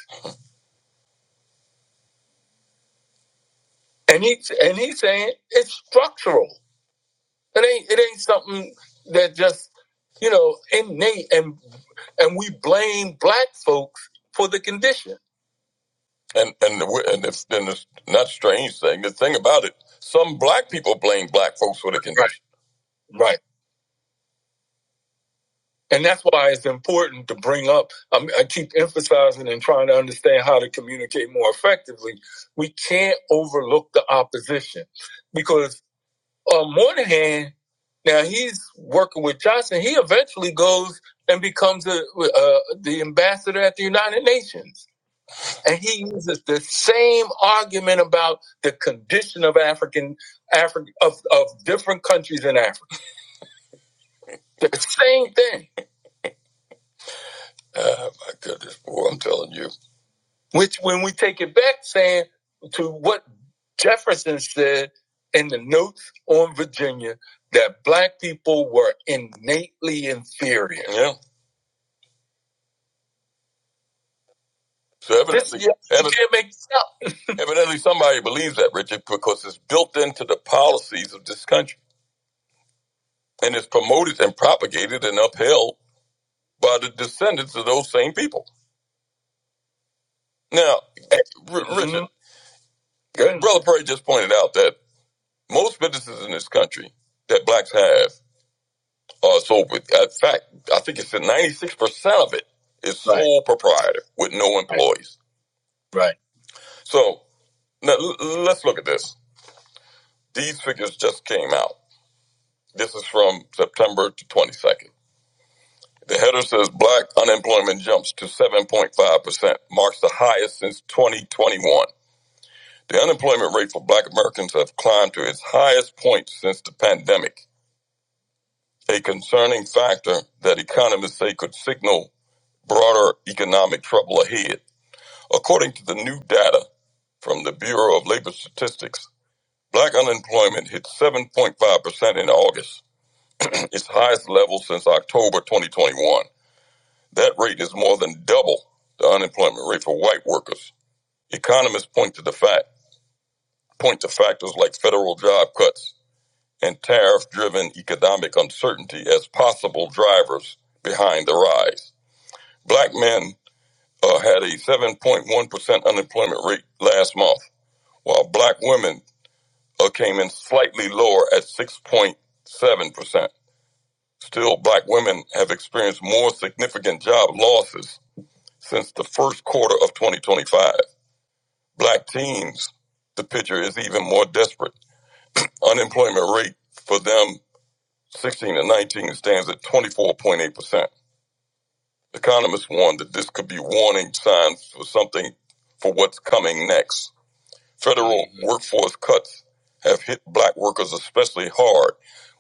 And he's, and he's saying it's structural. It ain't, it ain't something that just, you know, innate and, and we blame black folks for the condition. And and and it's, and it's not a strange thing. The thing about it, some black people blame black folks for the condition. Right, right. And that's why it's important to bring up. I'm, I keep emphasizing and trying to understand how to communicate more effectively. We can't overlook the opposition because um, on one hand, now he's working with Johnson. He eventually goes and becomes a, uh, the ambassador at the United Nations and he uses the same argument about the condition of African African, of, of different countries in Africa. The same thing. Oh my goodness, boy, I'm telling you. Which when we take it back saying to what Jefferson said in the notes on Virginia that black people were innately inferior. Yeah. So evidently, This- yeah, evidently, you can't make this up. evidently somebody believes that, Richard, because it's built into the policies of this country. and is promoted and propagated and upheld by the descendants of those same people. Now, eh, R- Richard, Mhm. Brother Perry just pointed out that most businesses in this country that blacks have are sold with, in fact, I think it's that 96% of it is Right. sole right. proprietor with no employees. Right. right. So now, let's look at this. These figures just came out. This is from September to 22nd. The header says black unemployment jumps to 7.5%, marks the highest since 2021. The unemployment rate for black Americans have climbed to its highest point since the pandemic, a concerning factor that economists say could signal broader economic trouble ahead. According to the new data from the Bureau of Labor Statistics, black unemployment hit 7.5% in August, its highest level since October 2021. That rate is more than double the unemployment rate for white workers. Economists point to the fact point to factors like federal job cuts and tariff-driven economic uncertainty as possible drivers behind the rise. Black men uh, had a 7.1% unemployment rate last month, while black women uh, came in slightly lower at 6.7%. Still, black women have experienced more significant job losses since the first quarter of 2025. Black teens, the picture is even more desperate. Unemployment rate for them 16 to 19 stands at 24.8%. Economists warn that this could be warning signs for something for what's coming next. Federal workforce cuts have hit black workers especially hard,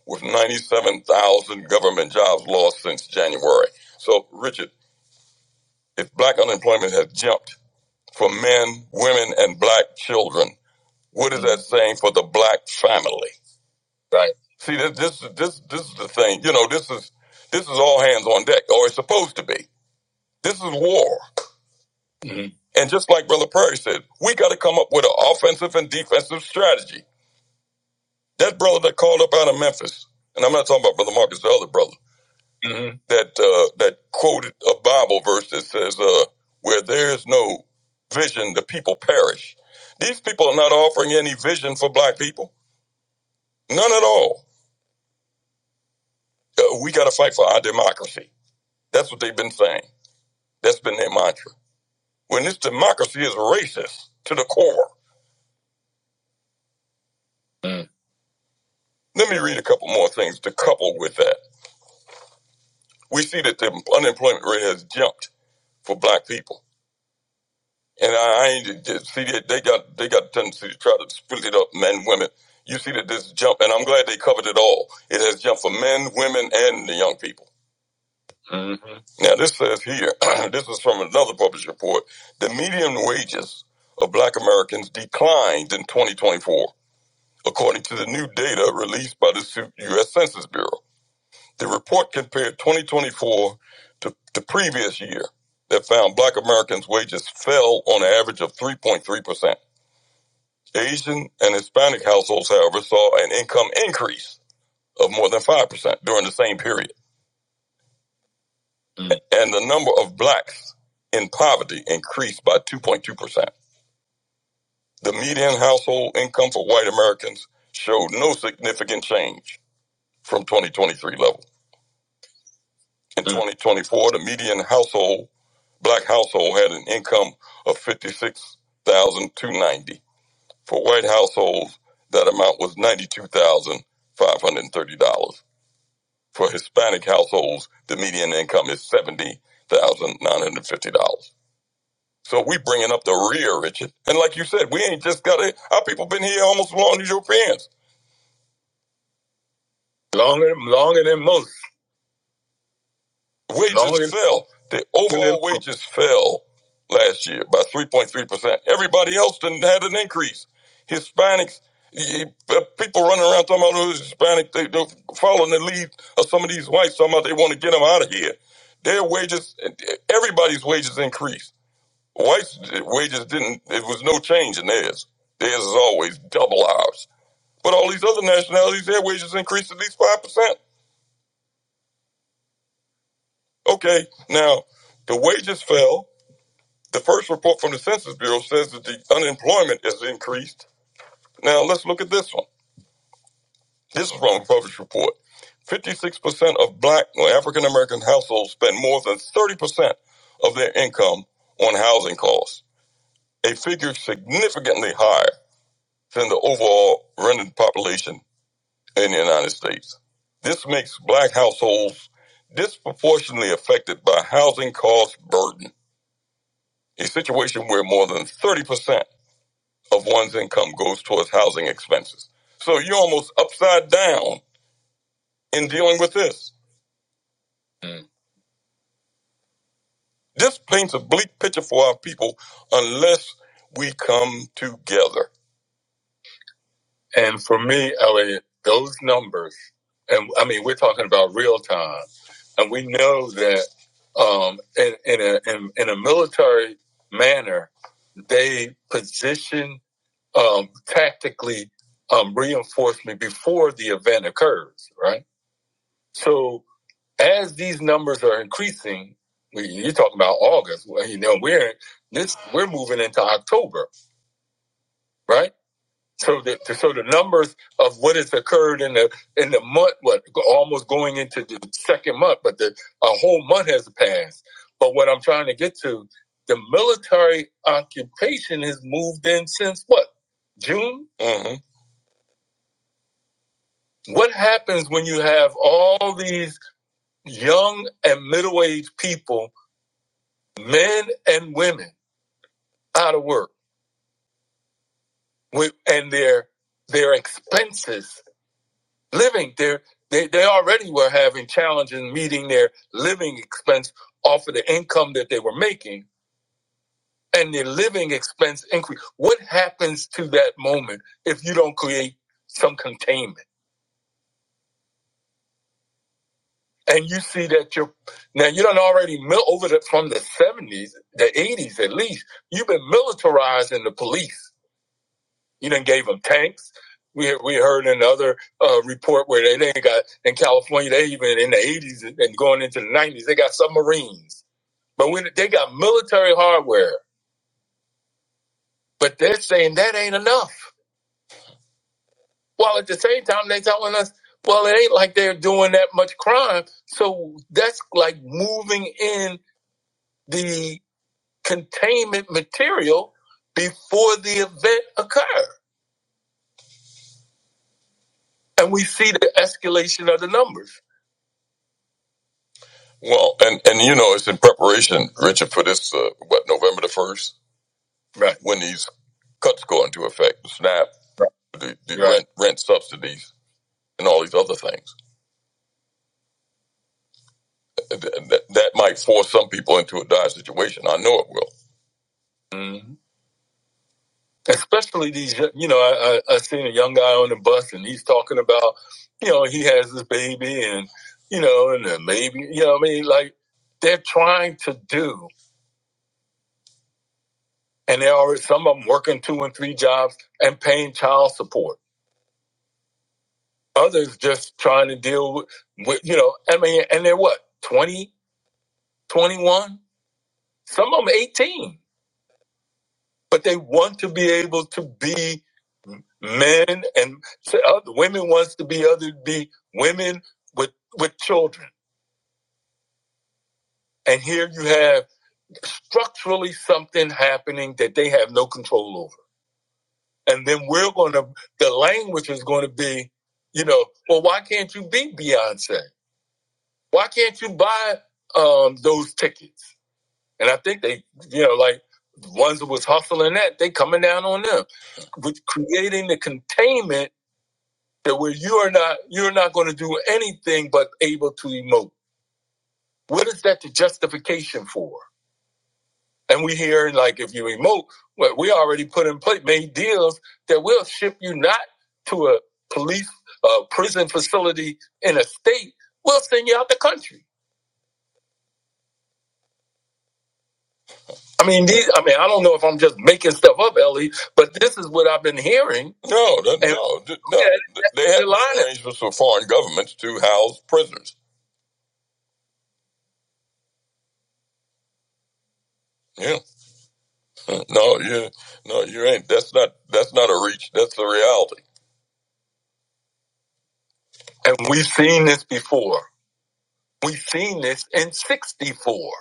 with 97,000 government jobs lost since January. So, Richard, if black unemployment has jumped for men, women, and black children, What is that saying for the black family? See, this this this this is the thing. You know, this is this is all hands on deck, or it's supposed to be. This is war, Mhm. and just like Brother Perry said, we got to come up with an offensive and defensive strategy. That brother that called up out of Memphis, and I'm not talking about Brother Marcus, the other brother Mhm. that uh, that quoted a Bible verse that says, uh, "Where there is no vision, the people perish." These people are not offering any vision for black people, none at all. Uh, we got to fight for our democracy. That's what they've been saying. That's been their mantra. When this democracy is racist to the core. Let me read a couple more things to couple with that. We see that the unemployment rate has jumped for black people. And I, ain't see that they got they got a tendency to try to split it up men, women. You see that this jump, and I'm glad they covered it all. It has jumped for men, women, and the young people. Now, this says here, this is from another published report. The median wages of black Americans declined in 2024, according to the new data released by the U.S. Census Bureau. The report compared 2024 to the previous year that found black Americans' wages fell on an average of 3.3%. Asian and Hispanic households, however, saw an income increase of more than 5% during the same period. and the number of blacks in poverty increased by 2.2%. The median household income for white Americans showed no significant change from 2023 level. In Mm. 2024, the median household, black household had an income of 56,290. For white households, that amount was $92,530. For Hispanic households, the median income is $70,950. So we bringing up the rear, Richard. And like you said, we ain't just got it. Our people been here almost as long as Europeans. Longer, longer than most. Wages Longer fell. The overall wages fell last year by 3.3%. Everybody else didn't had an increase. Hispanics, y- y- people running around talking about oh, those Hispanic, they, they're following the lead of some of these whites talking about they want to get them out of here. Their wages, eh, everybody's wages increased. Whites' wages didn't, it was no change in theirs. Theirs is always double ours. But all these other nationalities, their wages increased at least 5%. Okay, now the wages fell. The first report from the Census Bureau says that the unemployment has increased. Now let's look at this one. This is from a published report. 56% of black or African American households spend more than 30% of their income on housing costs, a figure significantly higher than the overall rented population in the United States. This makes black households disproportionately affected by housing cost burden, a situation where more than 30% of one's income goes towards housing expenses. So you're almost upside down in dealing with this. This paints a bleak picture for our people unless we come together. And for me, Elliot, those numbers, and I mean, we're talking about real time, and we know that um, in, in, a, in, in a military manner, they position um, tactically um, reinforcement before the event occurs, right? So as these numbers are increasing, we, you're talking about August. Well, you know, we're this, we're moving into October, right? So the so the numbers of what has occurred in the in the month, what almost going into the second month, but the a whole month has passed. But what I'm trying to get to, the military occupation has moved in since what June. Mhm. What happens when you have all these young and middle aged people, men and women, out of work with and their their expenses living there they, they already were having challenges meeting their living expense off of the income that they were making and their living expense increase what happens to that moment if you don't create some containment and you see that you're now you don't already mil- over the, from the 70s the 80s at least you've been militarizing the police You didn't gave them tanks. We we heard in another uh, report where they, they got in California. They even in the eighties and going into the nineties, they got submarines. But when they got military hardware, but they're saying that ain't enough. While at the same time they telling us, well, it ain't like they're doing that much crime. So that's like moving in the containment material before the event occurs, and we see the escalation of the numbers. Well, and and you know, it's in preparation, Richard, for this uh, what November the first, Right. when these cuts go into effect, the SNAP, the, the Right. rent rent subsidies, and all these other things. Th- That, that might force some people into a dire situation. I know it will. hmm Especially these, you know, I, I, I seen a young guy on the bus and he's talking about, you know, he has this baby and, you know, and the baby, you know, what I mean, like they're trying to do and there are some of them working two and three jobs and paying child support. Others just trying to deal with, with you know, I mean, and they're what, 20, 21. Some of them 18, but they want to be able to be men and so other women wants to be other be women with with children. And here you have structurally something happening that they have no control over. And then we're going to, the language is going to be, you know, well, why can't you be Beyonce? Why can't you buy um, those tickets? And I think they, you know, like the ones that was hustling that, they coming down on them with creating the containment that where you are not, you're not going to do anything but able to emote. What is that the justification for? And we hear like if you emote, well, we already put in place made deals that we will ship you not to a police uh, prison facility in a state. We'll send you out the country. I mean, these. I mean, I don't know if I'm just making stuff up, Ellie, but this is what I've been hearing. No, that, And- no, th- no. Yeah, th- they have lying. arrangements for foreign governments to house prisoners. Yeah, no, you, no, you ain't. That's not. That's not a reach. That's the reality. And we've seen this before. We've seen this in '64.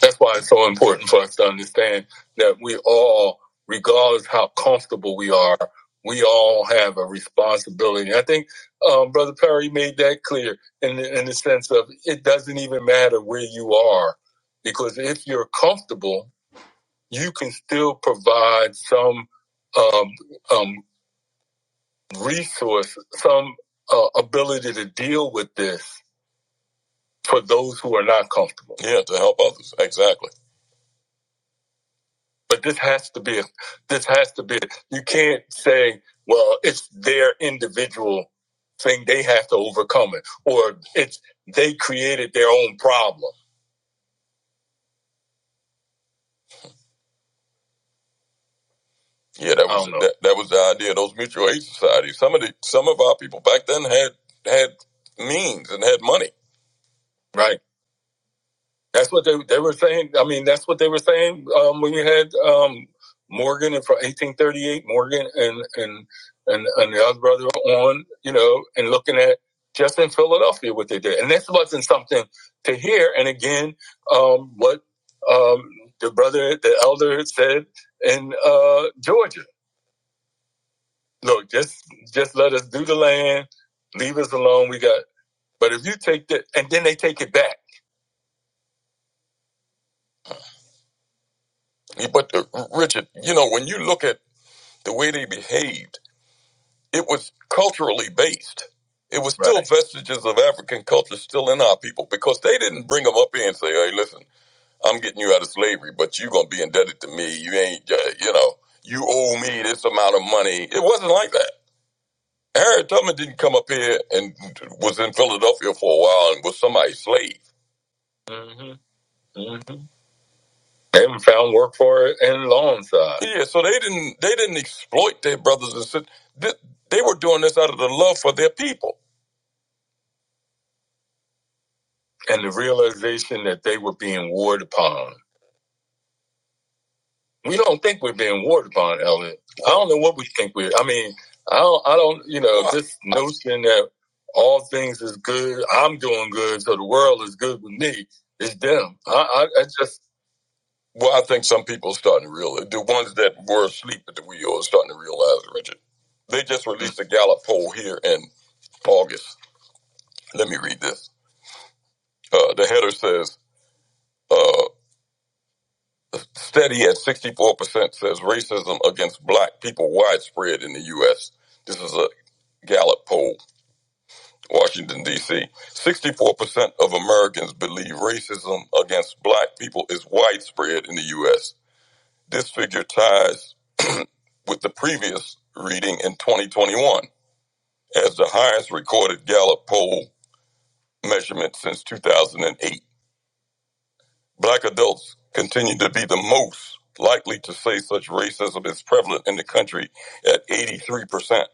That's why it's so important for us to understand that we all, regardless how comfortable we are, we all have a responsibility. I think um, Brother Perry made that clear in the, in the sense of it doesn't even matter where you are, because if you're comfortable, you can still provide some um, um, resource, some uh, ability to deal with this for those who are not comfortable. Yeah, to help others. Exactly. But this has to be, a, this has to be, you can't say, well, it's their individual thing they have to overcome it, or it's they created their own problem. Yeah, that was that, that was the idea of those mutual aid societies. Some of the some of our people back then had had means and had money. Right. That's what they they were saying. I mean, that's what they were saying um, when you had um, Morgan and from 1838, Morgan and and and and the other brother on, you know, and looking at just in Philadelphia what they did, and this wasn't something to hear. And again, um, what um, the brother, the elder, said in uh, Georgia. Look, just just let us do the land when we got it, and then they take it back. But uh, Richard, you know, when you look at the way they behaved it was culturally based. It was still Right. vestiges of African culture still in our people because they didn't bring them up here and say, "Hey, listen, I'm getting you out of slavery, but you're gonna be indebted to me. You ain't, uh, you know, you owe me this amount of money." It wasn't like that. Harriet Tubman didn't come up here and was in Philadelphia for a while and was somebody's slave. hmm hmm They haven't found work for it in long Yeah, so they didn't they didn't exploit their brothers and sisters. They were doing this out of the love for their people. and the realization that they were being warred upon. We don't think we're being warred upon, Ellen. I don't know what we think we're. I mean, I don't. I don't. You know, this notion that all things is good. I'm doing good, so the world is good with me. It's them. I, I, I just. Well, I think some people are starting to realize the ones that were asleep at the wheel are starting to realize, Richard. They just released a Gallup poll here in August. Let me read this. Uh, the header says. uh, steady at 64% says racism against black people widespread in the U.S. This is a Gallup poll, Washington, D.C. 64% of Americans believe racism against black people is widespread in the U.S. This figure ties with the previous reading in 2021 as the highest recorded Gallup poll measurement since 2008. Black adults continue to be the most likely to say such racism is prevalent in the country at 83%,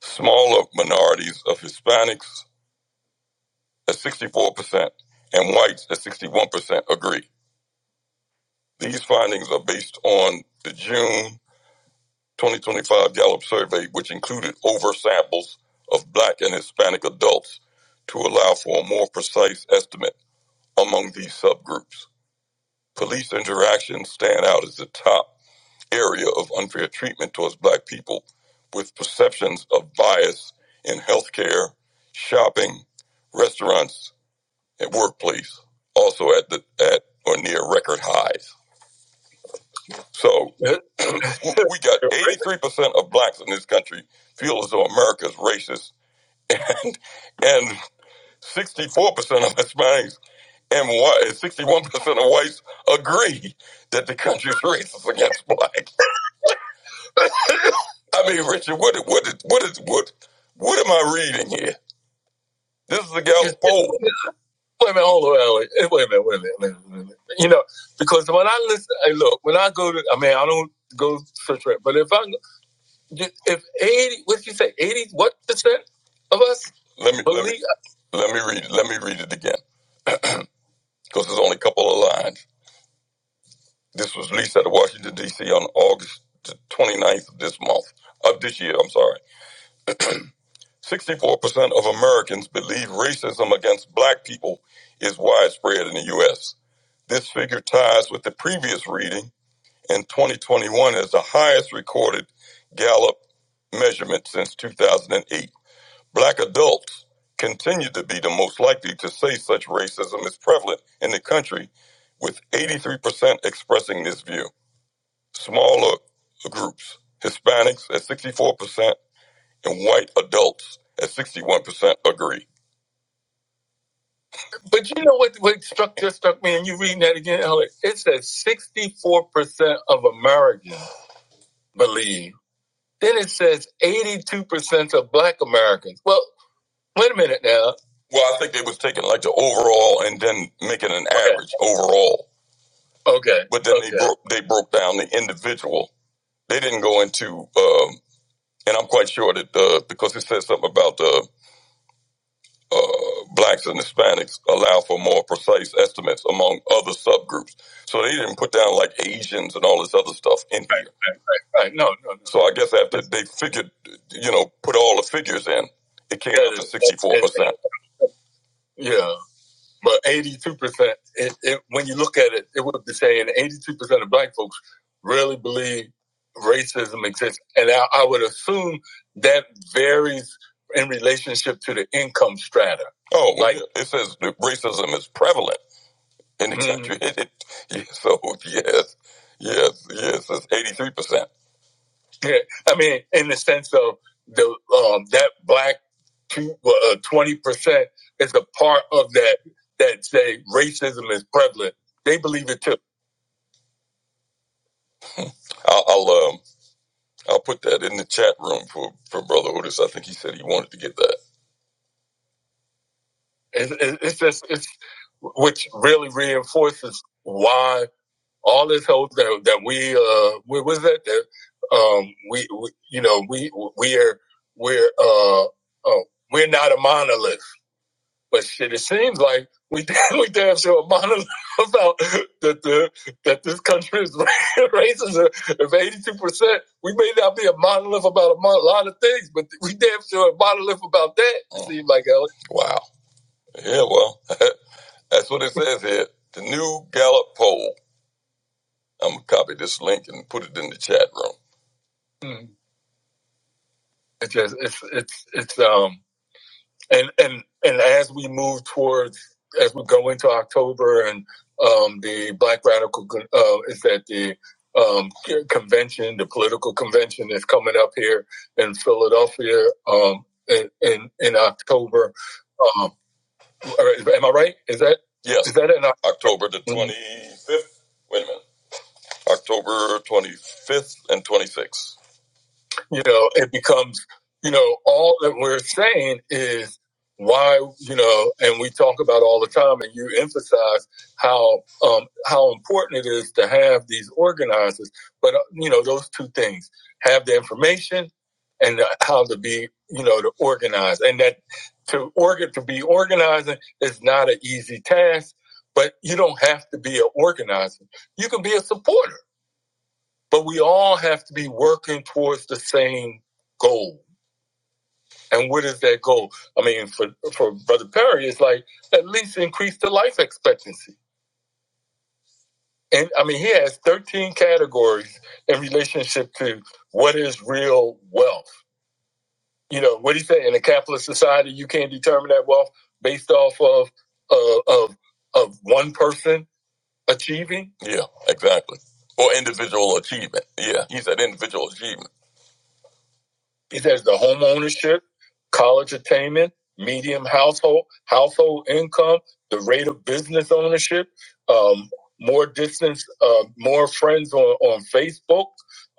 smaller minorities of Hispanics at 64%, and whites at 61% agree. These findings are based on the June 2025 Gallup survey, which included over samples of black and Hispanic adults to allow for a more precise estimate among these subgroups. Police interactions stand out as the top area of unfair treatment towards black people with perceptions of bias in healthcare, shopping, restaurants, and workplace, also at the at or near record highs. So we got 83% of blacks in this country feel as though America is racist, and 64% of Hispanics and 61% of whites agree that the country is racist against blacks. I mean, Richard, what what what is what what am I reading here? This is the girl. Oh, wait a minute, hold on, wait a minute, wait a minute, wait a minute. Wait a minute, wait a minute. You know, because when I listen, hey, look, when I go to, I mean, I don't go search for it, but if I, if eighty, what you say, eighty, what percent of us? Let me let me, believe- let me read let me read it again because there's only a couple of lines. This was released at Washington D.C. on August the ninth of this month of this year. I'm sorry. 64% of Americans believe racism against black people is widespread in the U.S. This figure ties with the previous reading in 2021 as the highest recorded Gallup measurement since 2008. Black adults continue to be the most likely to say such racism is prevalent in the country, with 83% expressing this view. Smaller groups, Hispanics at 64%, and white adults at 61% agree. But you know what? What struck just struck me, and you reading that again, Alex. It says sixty-four percent of Americans believe. Then it says eighty-two percent of Black Americans. Well, wait a minute now. Well, I think they was taking like the overall and then making an Okay. average overall. Okay. But then okay. they Okay. broke they broke down the individual. They didn't go into, um, and I'm quite sure that uh, because it says something about uh, uh, blacks and Hispanics allow for more precise estimates among other subgroups. So they didn't put down like Asians and all this other stuff in right. here. Right. right. No, no, no. So I guess after they figured, you know, put all the figures in, it came that up is, to 64%. Yeah but 82%, it, it, when you look at it, it would be saying 82% of black folks really believe racism exists. And I, I would assume that varies in relationship to the income strata. Oh, like, it says that racism is prevalent in the Mhm. country. It- it- yeah, so, yes, yes, yes, it's 83%. I mean, in the sense of the um, that black twenty percent is a part of that that say racism is prevalent. They believe it too. I'll I'll, um, I'll put that in the chat room for for Brother Otis. I think he said he wanted to get that. It's, it's just it's which really reinforces why all this hope that that we uh what was that that um we, we you know we we are we're uh, uh we're not a monolith But shit, it seems like we we damn sure monitor about that the that this country is racism. If eighty two percent, we may not be a monolith about a, mon- lot of things, but we damn sure a monolith about that. It seems like Alex. Wow. Yeah. Well, that's what it says here. The new Gallup poll. I'm gonna copy this link and put it in the chat room. Mm. It's just it's it's it's um and and and as we move towards as we go into October and um, the Black Radical Con- uh, is that the um, convention, the political convention is coming up here in Philadelphia um, in, in in October. Um, or is- am I right? Is that yes? Is that in Oc- October the twenty fifth? Wait a minute, October twenty fifth and twenty sixth you know, it becomes, you know, all that we're saying is why, you know, and we talk about all the time, and you emphasize how um, how important it is to have these organizers. But uh, you know, those two things: have the information and uh, how to be, you know, to organize. And that to organ to be organizing is not an easy task. But you don't have to be an organizer. You can be a supporter but we all have to be working towards the same goal. And what is that goal? I mean, for, for Brother Perry, it's like at least increase the life expectancy. And I mean, he has 13 categories in relationship to what is real wealth. You know, what he said in a capitalist society, you can't determine that wealth based off of uh, of of one person achieving. Yeah, exactly. Or individual achievement. Yeah, he said individual achievement It has the home ownership, college attainment, medium household household income, the rate of business ownership, um, more distance, uh, more friends on on Facebook,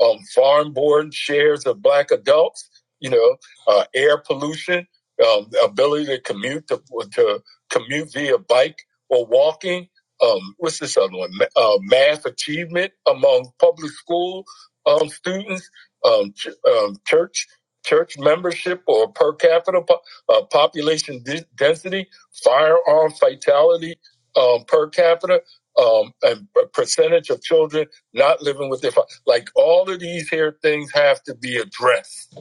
um, farm board shares of black adults. You know, uh, air pollution, um, the ability to commute to, to commute via bike or walking. Um, what's this other one? Ma- Uh, math achievement among public school um, students um, ch- um, church church membership or per capita po- uh, population di- density, firearm fatality um, per capita, um, and p- percentage of children not living with their fa- like all of these here things have to be addressed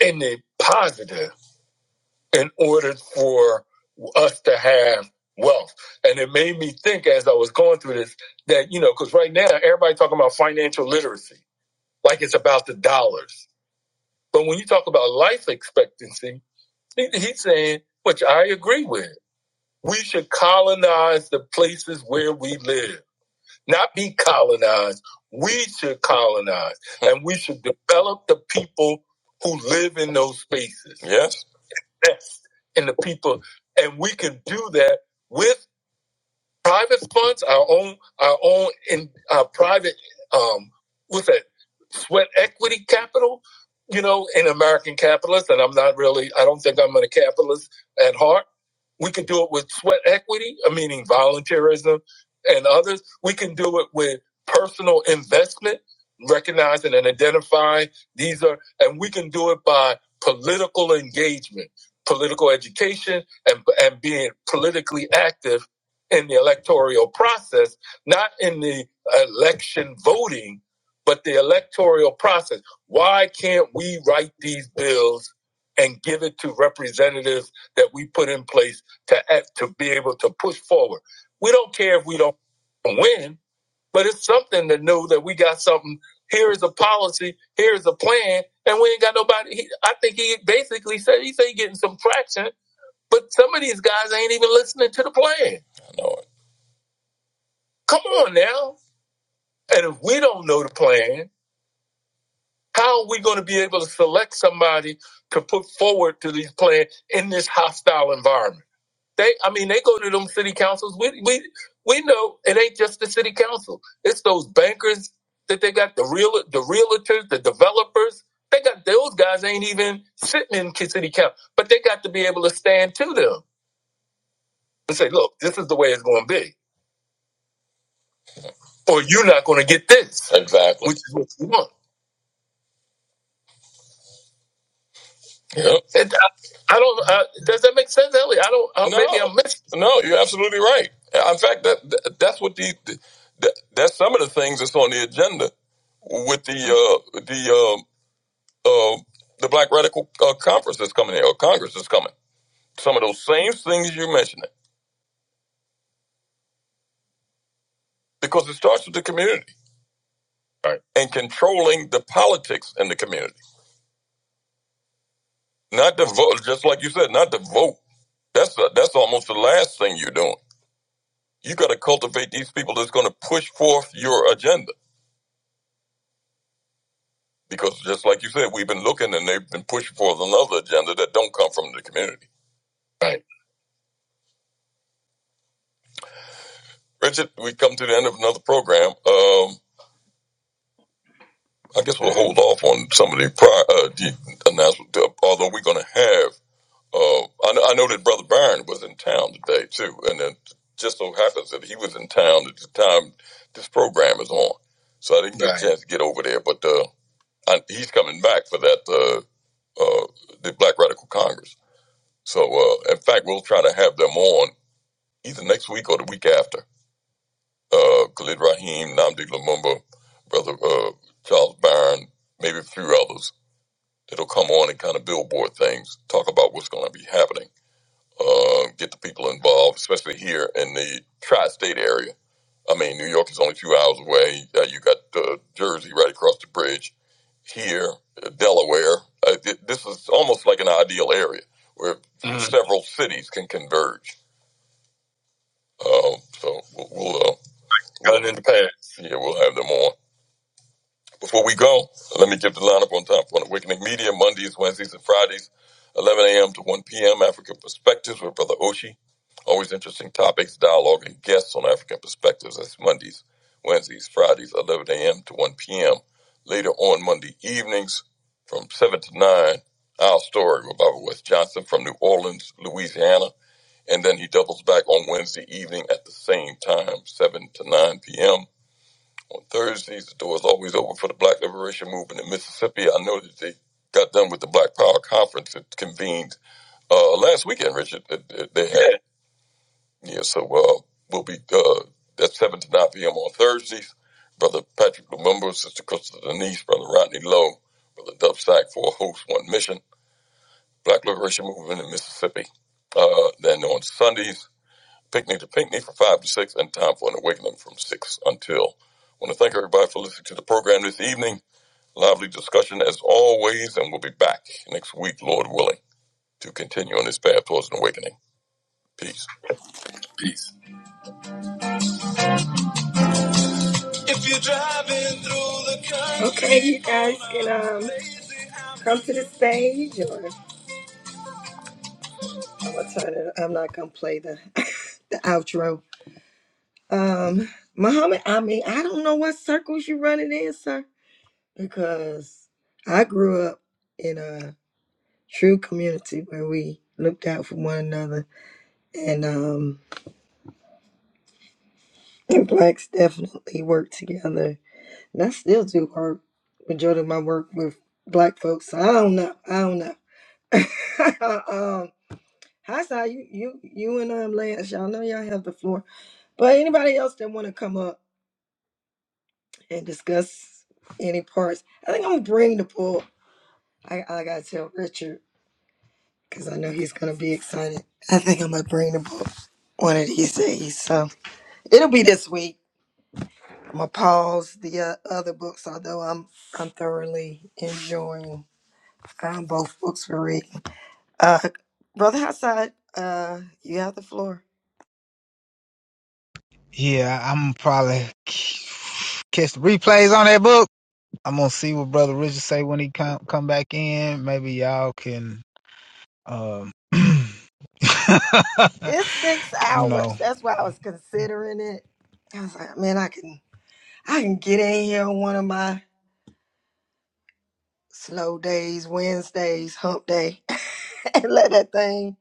in a positive in order for us to have wealth. And it made me think as I was going through this that you know because right now everybody talking about financial literacy like it's about the dollars, but when you talk about life expectancy He, he's saying, which I agree with, we should colonize the places where we live, not be colonized. We should colonize and we should develop the people who live in those spaces. Yes. Invest in the people. And we can do that with private funds, our own our own in our private um with that sweat equity capital, you know, in American capitalist, and I'm not really I don't think I'm a capitalist at heart. We can do it with sweat equity, uh, meaning volunteerism and others. We can do it with personal investment, recognizing and identifying these are and we can do it by political engagement, political education and and being politically active in the electoral process, not in the election voting, but the electoral process. Why can't we write these bills and give it to representatives that we put in place to act, to be able to push forward? We don't care if we don't win, but it's something to know that we got something. Here is a policy. Here is a plan, and we ain't got nobody. He, I think he basically said he said he getting some traction, but some of these guys ain't even listening to the plan. I know Come on now. And if we don't know the plan, how are we going to be able to select somebody to put forward to these plan in this hostile environment? They, I mean, they go to them city councils. We, we, we know it ain't just the city council. It's those bankers that they got, the real, the realtors, the developers. They got those guys ain't even sitting in ki- city council, but they got to be able to stand to them and say, "Look, this is the way it's going to be, or you're not going to get this." Exactly, which is what you want. Yep. I don't. Uh, does that make sense, Ellie? I don't. Uh, maybe No, I'm missing. no, you're absolutely right. In fact, that, that that's what the, that, that's some of the things that's on the agenda with the uh, the uh, uh, the Black Radical uh, Conference that's coming here or Congress that's coming. Some of those same things you're mentioning because it starts with the community and controlling the politics in the community, not the vote. Just like you said, not the vote. That's a, that's almost the last thing you're doing. You got to cultivate these people that's going to push forth your agenda because just like you said, we've been looking and they've been pushing for another agenda that don't come from the community. Richard, we come to the end of another program. Um, I guess we'll hold off on some of the prior uh, the announcement, uh, although we're going to have. Uh, I, know, I know that Brother Byron was in town today too, and it just so happens that he was in town at the time this program is on, so I didn't get right. a Right. chance to get over there. But uh, I, he's coming back for that uh, uh, the Black Radical Congress. So, uh, in fact, we'll try to have them on either next week or the week after. Uh, Khalid Rahim, Namdi Lumumba, Brother uh, Charles Byron, maybe a few others that'll come on and kind of billboard things, talk about what's going to be happening, uh, get the people involved, especially here in the tri-state area. I mean, New York is only two hours away. Uh, you got uh, Jersey right across the bridge. Here, uh, Delaware. Uh, th- this is almost like an ideal area where Mhm. several cities can converge. Um, so we'll, we'll uh, gotten in the past. Yeah, we'll have them on. Before we go, let me give the lineup on top. On Awakening Media, Mondays, Wednesdays, and Fridays, 11 a.m. to 1 p.m., African Perspectives with Brother Oshi. Always interesting topics, dialogue, and guests on African Perspectives. That's Mondays, Wednesdays, Fridays, 11 a.m. to 1 p.m. Later on Monday evenings from 7 to 9, Our Story with Bobby West Johnson from New Orleans, Louisiana. And then he doubles back on Wednesday evening at the same time, 7 to 9 p.m. On Thursdays, the door is always open for the Black Liberation Movement in Mississippi. I know that they got done with the Black Power Conference that convened uh, last weekend, Richard. that- that They had. Yeah, so uh, we'll be, uh, that's 7 to 9 p.m. on Thursdays. Brother Patrick Lumumba, Sister Crystal Denise, Brother Rodney Lowe, Brother Dub Sack for Host One Mission, Black Liberation Movement in Mississippi. Uh, then on Sundays, Picnic to Picnic from 5 to 6, and Time for an Awakening from 6 until I want to thank everybody for listening to the program this evening. Lively discussion as always, and we'll be back next week, Lord willing, to continue on this path towards an awakening. Peace. Okay, you guys can um, come to the stage, or I'll turn it. I'm not gonna play the, the outro. Um, Muhammad, I mean, I don't know what circles you running in, sir, because I grew up in a true community where we looked out for one another, and um, that still do hurt. Majority of black. I don't know. I don't know. um, Hi, Si. You, you, you and um, Lance, y'all know y'all have the floor. But anybody else that want to come up and discuss any parts, I think I'm gonna bring the book. I, I gotta tell Richard because I'm gonna be excited at the book one of these. So it'll be this week. I'm gonna pause the uh, other books, although I'm I'm thoroughly enjoying um, both books we read. Brother Hassad, uh, you have the floor. Yeah, I'm probably catch the replays on that book. I'm gonna see what Brother Richard say when he come come back in. Maybe y'all can, um, you know. Where's- I can get in here on one of my slow days, Wednesdays, hump day. and let that thing.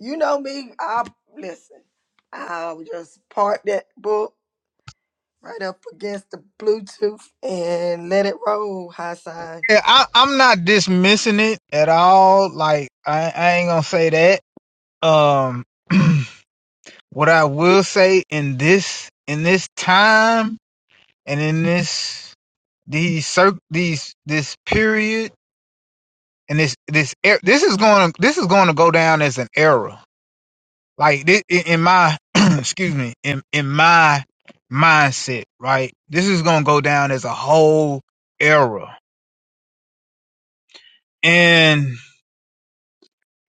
You know me. I listen. I'll just park that book right up against the Bluetooth and let it roll, Hassan. Yeah, I, I'm not dismissing it at all. Like I, I ain't gonna say that. Um, what I will say in this in this time and in this these cir- these this period and this this er- this is going to this is going to go down as an era. Like this, in my excuse me in in my mindset, right? This is going to go down as a whole era, and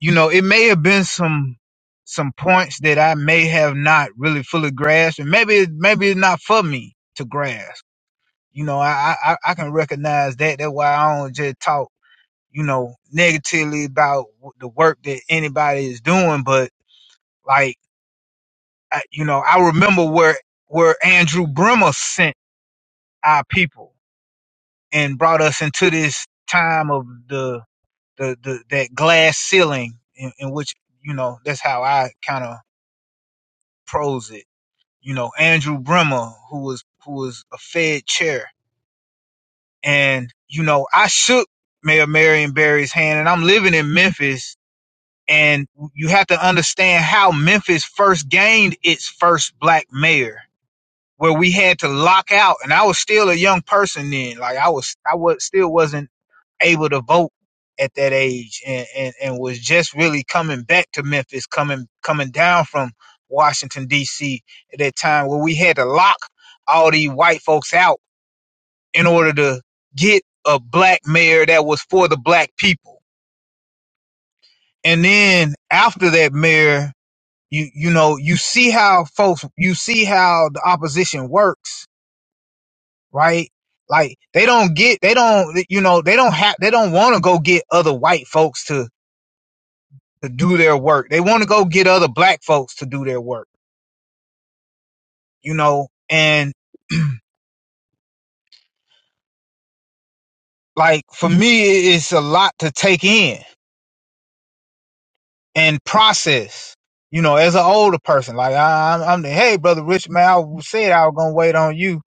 you know, it may have been some some points that I may have not really fully grasped, and maybe it- maybe it's not for me to grasp. You know, I I, I can recognize that. That's why I don't just talk, you know, negatively about w- the work that anybody is doing. But like, I, you know, I remember where where Andrew Bremer sent our people and brought us into this time of the the, the that glass ceiling in, in which you know that's how I kind of prose it you know, Andrew Bremer, who was who was a Fed chair. And, you know, I shook Mayor Marion Barry's hand and I'm living in Memphis. And you have to understand how Memphis first gained its first black mayor, where we had to lock out. And I was still a young person then. Like I was I was still wasn't able to vote at that age and, and, and was just really coming back to Memphis, coming coming down from Washington DC at that time where we had to lock all these white folks out in order to get a black mayor that was for the black people. And then after that mayor, you you know, you see how folks you see how the opposition works, right? Like they don't get they don't you know, they don't have they don't want to go get other white folks to to do their work. They want to go get other black folks to do their work, you know? And like for me, it's a lot to take in and process, you know, as an older person. Like I, I'm, I'm the, hey, brother Rich, man, I said I was going to wait on you.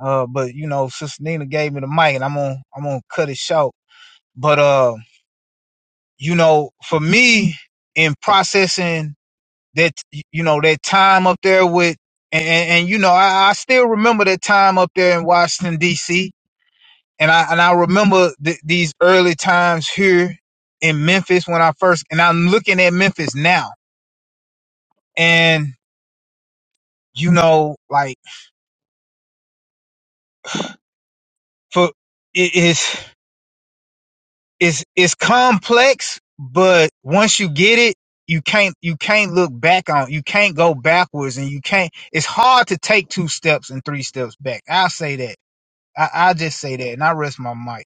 Uh, but you know, Sister Nina gave me the mic and I'm going, to I'm going to cut it short. But, uh, you know, for me in processing that, you know, that time up there with, and, and, and you know, I, I still remember that time up there in Washington D.C and I and I remember th- these early times here in Memphis when I first and I'm looking at Memphis now, and you know, like for it is it's it's complex, but once you get it, you can't you can't look back on you can't go backwards, and you can't. It's hard to take two steps and three steps back. I'll say that. I, i just say that, and I rest my mic.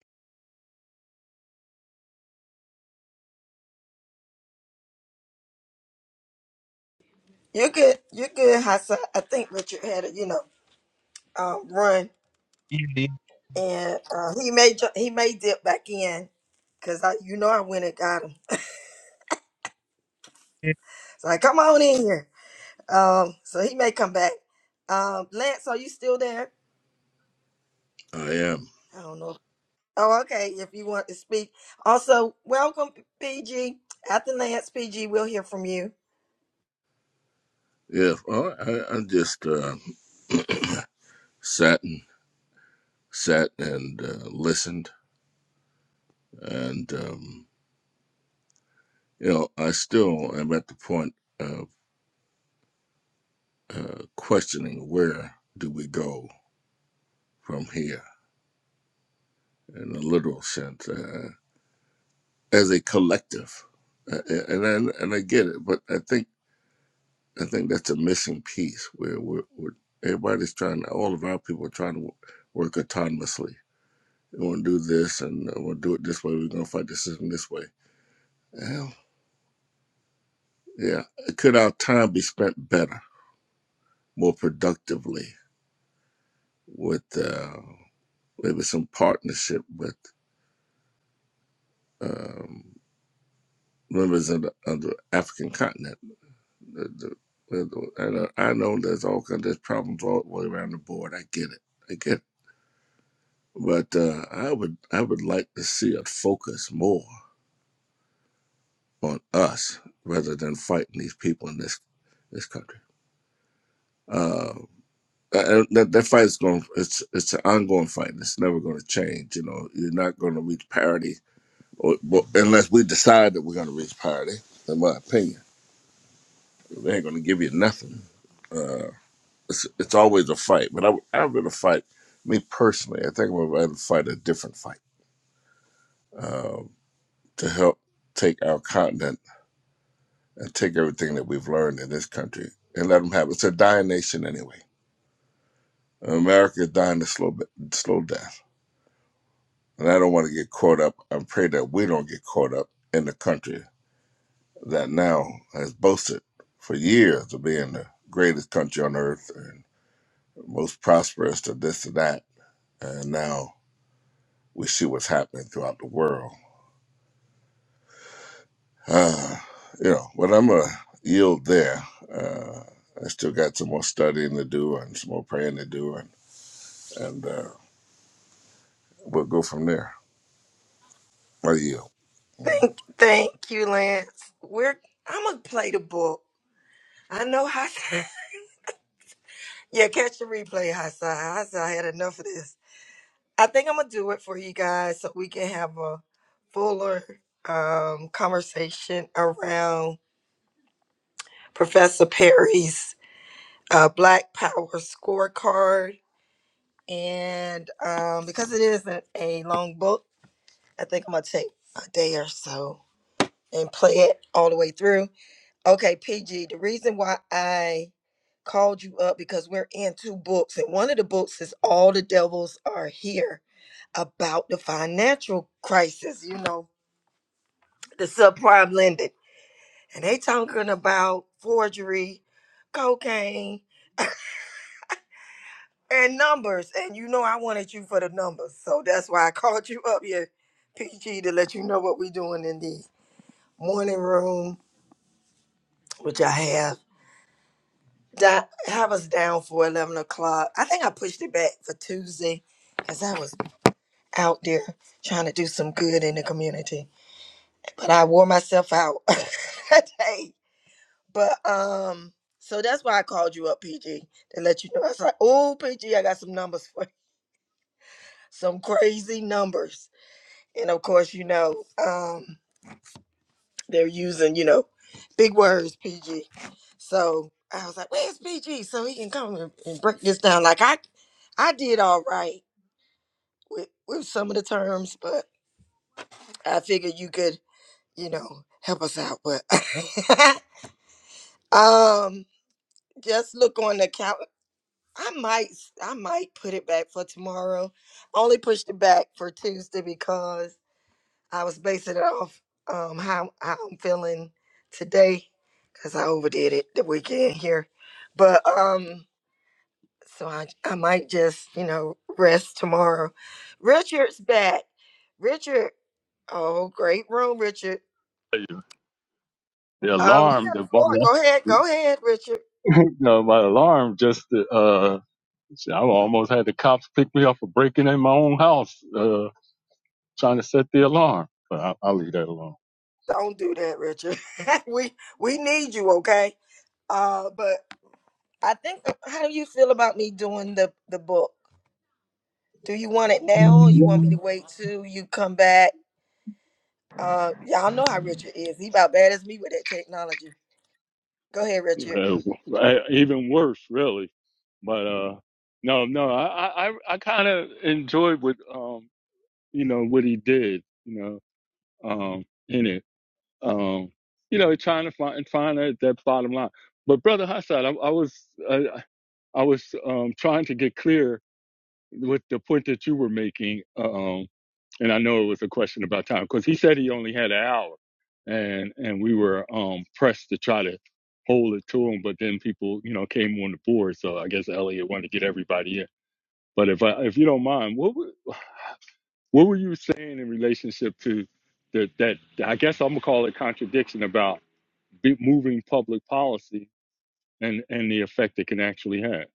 Yeah, um, and uh, he he may dip back in. 'cause I, you know, I went and got him here. Um, um, I am. I don't know. Oh, okay. If you want to speak, so welcome, G. After you. Yeah. Well, I, I'm just uh, saddened sat and uh, listened. And, um, you know, I still am at the point of uh, questioning where do we go from here in a literal sense uh, as a collective. Uh, and, and and I get it, but I think I think that's a missing piece where we're, we're everybody's trying, all of our people are trying to wo- work autonomously. We want to do this, and uh, we'll do it this way. We're going to fight the system this way. Well, yeah, could our time be spent better? more productively with uh, maybe some partnership with um, members of the, of the African continent. The, the, the- and uh, I know there's all kinds of problems all the way around the board. I get it. I get it. But uh, I would I would like to see it focus more on us rather than fighting these people in this this country. Uh, and that, that fight is going. It's it's an ongoing fight. It's never going to change. You know, you're not going to reach parity Or, but unless we decide that we're going to reach parity, in my opinion, they ain't going to give you nothing. Uh, it's, it's always a fight, but I, I'd rather fight, me personally, I think I am going to fight a different fight um, to help take our continent and take everything that we've learned in this country and let them have it. It's a dying nation anyway. America is dying a slow, bit- slow death. And I don't want to get caught up. I pray that we don't get caught up in the country that now has boasted for years of being the greatest country on earth and most prosperous to this and that. And now we see what's happening throughout the world. Uh, you know, but I'm going to yield there. Uh, I still got some more studying to do and some more praying to do, and, and uh, we'll go from there. I yield. Thank you, Lance. We're. I'm gonna play the book. I'm not. yeah, catch the replay, Hassan. Hassan had enough of this. I think I'm gonna do it for you guys so we can have a fuller um, conversation around Professor Perry's uh, Black Power scorecard. And um, because it isn't a long book, I think I'm gonna take a day or so and play it all the way through. Okay, PG, the reason why I called you up because we're in two books, and one of the books is All the Devils Are Here about the financial crisis, you know, the subprime lending. and they talking about forgery, cocaine, and numbers. And you know I wanted you for the so that's why I called you up here, PG, to let you know what we doing in the morning room, which I have. That have us down for eleven o'clock. I think I pushed it back for Tuesday because I was out there trying to do some good in the community, but I wore myself out that day. But um, so that's they like, oh PG, I got some numbers for you. some crazy numbers, and of course you know. um they're using, you know, big words, PG. So I was like, where's PG? So he can come and, and break this down. Like I, I did all right with, with some of the terms, but I figured you could, you know, help us out. But um I might I might put it was I was basing it off um how, how I'm feeling today because I overdid it the weekend here. But um so I, I might just you know rest tomorrow richard's back richard oh great room richard The um you alarm, got the the bar, floor. go ahead go ahead richard no, my alarm just, uh, shit, I almost had the cops pick me up for breaking in my own house, uh, trying to set the alarm. But I, I'll leave that alone. on the, we need you okay uh but think how do you feel about when the the book do you want it now or you want me to wait till you come back uh y'all know how richard is he about bad as me with that technology go ahead richard Uh, I- even worse, really. But uh, no, no, I, I, I kind of enjoyed what um, you know, what he did, you know, um, in it, um, you know, trying to find find that, that bottom line. But brother Hassad, I, I was, I, I was um, trying to get clear with the point that you were making, um, and I know it was a question about time because he said he only had an hour, and and we were um, pressed to try to hold it to him, but then people you know came on the board, so I guess Elliot wanted to get everybody in. But if I, if you don't mind, what were, what were you saying in relationship to the, that? I guess I'm gonna call it contradiction about be, moving public policy and and the effect it can actually have.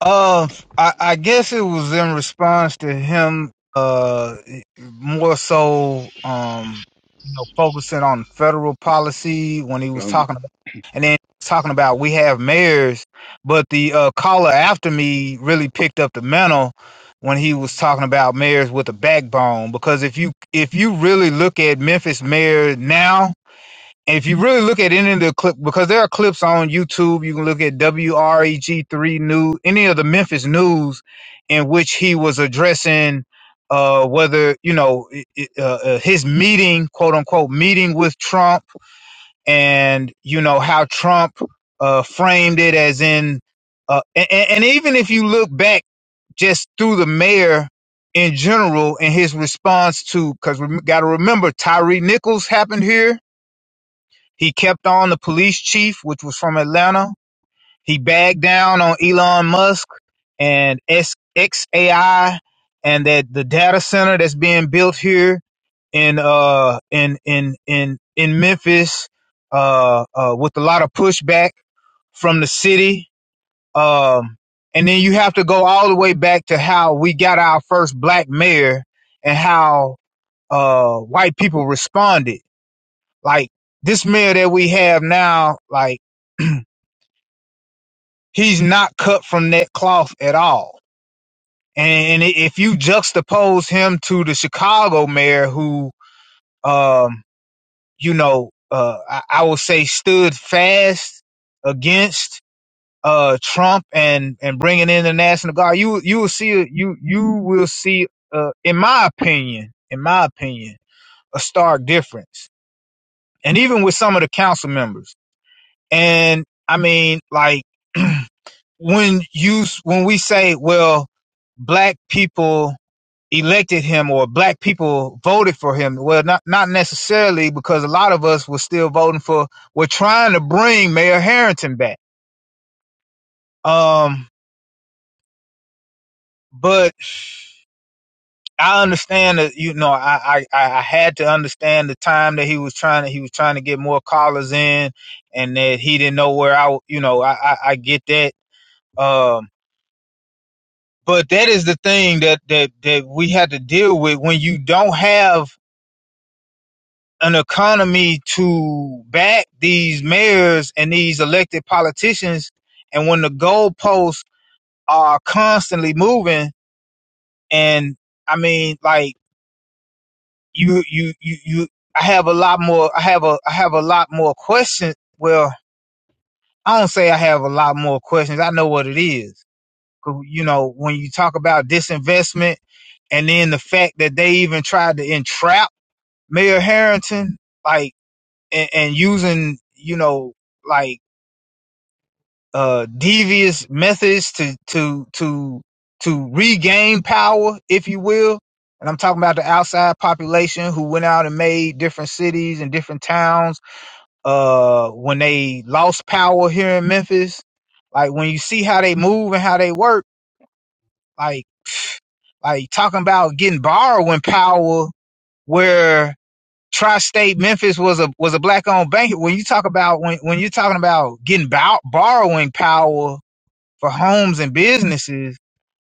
Uh, I, I guess it was in response to him, uh, more so, um, you know, focusing on federal policy when he was Um, talking about, and then talking about we have mayors, but the uh, caller after me really picked up the mantle when he was talking about mayors with a backbone because if you if you really look at Memphis mayor now and if you really look at any of the clip, because there are clips on YouTube, you can look at WREG3 News, any of the Memphis News, in which he was addressing uh, whether, you know, i- i- uh, uh, his meeting, quote unquote, meeting with Trump and, you know, how Trump uh, framed it as in, uh, and, and even if you look back just through the mayor in general and his response to, because we got to remember, Tyree Nichols happened here he kept on the police chief, which was from Atlanta. He bagged down on Elon Musk and S- XAI and that the data center that's being built here in uh in in in in Memphis uh, uh with a lot of pushback from the city. Um and then you have to go all the way back to how we got our first black mayor and how uh white people responded like this mayor that we have now, like he's not cut from that cloth at all. And if you juxtapose him to the Chicago mayor, who, um, you know, uh, I, I would say stood fast against uh, Trump and and bringing in the National Guard, you you will see a- you you will see, uh, in my opinion, in my opinion, a stark difference. And even with some of the council members. And I mean, like when you when we say, well, black people elected him or black people voted for him, well, not not necessarily because a lot of us were still voting for. We're trying to bring Mayor Harrington back. Um, but I understand that you know I, I I had to understand the time that he was trying to he was trying to get more callers in, and that he didn't know where I you know I I, I get that. Um, But that is the thing that that that we had to deal with when you don't have an economy to back these mayors and these elected politicians, and when the goalposts are constantly moving. And I mean, like you, you, you, you. I have a lot more. I have a. I have a lot more questions. Well, I don't say I have a lot more questions. I know what it is. 'Cause, You know, when you talk about disinvestment and then the fact that they even tried to entrap Mayor Harrington, like, and, and using, you know, like, uh, devious methods to, to, to, to regain power, if you will. And I'm talking about the outside population who went out and made different cities and different towns, uh, when they lost power here in Memphis. Like, when you see how they move and how they work, like, like talking about getting borrowing power where Tri-State Memphis was a was a black-owned bank. When you talk about when when you're talking about getting bow, borrowing power for homes and businesses,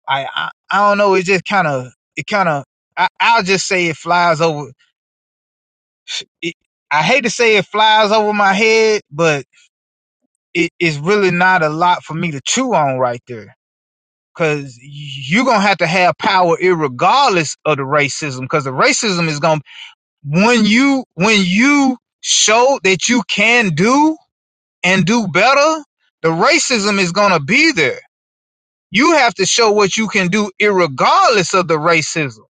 I I, I don't know. It just kind of it kind of I, I'll just say it flies over. It, I hate to say it flies over my head, but it, it's really not a lot for me to chew on right there. Cause you're gonna have to have power irregardless of the racism. Cause the racism is gonna when you when you show that you can do and do better, the racism is going to be there. You have to show what you can do, irregardless of the racism.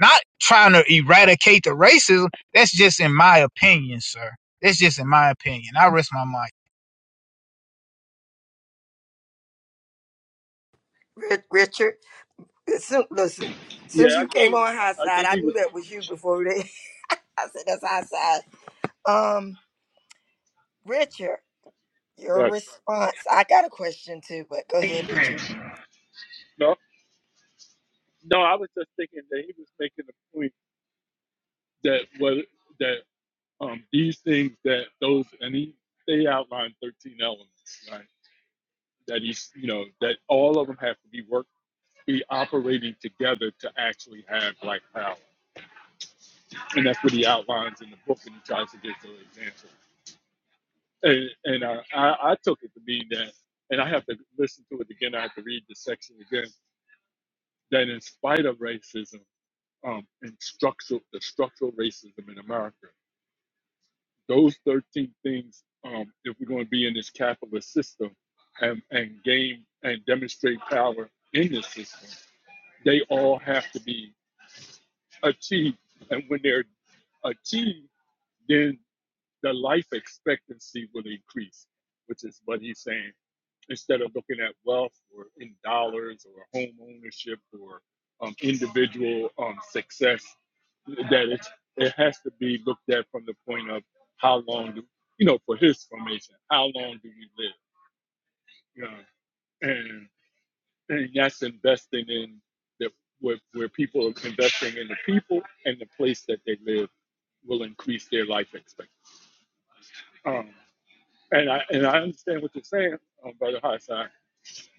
Not trying to eradicate the racism. That's just in my opinion, sir. That's just in my opinion. I rest my mic. richard as soon as, as soon Yeah, as you I think came he. on i I said I think he was. "Do that with you i said um richard Your Yes. response. I got a question too, but go. No. No. I was just thinking that he was making the point that what that um these things that those and he they outlined thirteen elements, right? That he's you know that all of them have to be work be operating together to actually have like power, and that's what he outlines in the book, and he tries to give those examples. And and uh, I I took it to mean that, and I have to listen to it again. I have to read the section again. That in spite of racism, um, and structural the structural racism in America. those 13 things um, if we're going to be in this capitalist system and, and gain and power in this system they be achieved and when they're achieved then the life expectancy will increase which is what he's saying instead of looking at wealth or in dollars or home ownership or um, individual um, success that it's, it has to be looked at from the point of how long do you know for his formation how long do we live You know. what I'm and, and that's investing in the where, where people are investing in the people and the place that they live will increase their life expectancy. Um, and I and I understand what you're saying, um, Brother Hassan,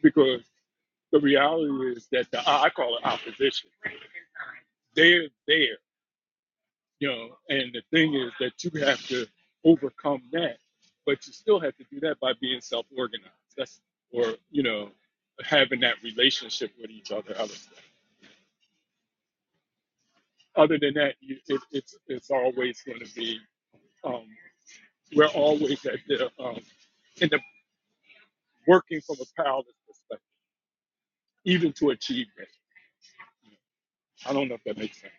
because the reality is that the I I call it opposition. They're there, you know, and the thing is that you have to overcome that, but you still have to do that by being self-organized. That's or you know having that relationship with each other. I would say. Other than that, you, it, it's it's always going to be um, we're always at the um, in the working from a powerless perspective, even to achievement. I don't know if that makes sense.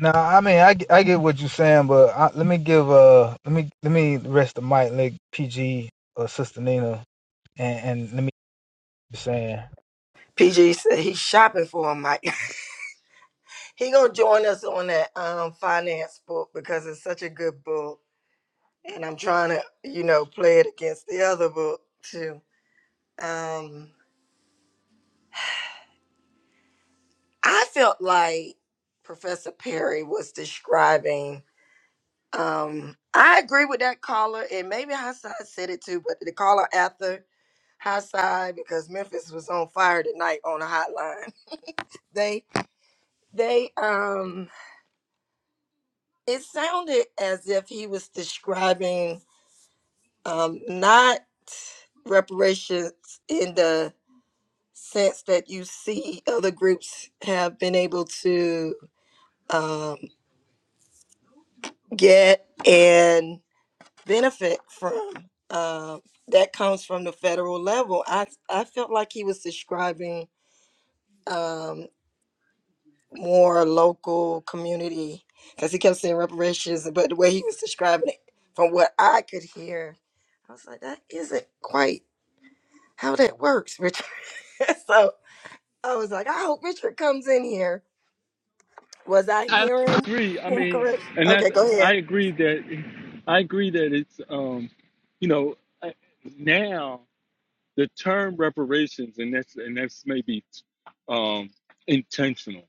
No, I mean I, get- I get what you're saying, but I, let me give uh let me let me rest the mic, like PG or Sister Nina, and, and let me keep saying, PG said he's shopping for a mic. He got that Unance book because it's such a good book, and I'm trying to, you know, book. Um, I felt like Harry was saying. Um, I agree with that caller, and maybe Hassad said it too, but the caller after Hassad because Memphis was on fire tonight on the hotline. They, they, um, it sounded as if he was describing um, not reparations in the sense that you see other groups have been able to um, get and benefit from. Um that comes from the federal level. I, I felt like he was describing um, more local community. He kept saying it. I was like, that, how? so I was like, I hope Richard comes in here. Was I I hearing agree. I mean, correct? and that's I agree that I agree that it's um, you know, I- now the term reparations, and that's and that's maybe um intentional.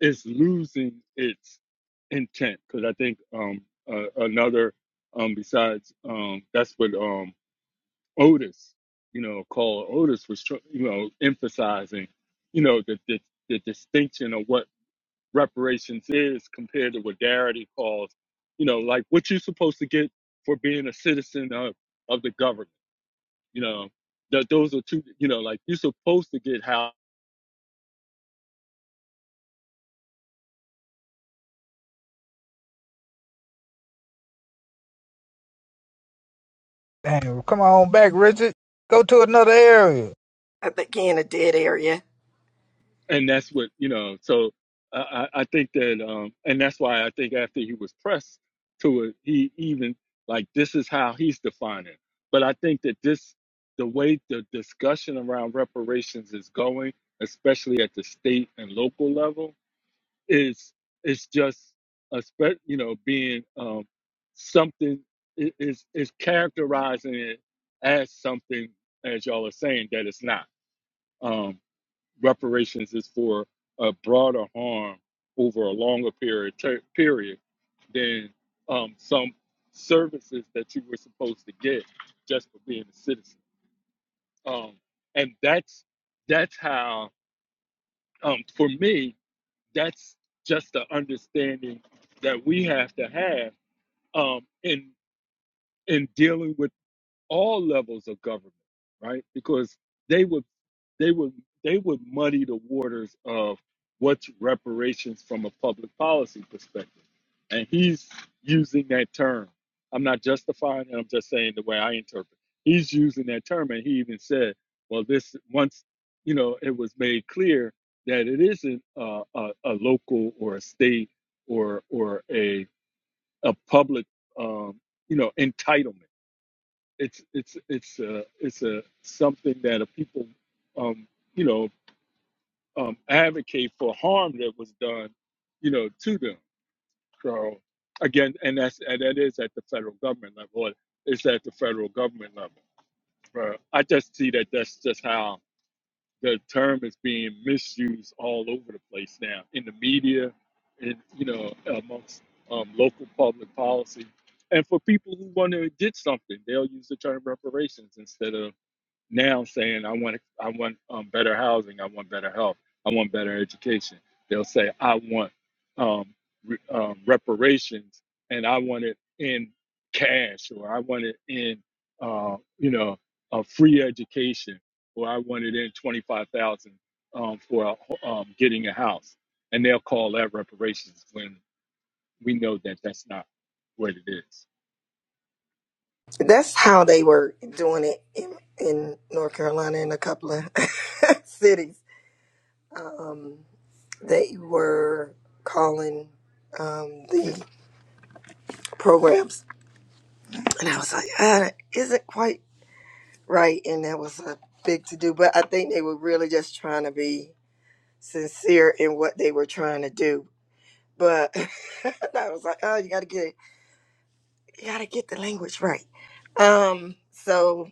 it's losing its intent because I think um uh, another um besides um that's what um Otis you know called Otis was tr- you know emphasizing you know the, the the distinction of what reparations is compared to what Darity calls you know like what you're supposed to get for being a citizen of of the government you know that those are two you know like you're supposed to get how dang, come on back, Richard, go to another area. I think he in a dead area. and that's what you know. So I, I I think that, um, and that's why I think after he was pressed to it, he even like this is how he's defining. it. But I think that this, the way the discussion around reparations is going, especially at the state and local level, is it's just a spe- you know being um, something i- is is characterizing it as something as y'all are saying that it's not. Um, reparations is for a broader harm over a longer period ter- period than um, some services that you were supposed to get just for being a citizen. Um, and that's that's how um, for me that's just the understanding that we have to have um, in in dealing with all levels of government, right? Because they would they would they would muddy the waters of what's reparations from a public policy perspective. And he's using that term. I'm not justifying it, I'm just saying the way I interpret. He's using that term and he even said, well this once you know it was made clear that it isn't uh, a, a local or a state or or a a public um, you know entitlement. It's it's it's a, it's a something that a people um, you know um, advocate for harm that was done, you know, to them. So again, and that's and that is at the federal government level. Or it's at the federal government level. But I just see that that's just how the term is being misused all over the place now in the media, and you know, amongst um, local public policy. And for people who want to get something, they'll use the term reparations instead of now saying I want I want um, better housing, I want better health, I want better education. They'll say I want um, re, um, reparations, and I want it in cash, or I want it in uh, you know a free education, or I want it in twenty five thousand um, for a, um, getting a house, and they'll call that reparations when we know that that's not what it is. That's how they were doing it in, in North Carolina and a couple of cities. They were calling um, the programs, and I was like, ah, that isn't quite right. And that was a big to do, but I think they were really just trying to be sincere in what they were trying to do. But I was like, oh, you got to get you got to get the language right. Um, so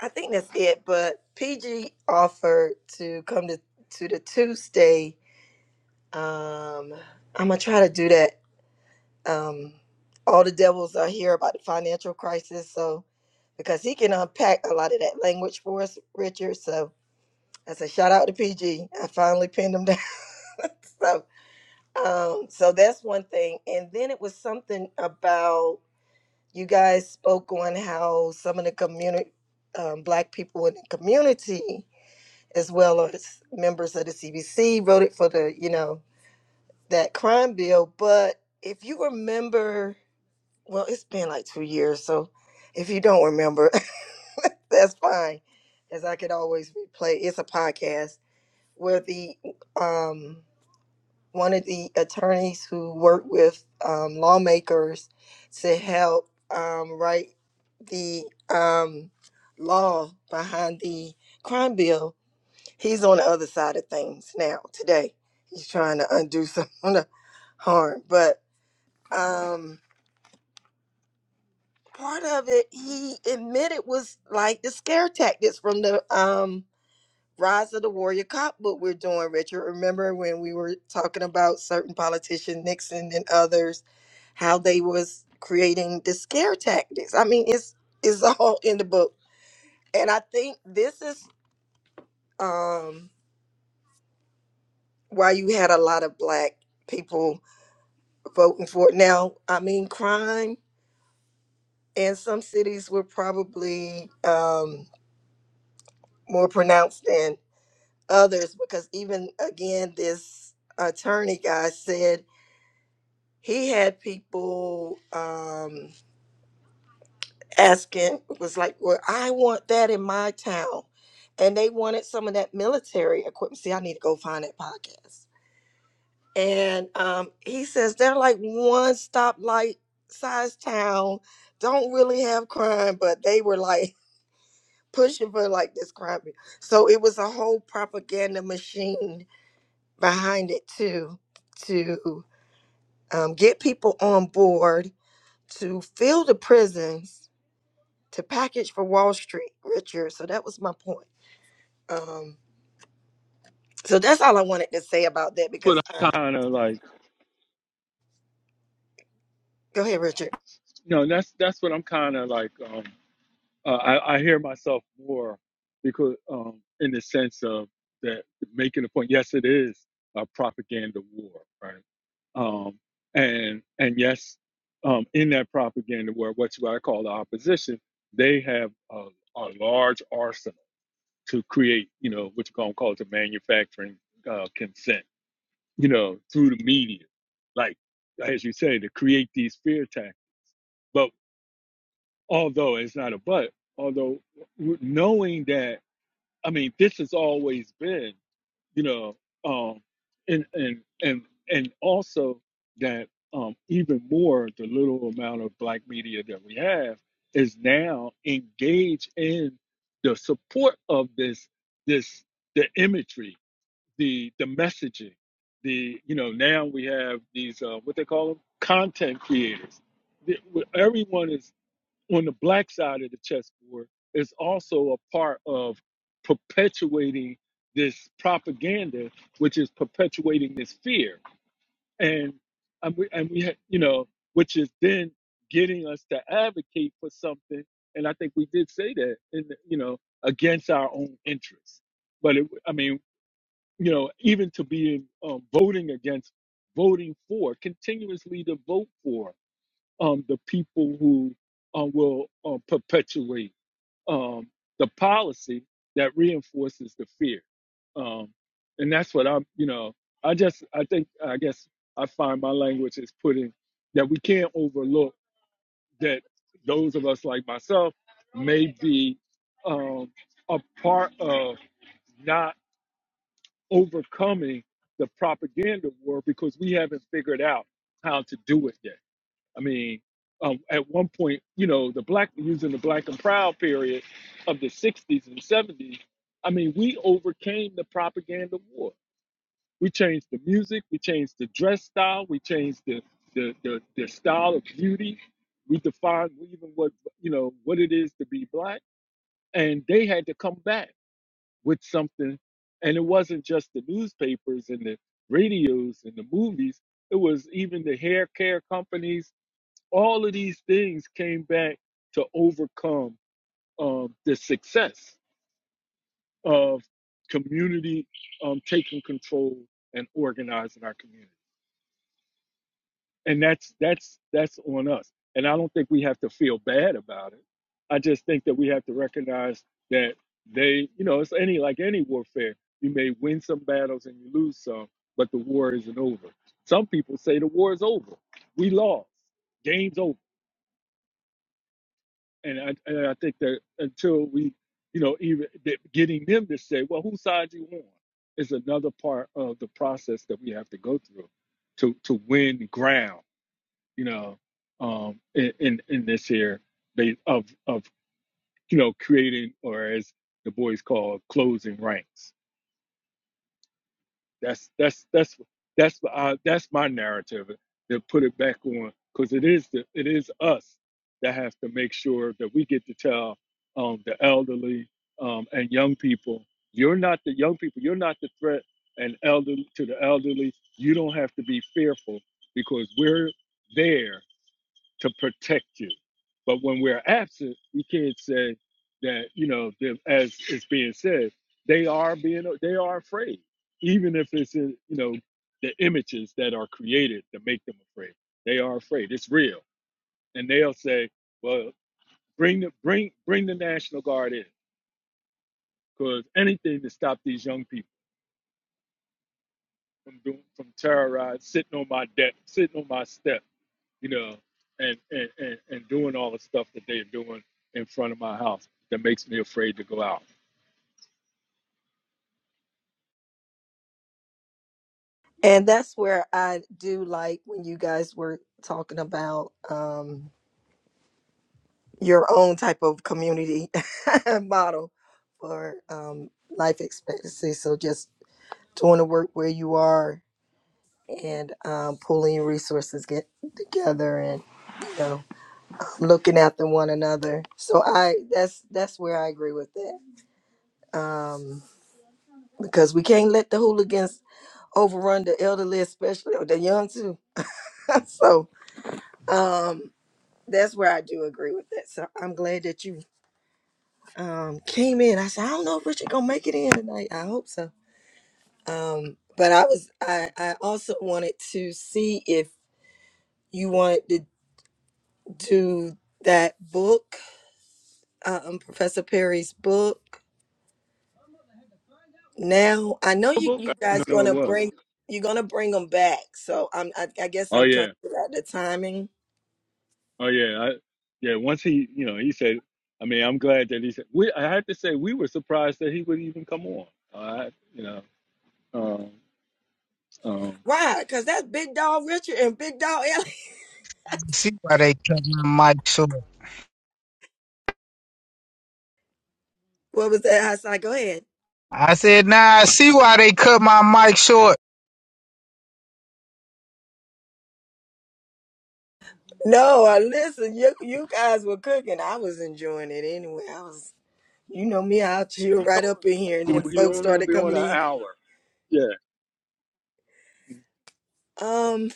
I think that's it. But PG offered to come to to the Tuesday. Um, I'm gonna try to do that. Um, all the devils are here about the financial crisis, so because he can unpack a lot of that language for us, Richard. So that's a shout out to PG. I finally pinned him down. So, um, so that's one thing. And then it was something about you guys spoke on how some of the community, um, black people in the community, as well as the CBC, voted for the, you know, for- well, it's been like two years. So if you don't remember, that's fine, as I could always replay. It's a podcast where the um, one of the attorneys who worked with um, lawmakers to help um, write the um, law behind the crime. bill, He's on the other side of things. He's trying to undo some of the harm, but. um. part of it he admitted was like the scare tactics from the um rise of the warrior cop book we're doing richard remember when we were talking about certain politicians nixon and others how they was creating the scare tactics i mean it's it's all in the book and i think this is um why you had a lot of black people voting for it now i mean crime in some cities were probably um more pronounced others because even again this attorney guy said he had people um ask was like well i want that in my town and they wanted some of that military equipment see i need to go find that podcast and um he says they're like one stoplight size town don't really have crime but they were like pushing for like this crime so it was a whole propaganda machine behind it too to. um, get people on board to to package for street. Um, so to say that That's what because I'm I, kind of like. Richard, No, that's that's what I'm kind of like. Um, uh, I, I hear myself more because um, in the sense of that making a point. Yes, it is a propaganda war, right? Um, and and yes, um, in that propaganda war, what's what I call the opposition, they have a, a large arsenal to create, you know, what you gonna call it, the manufacturing uh, consent, you know, through the media, like as you say, to create these fear tactics. But although it's not a but, although knowing that I mean, this has always been, you know, um, and and and and also that um, even more the little amount of black media that we have is now engaged in the support of this this the imagery, the the messaging, the you know now we have these uh, what they call them content creators. The- Everyone is on the black side of the chessboard is also a part of perpetuating this propaganda, which is perpetuating this fear, and and we and we ha- you know, which is then getting us to advocate for something. And I think we did say that, in the, you know, against our own interests. But it, I mean, you know, even to be um, voting against, voting for, continuously to vote for um, the people who uh, will uh, perpetuate um, the policy that reinforces the fear. Um, and that's what I'm, you know, I just, I think, I guess I find my language is putting that we can't overlook that those of us like myself may be um, a part of not overcoming the propaganda war because we haven't figured out how to do it yet I mean, um, at one point, you know, the black using the black and proud period of the '60s and '70s. I mean, we overcame the propaganda war. We changed the music, we changed the dress style, we changed the the the, the style of beauty. We defined even what you know what it is to be black, and they had to come back with something. And it wasn't just the newspapers and the radios and the movies. It was even the hair care companies all of these things came back to overcome um, the success of community um, taking control and organizing our community. And that's that's that's on us. And I don't think we have to feel bad about it. I just think that we have to recognize that they, you know, it's any like any warfare. You may win some battles and you lose some, but the war isn't over. Some people say the war is over. We lost. Game's over and I, and I think that until we, you know, even that getting them to say, well, whose side you on, is another part of the process that we have to go through to to win ground, you know, um, in in, in this here ba- of of you know creating or as the boys call closing ranks That's that's that's that's uh, that's my narrative to put it back on because it is the, it is us that has to make sure that we get to tell um, the elderly um, and young people you're not the young people you're not the threat and elderly to the elderly you don't have to be fearful because we're there to protect you. But when we're absent, you can't say that, you know, that as it's being said, they are being, they are afraid, even if it's, in, you know, the images that are created to make them afraid. They are afraid. It's real. And they'll say, well, bring the, bring, bring the National Guard in because anything to stop these young people from doing, from terrorized, sitting on my deck, sitting on my step you know, and, and, and, and doing all the stuff that they are doing in front of my house that makes me afraid to go out. and that's where I do like when you guys were talking about um, your own type of community model for um, life expectancy. So just doing the work where you are and um, pulling your resources get together and you know looking after one another. So I that's that's where I agree with that. let the hooligans overrun the elderly, especially. Too. So that's where I do agree. So I'm glad that you. Um, but I was, I, I also wanted to see if you wanted to do that book, um, Professor Perry's book. Now I know Oh, you, book? you I guys it gonna was. bring you're gonna bring them back. So I'm I, I guess Oh I'm trying yeah, to the timing. oh yeah, I, yeah. Once he, you know, he said. I mean, I'm glad that he said. We, I had to say, we were surprised that he would even come on. All right, you know, um, um, Why? Cause that's Big Dog Richard and Big Dog Ellie. See why they cut my mic short. What was that? I was like, go ahead. I said, nah, I see why they cut my mic short. No, you, you can. I was enjoying it anyway. I was You know me, I will chew he right told up in here, and then us he folks only gonna started be on coming an in. hour. Yeah. Um,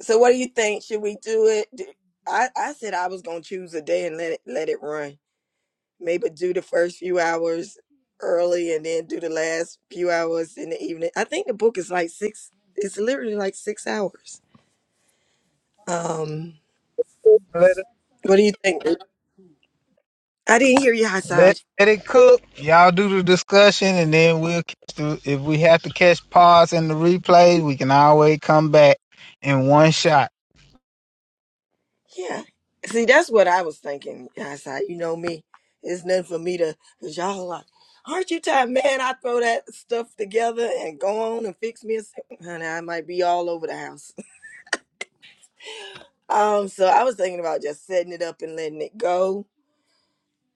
so what do you think? Should we do it? D- I I said I was gonna choose a day and let it let it run. Maybe do the first few hours early, and then do the last few hours in the evening. I think the book is like six like six hours. Um, Let it, what do you think? I didn't hear you, High let, Side. let it cook. Y'all do the discussion, and then we'll catch the, if we have to catch pause in the replay, we can always come back in one shot. Yeah. See, that's what I was thinking, High Side. You know me. It's nothing for me to, cause y'all are like, aren't you tired, man? I throw that stuff, fix me a house. Um, so I was thinking about just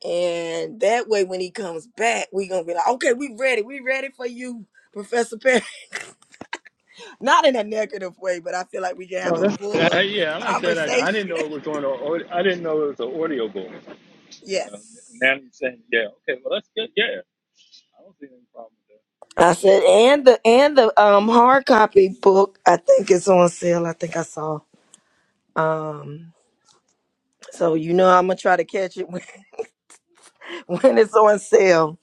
and that way when he comes back, we gonna be like, okay, we ready, we ready for you, Professor Perry. Not in a negative way, but I feel like we can So have a that's uh, fuller yeah, I like that. idea. I, conversation. didn't know it was on. A, I didn't know it was an audio book. Yeah. Yes. Now he's saying, yeah, okay, well that's good. Yeah. I said, and the and the um hard copy book, I think it's on sale. I think I saw. Um, so you know I'm gonna try to catch it when, when it's on sale.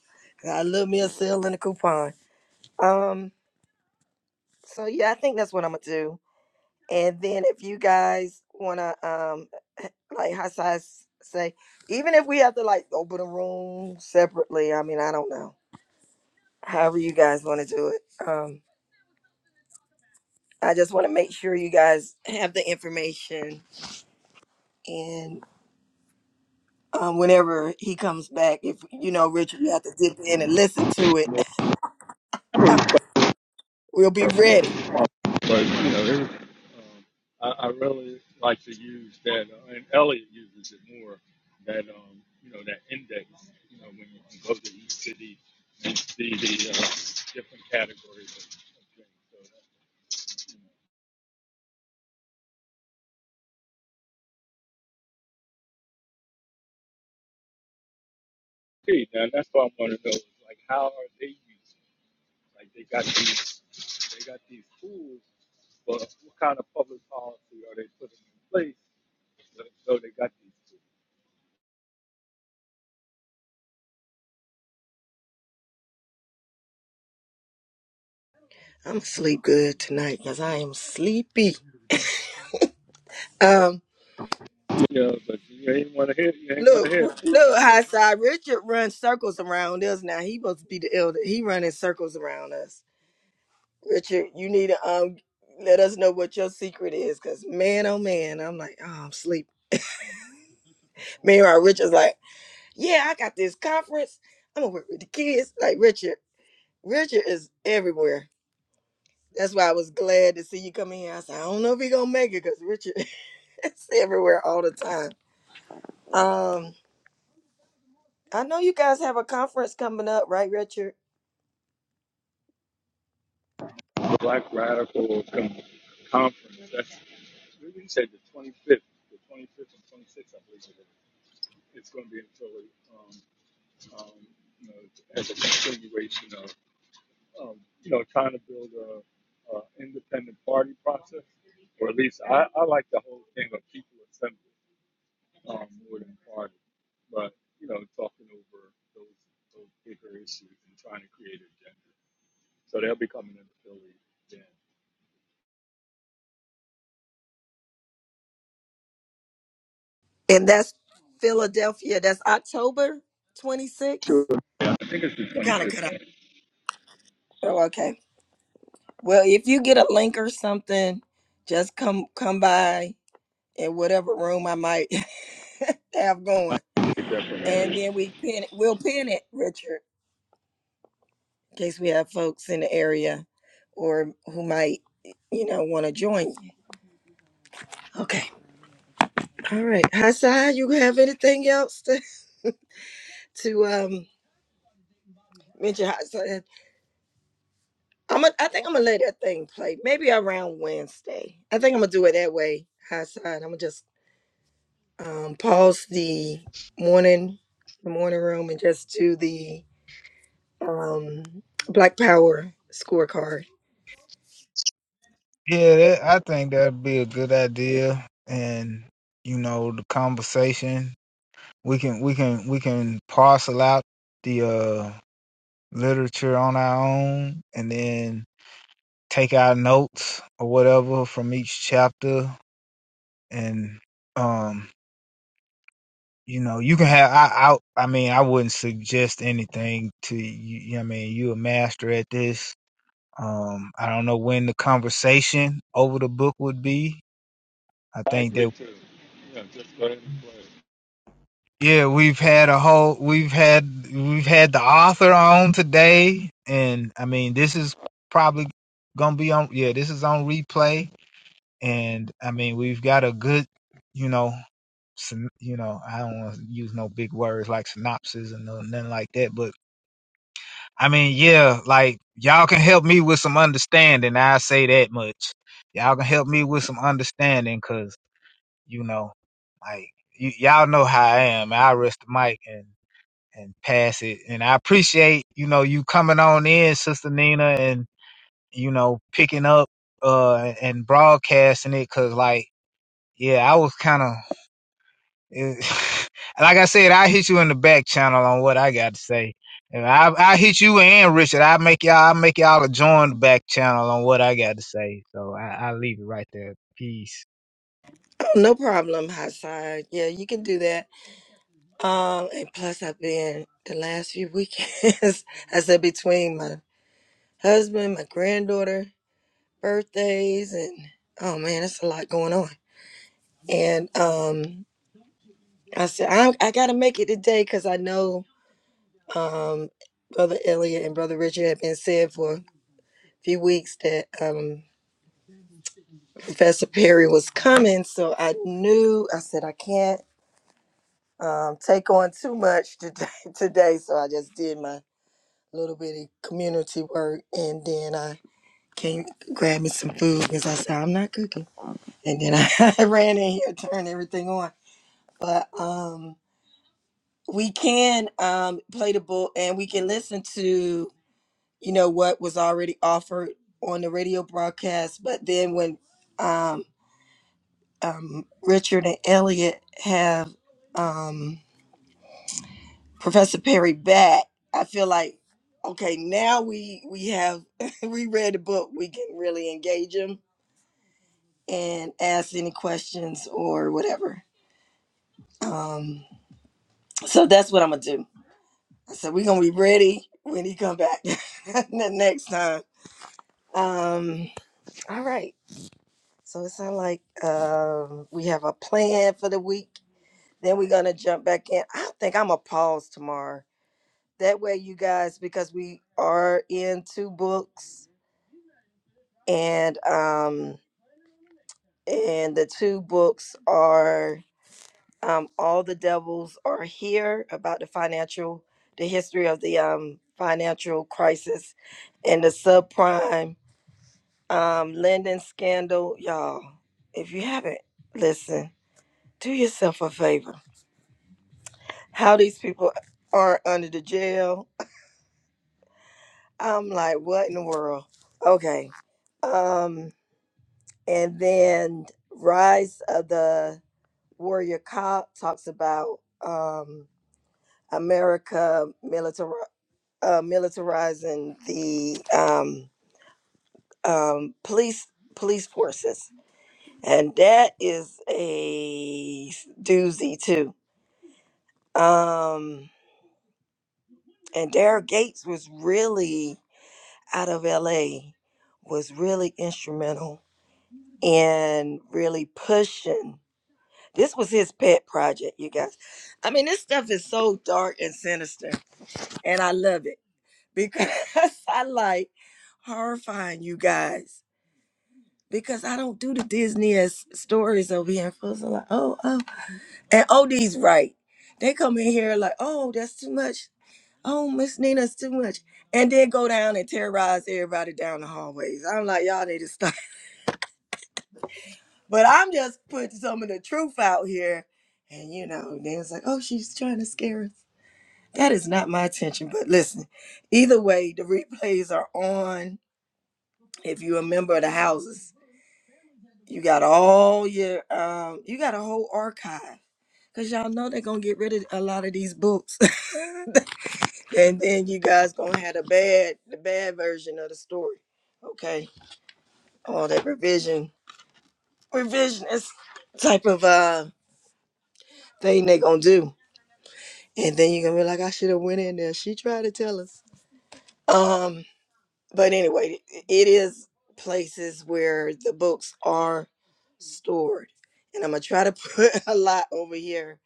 I love me a sale and a coupon. Um, so yeah, I think that's what I'm gonna do. And then if you guys wanna um. like how size say, even if we have to like open a room separately, I mean, I don't know. However you guys want to do it. Um, I just want to make sure you guys have the information and um, whenever if you two have to do it, we'll be ready. But you know, every, um, I, I really like to use that, uh, and Elliot uses it more. That um, you know, that index. You know, when you can go to each city and see the uh, different categories of, of things. So that's key. Now that's what I want to know is like, how are they using? it? Like they got these, they got these tools, but what kind of public policy are they putting in place? So, so they got these. Tools. I'm sleep good because I am sleep. Um, Yeah, but you ain't want to hear, you ain't want look, to hear me. look, high side. Richard runs some around us now. He was he running circles around us. Richard, you need to um let us know what just man oh man. I'm like, oh, I'm sleep. Conference. I'm gonna work with the kids. Like Richard. Richard is everywhere. That's why I was glad to see you come in. I said, I don't know if he gonna make it because Richard is everywhere all the time. Um, I know you guys have a conference coming up, right, Richard? Black radical, come, it's going to be in Philly. Um, um, you know, as a continuation of, um, you know, trying to build a, a independent party process, or at least I, I like the whole thing of people assembly um, more than party, but you know, talking over those those bigger issues and trying to create an agenda. So they'll be coming into Philly. Then And that's Philadelphia. That's October 26th. I think it's the You kind of cut out. 25th. Okay. Well, if you get a link or something, just come come by in whatever room I might have going, and Definitely. then we pin it. We'll pin it, Richard. We have folks in the area or who might you know want to join Okay. All right. Hassan, you have anything else to, to um mention? Hassan? I'm a, I think I'm gonna let that thing play. Maybe around Wednesday. I think I'm gonna do it that way, Hassan. I'm gonna just um pause the morning the morning just do the um Black Power scorecard. Yeah, that, I think that'd be a good idea. And you know, the conversation we can we can we can parcel out the uh literature on our own, and then take our notes or whatever from each chapter and um you know you can have i i, I mean i wouldn't suggest anything to you, you know what i mean you a master at this um i don't know when the conversation over the book would be i I think agree that too. Yeah, just go ahead and play. it. yeah we've had a whole we've had we've had the author on today and i mean this is probably gonna be on yeah this is on replay And I mean, we've got a good, you know, syn- you know, I don't want to use no big words like synopsis and no- nothing like that. But I mean, yeah, like y'all can help me with some understanding. I say that much. Y'all can help me with some understanding because, you know, like y- y'all know how I am. I rest the mic and, and pass it. And I appreciate, you know, you coming on in, Sister Nina, and, you know, picking up uh and broadcasting it because, like, yeah, I was kind of like I said, I hit you in the back channel on what I got to say. And I I hit you and Richard. I make y'all I make y'all a joined back channel on what I got to say. So I I leave it right there. Peace. Oh, no problem, Hassan. Yeah, you can do that. Um and plus I've been the last few weekends I said between my husband, my granddaughter, birthdays and oh man, it's a lot going on. And um I said I I gotta make it today because I know um Brother Elliot and Brother Richard had been said for a few weeks that um Professor Perry was coming, so I knew I said I can't um take on too much today today. So I just did my little bitty tea work and then I came grabbed me some food because I said I'm not cooking. And then I, I ran in here, turned everything on. But um we can um play the book and we can listen to you know what was already offered on the radio broadcast but then when um, um richard and elliot have um professor perry back i feel like okay now we we have we read the book we can really engage them and ask any questions or whatever um so that's what i'm gonna do so we're gonna be ready when he come back the next time Um, all right. So it sounds like um we have a plan for the week. Then we're gonna jump back in. I think I'm gonna pause tomorrow. That way, you guys, because we are in two books, and um, and the two books are um, all the devils are here about the financial, the history of the um financial crisis, and the subprime um lending scandal, y'all. If you haven't, listen do yourself a favor. How these people are under the jail. I'm like, what in the world? Okay. Um, and then Rise of the Warrior Cop talks about um America militar uh, militarizing the um um police police forces. And that is a doozy too. Um and Derek Gates was really out of LA was really instrumental in really pushing. This was his pet project, you guys. I mean, this stuff is so dark and sinister, and I love it because I like horrifying you guys. Because I don't do the Disney as stories over here. And folks are like, oh, oh. And OD's right. They come in here like, oh, that's too much. Oh, Miss Nina's too much. And then go down and terrorize everybody down the hallways. I'm like, y'all need to stop But I'm just putting some of the truth out here. And you know, they was like, oh, she's trying to scare us. That is not my intention. But listen, either way, the replays are on. If you a member of the houses, you got all your um, you got a whole archive. Cause y'all know they're gonna get rid of a lot of these books. and then you guys gonna have the bad the bad version of the story. Okay. All that revision revisionist type of uh thing they gonna do. Went in there, she tried to tell us. Um, but anyway, it is places where the books are stored. And I'm gonna try to put a lot over here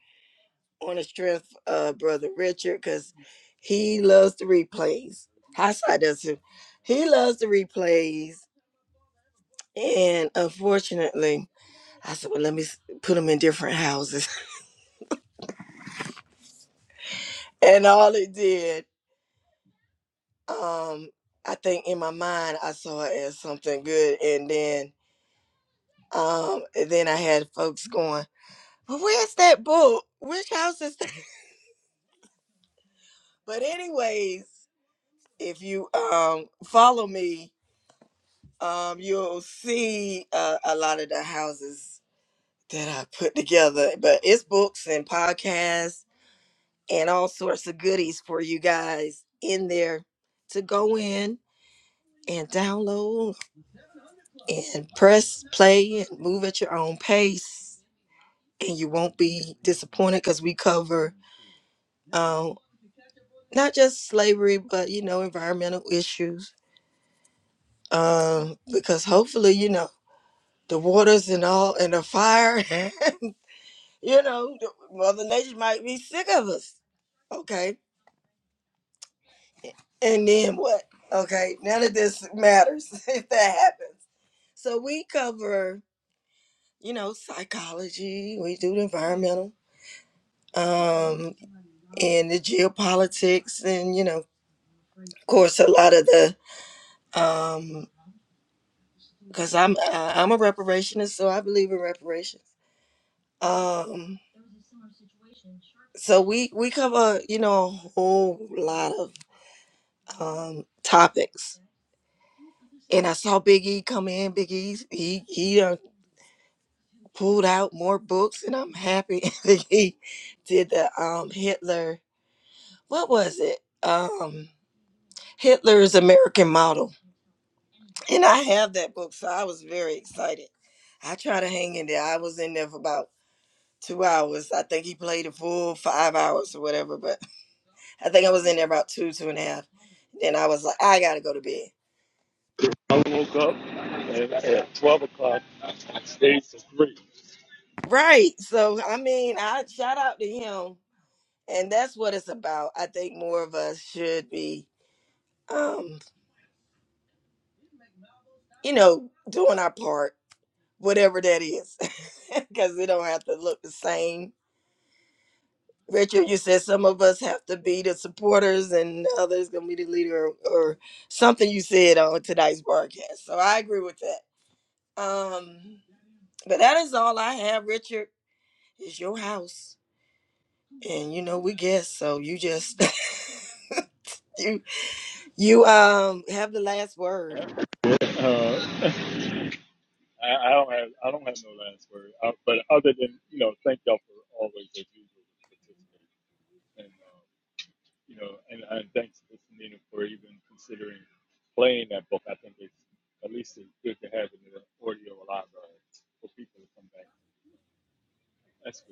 on the strength of Brother Richard because he loves the replays. Hindsight does too. He loves the replays. And unfortunately, I said, well, let me s- put them in different houses. And all it did, um, I think in my mind, I saw it as something good. And then um, and then I had folks going. But where's that book? Which house is that? But anyways, if you um follow me, um you'll see uh, a lot of the houses that put together. But it's books and podcasts and all sorts of goodies for you guys in there to go in and download and press play and move at your own pace. And you won't be disappointed because we cover um, every- but you know issues um, because hopefully you know the waters and all and the fire. you know, the- Mother Nature might be sick of us. Okay. And then what? Okay. None of this matters if that happens. So we cover, you know, psychology. We do the environmental fix, and you know, because I'm I- I'm a reparationist, so I believe in reparations. Um, so we we cover, you know, a whole lot of um topics. And I saw Big E come in. Big E, he he done pulled out more books, and I'm happy that he did the um Hitler. What was it? Um, Hitler's American Model, and I have that book, so I was very excited. I tried to hang in there. I was in there for about two hours. I think he played a full five hours or whatever, but I think I was in there about two, two and a half. Then I was like, I gotta go to bed. Yeah, Chase, Right. So I mean, I shout out to him. What it's about. I think more of us should be, um, you know, doing our part whatever that is, because it don't have to look the same. Richard, you said some of us have to be the supporters and others gonna be the leader, or, or something you said on tonight's broadcast. So I agree with that. Um, but that is all I have, Richard. It's your house, and you know we guess, so you just you you um have the last word. uh, Uh, but other than you know, thank y'all for always as usual participating, and uh, you know, and, and thanks to Nina for even considering playing that book. I think it's at least it's good to have it in the audio library for people to come back. That's good.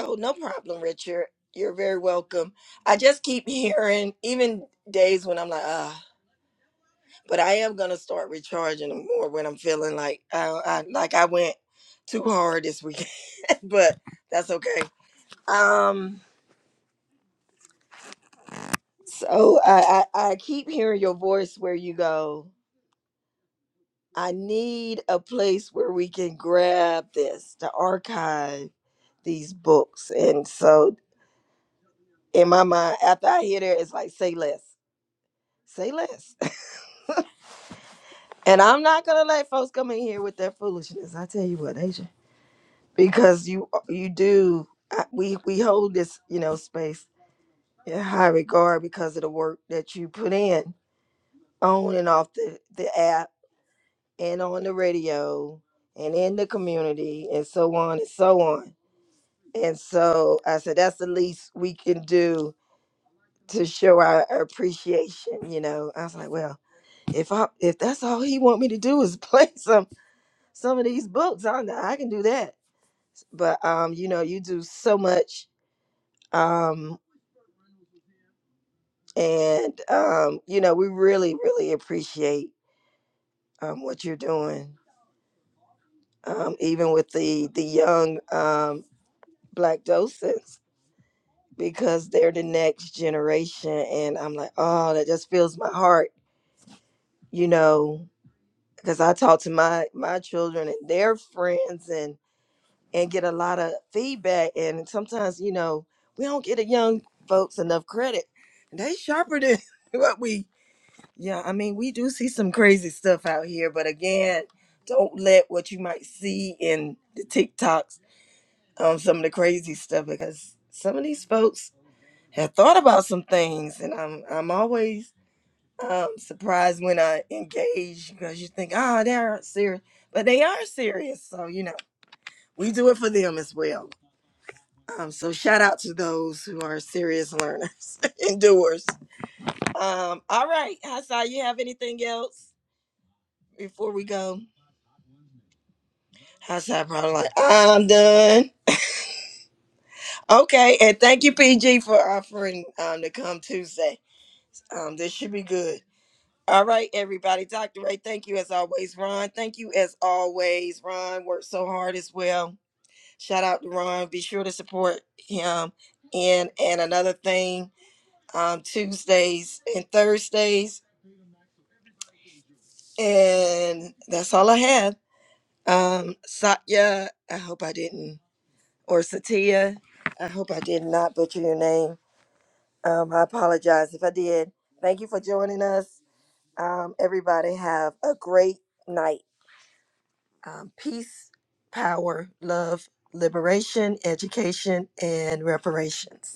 Oh, no problem, Richard. You're very welcome. I just keep hearing, even days when I'm like, ah. but I am gonna start recharging them more when I'm feeling like I, I like I went too hard this weekend, but that's okay. Um, so I, I I keep hearing your voice where you go. I need a place where we can grab this to archive these books, and so in my mind, after I hear there, it's like say less, say less, and I'm not gonna let folks come in here with their foolishness. I tell you what, they because you you do I- we we hold this you know space because of the work in on and off the the app and on the radio and in the community and so on and so on and so i said that's the least we can do to show our appreciation you know i was like well if i if that's all he want me to do is play some some of these books i i can do that but um you know you do so much um. and um, you know we really really appreciate um, what you're doing um, even with the the young um, black docents because they're the next generation and i'm like oh that just fills my heart you know because i talk to my my children and their friends and, I don't- and sometimes you know we don't get the young folks enough credit they sharper than what we Yeah, I mean, we do see some crazy stuff out here, but again, don't let what you might see in the TikToks on some of the crazy stuff because some of these folks have thought about some things, and I'm I'm always um so when I age, we do it for them as well. Um, so shout out to those who are serious learners and doers. Um, all right, Hassan, you have anything else before we go? Hassan probably like I'm done. Okay, and thank you, PG, for offering um Tuesday. Um, should be good. All right, everybody. Dr. Ray, thank you as always. Ron, thank you as always. Ron worked so hard as well. Shout out to Ron. Be sure to support him. And and another thing, um, Tuesdays and Thursdays. And that's all I have. Um, Satya, I hope I didn't, or Satya, I hope I did not butcher your name. Apologize if us. Um, everybody have a great night. um, peace, power, love, liberation, education, and reparations.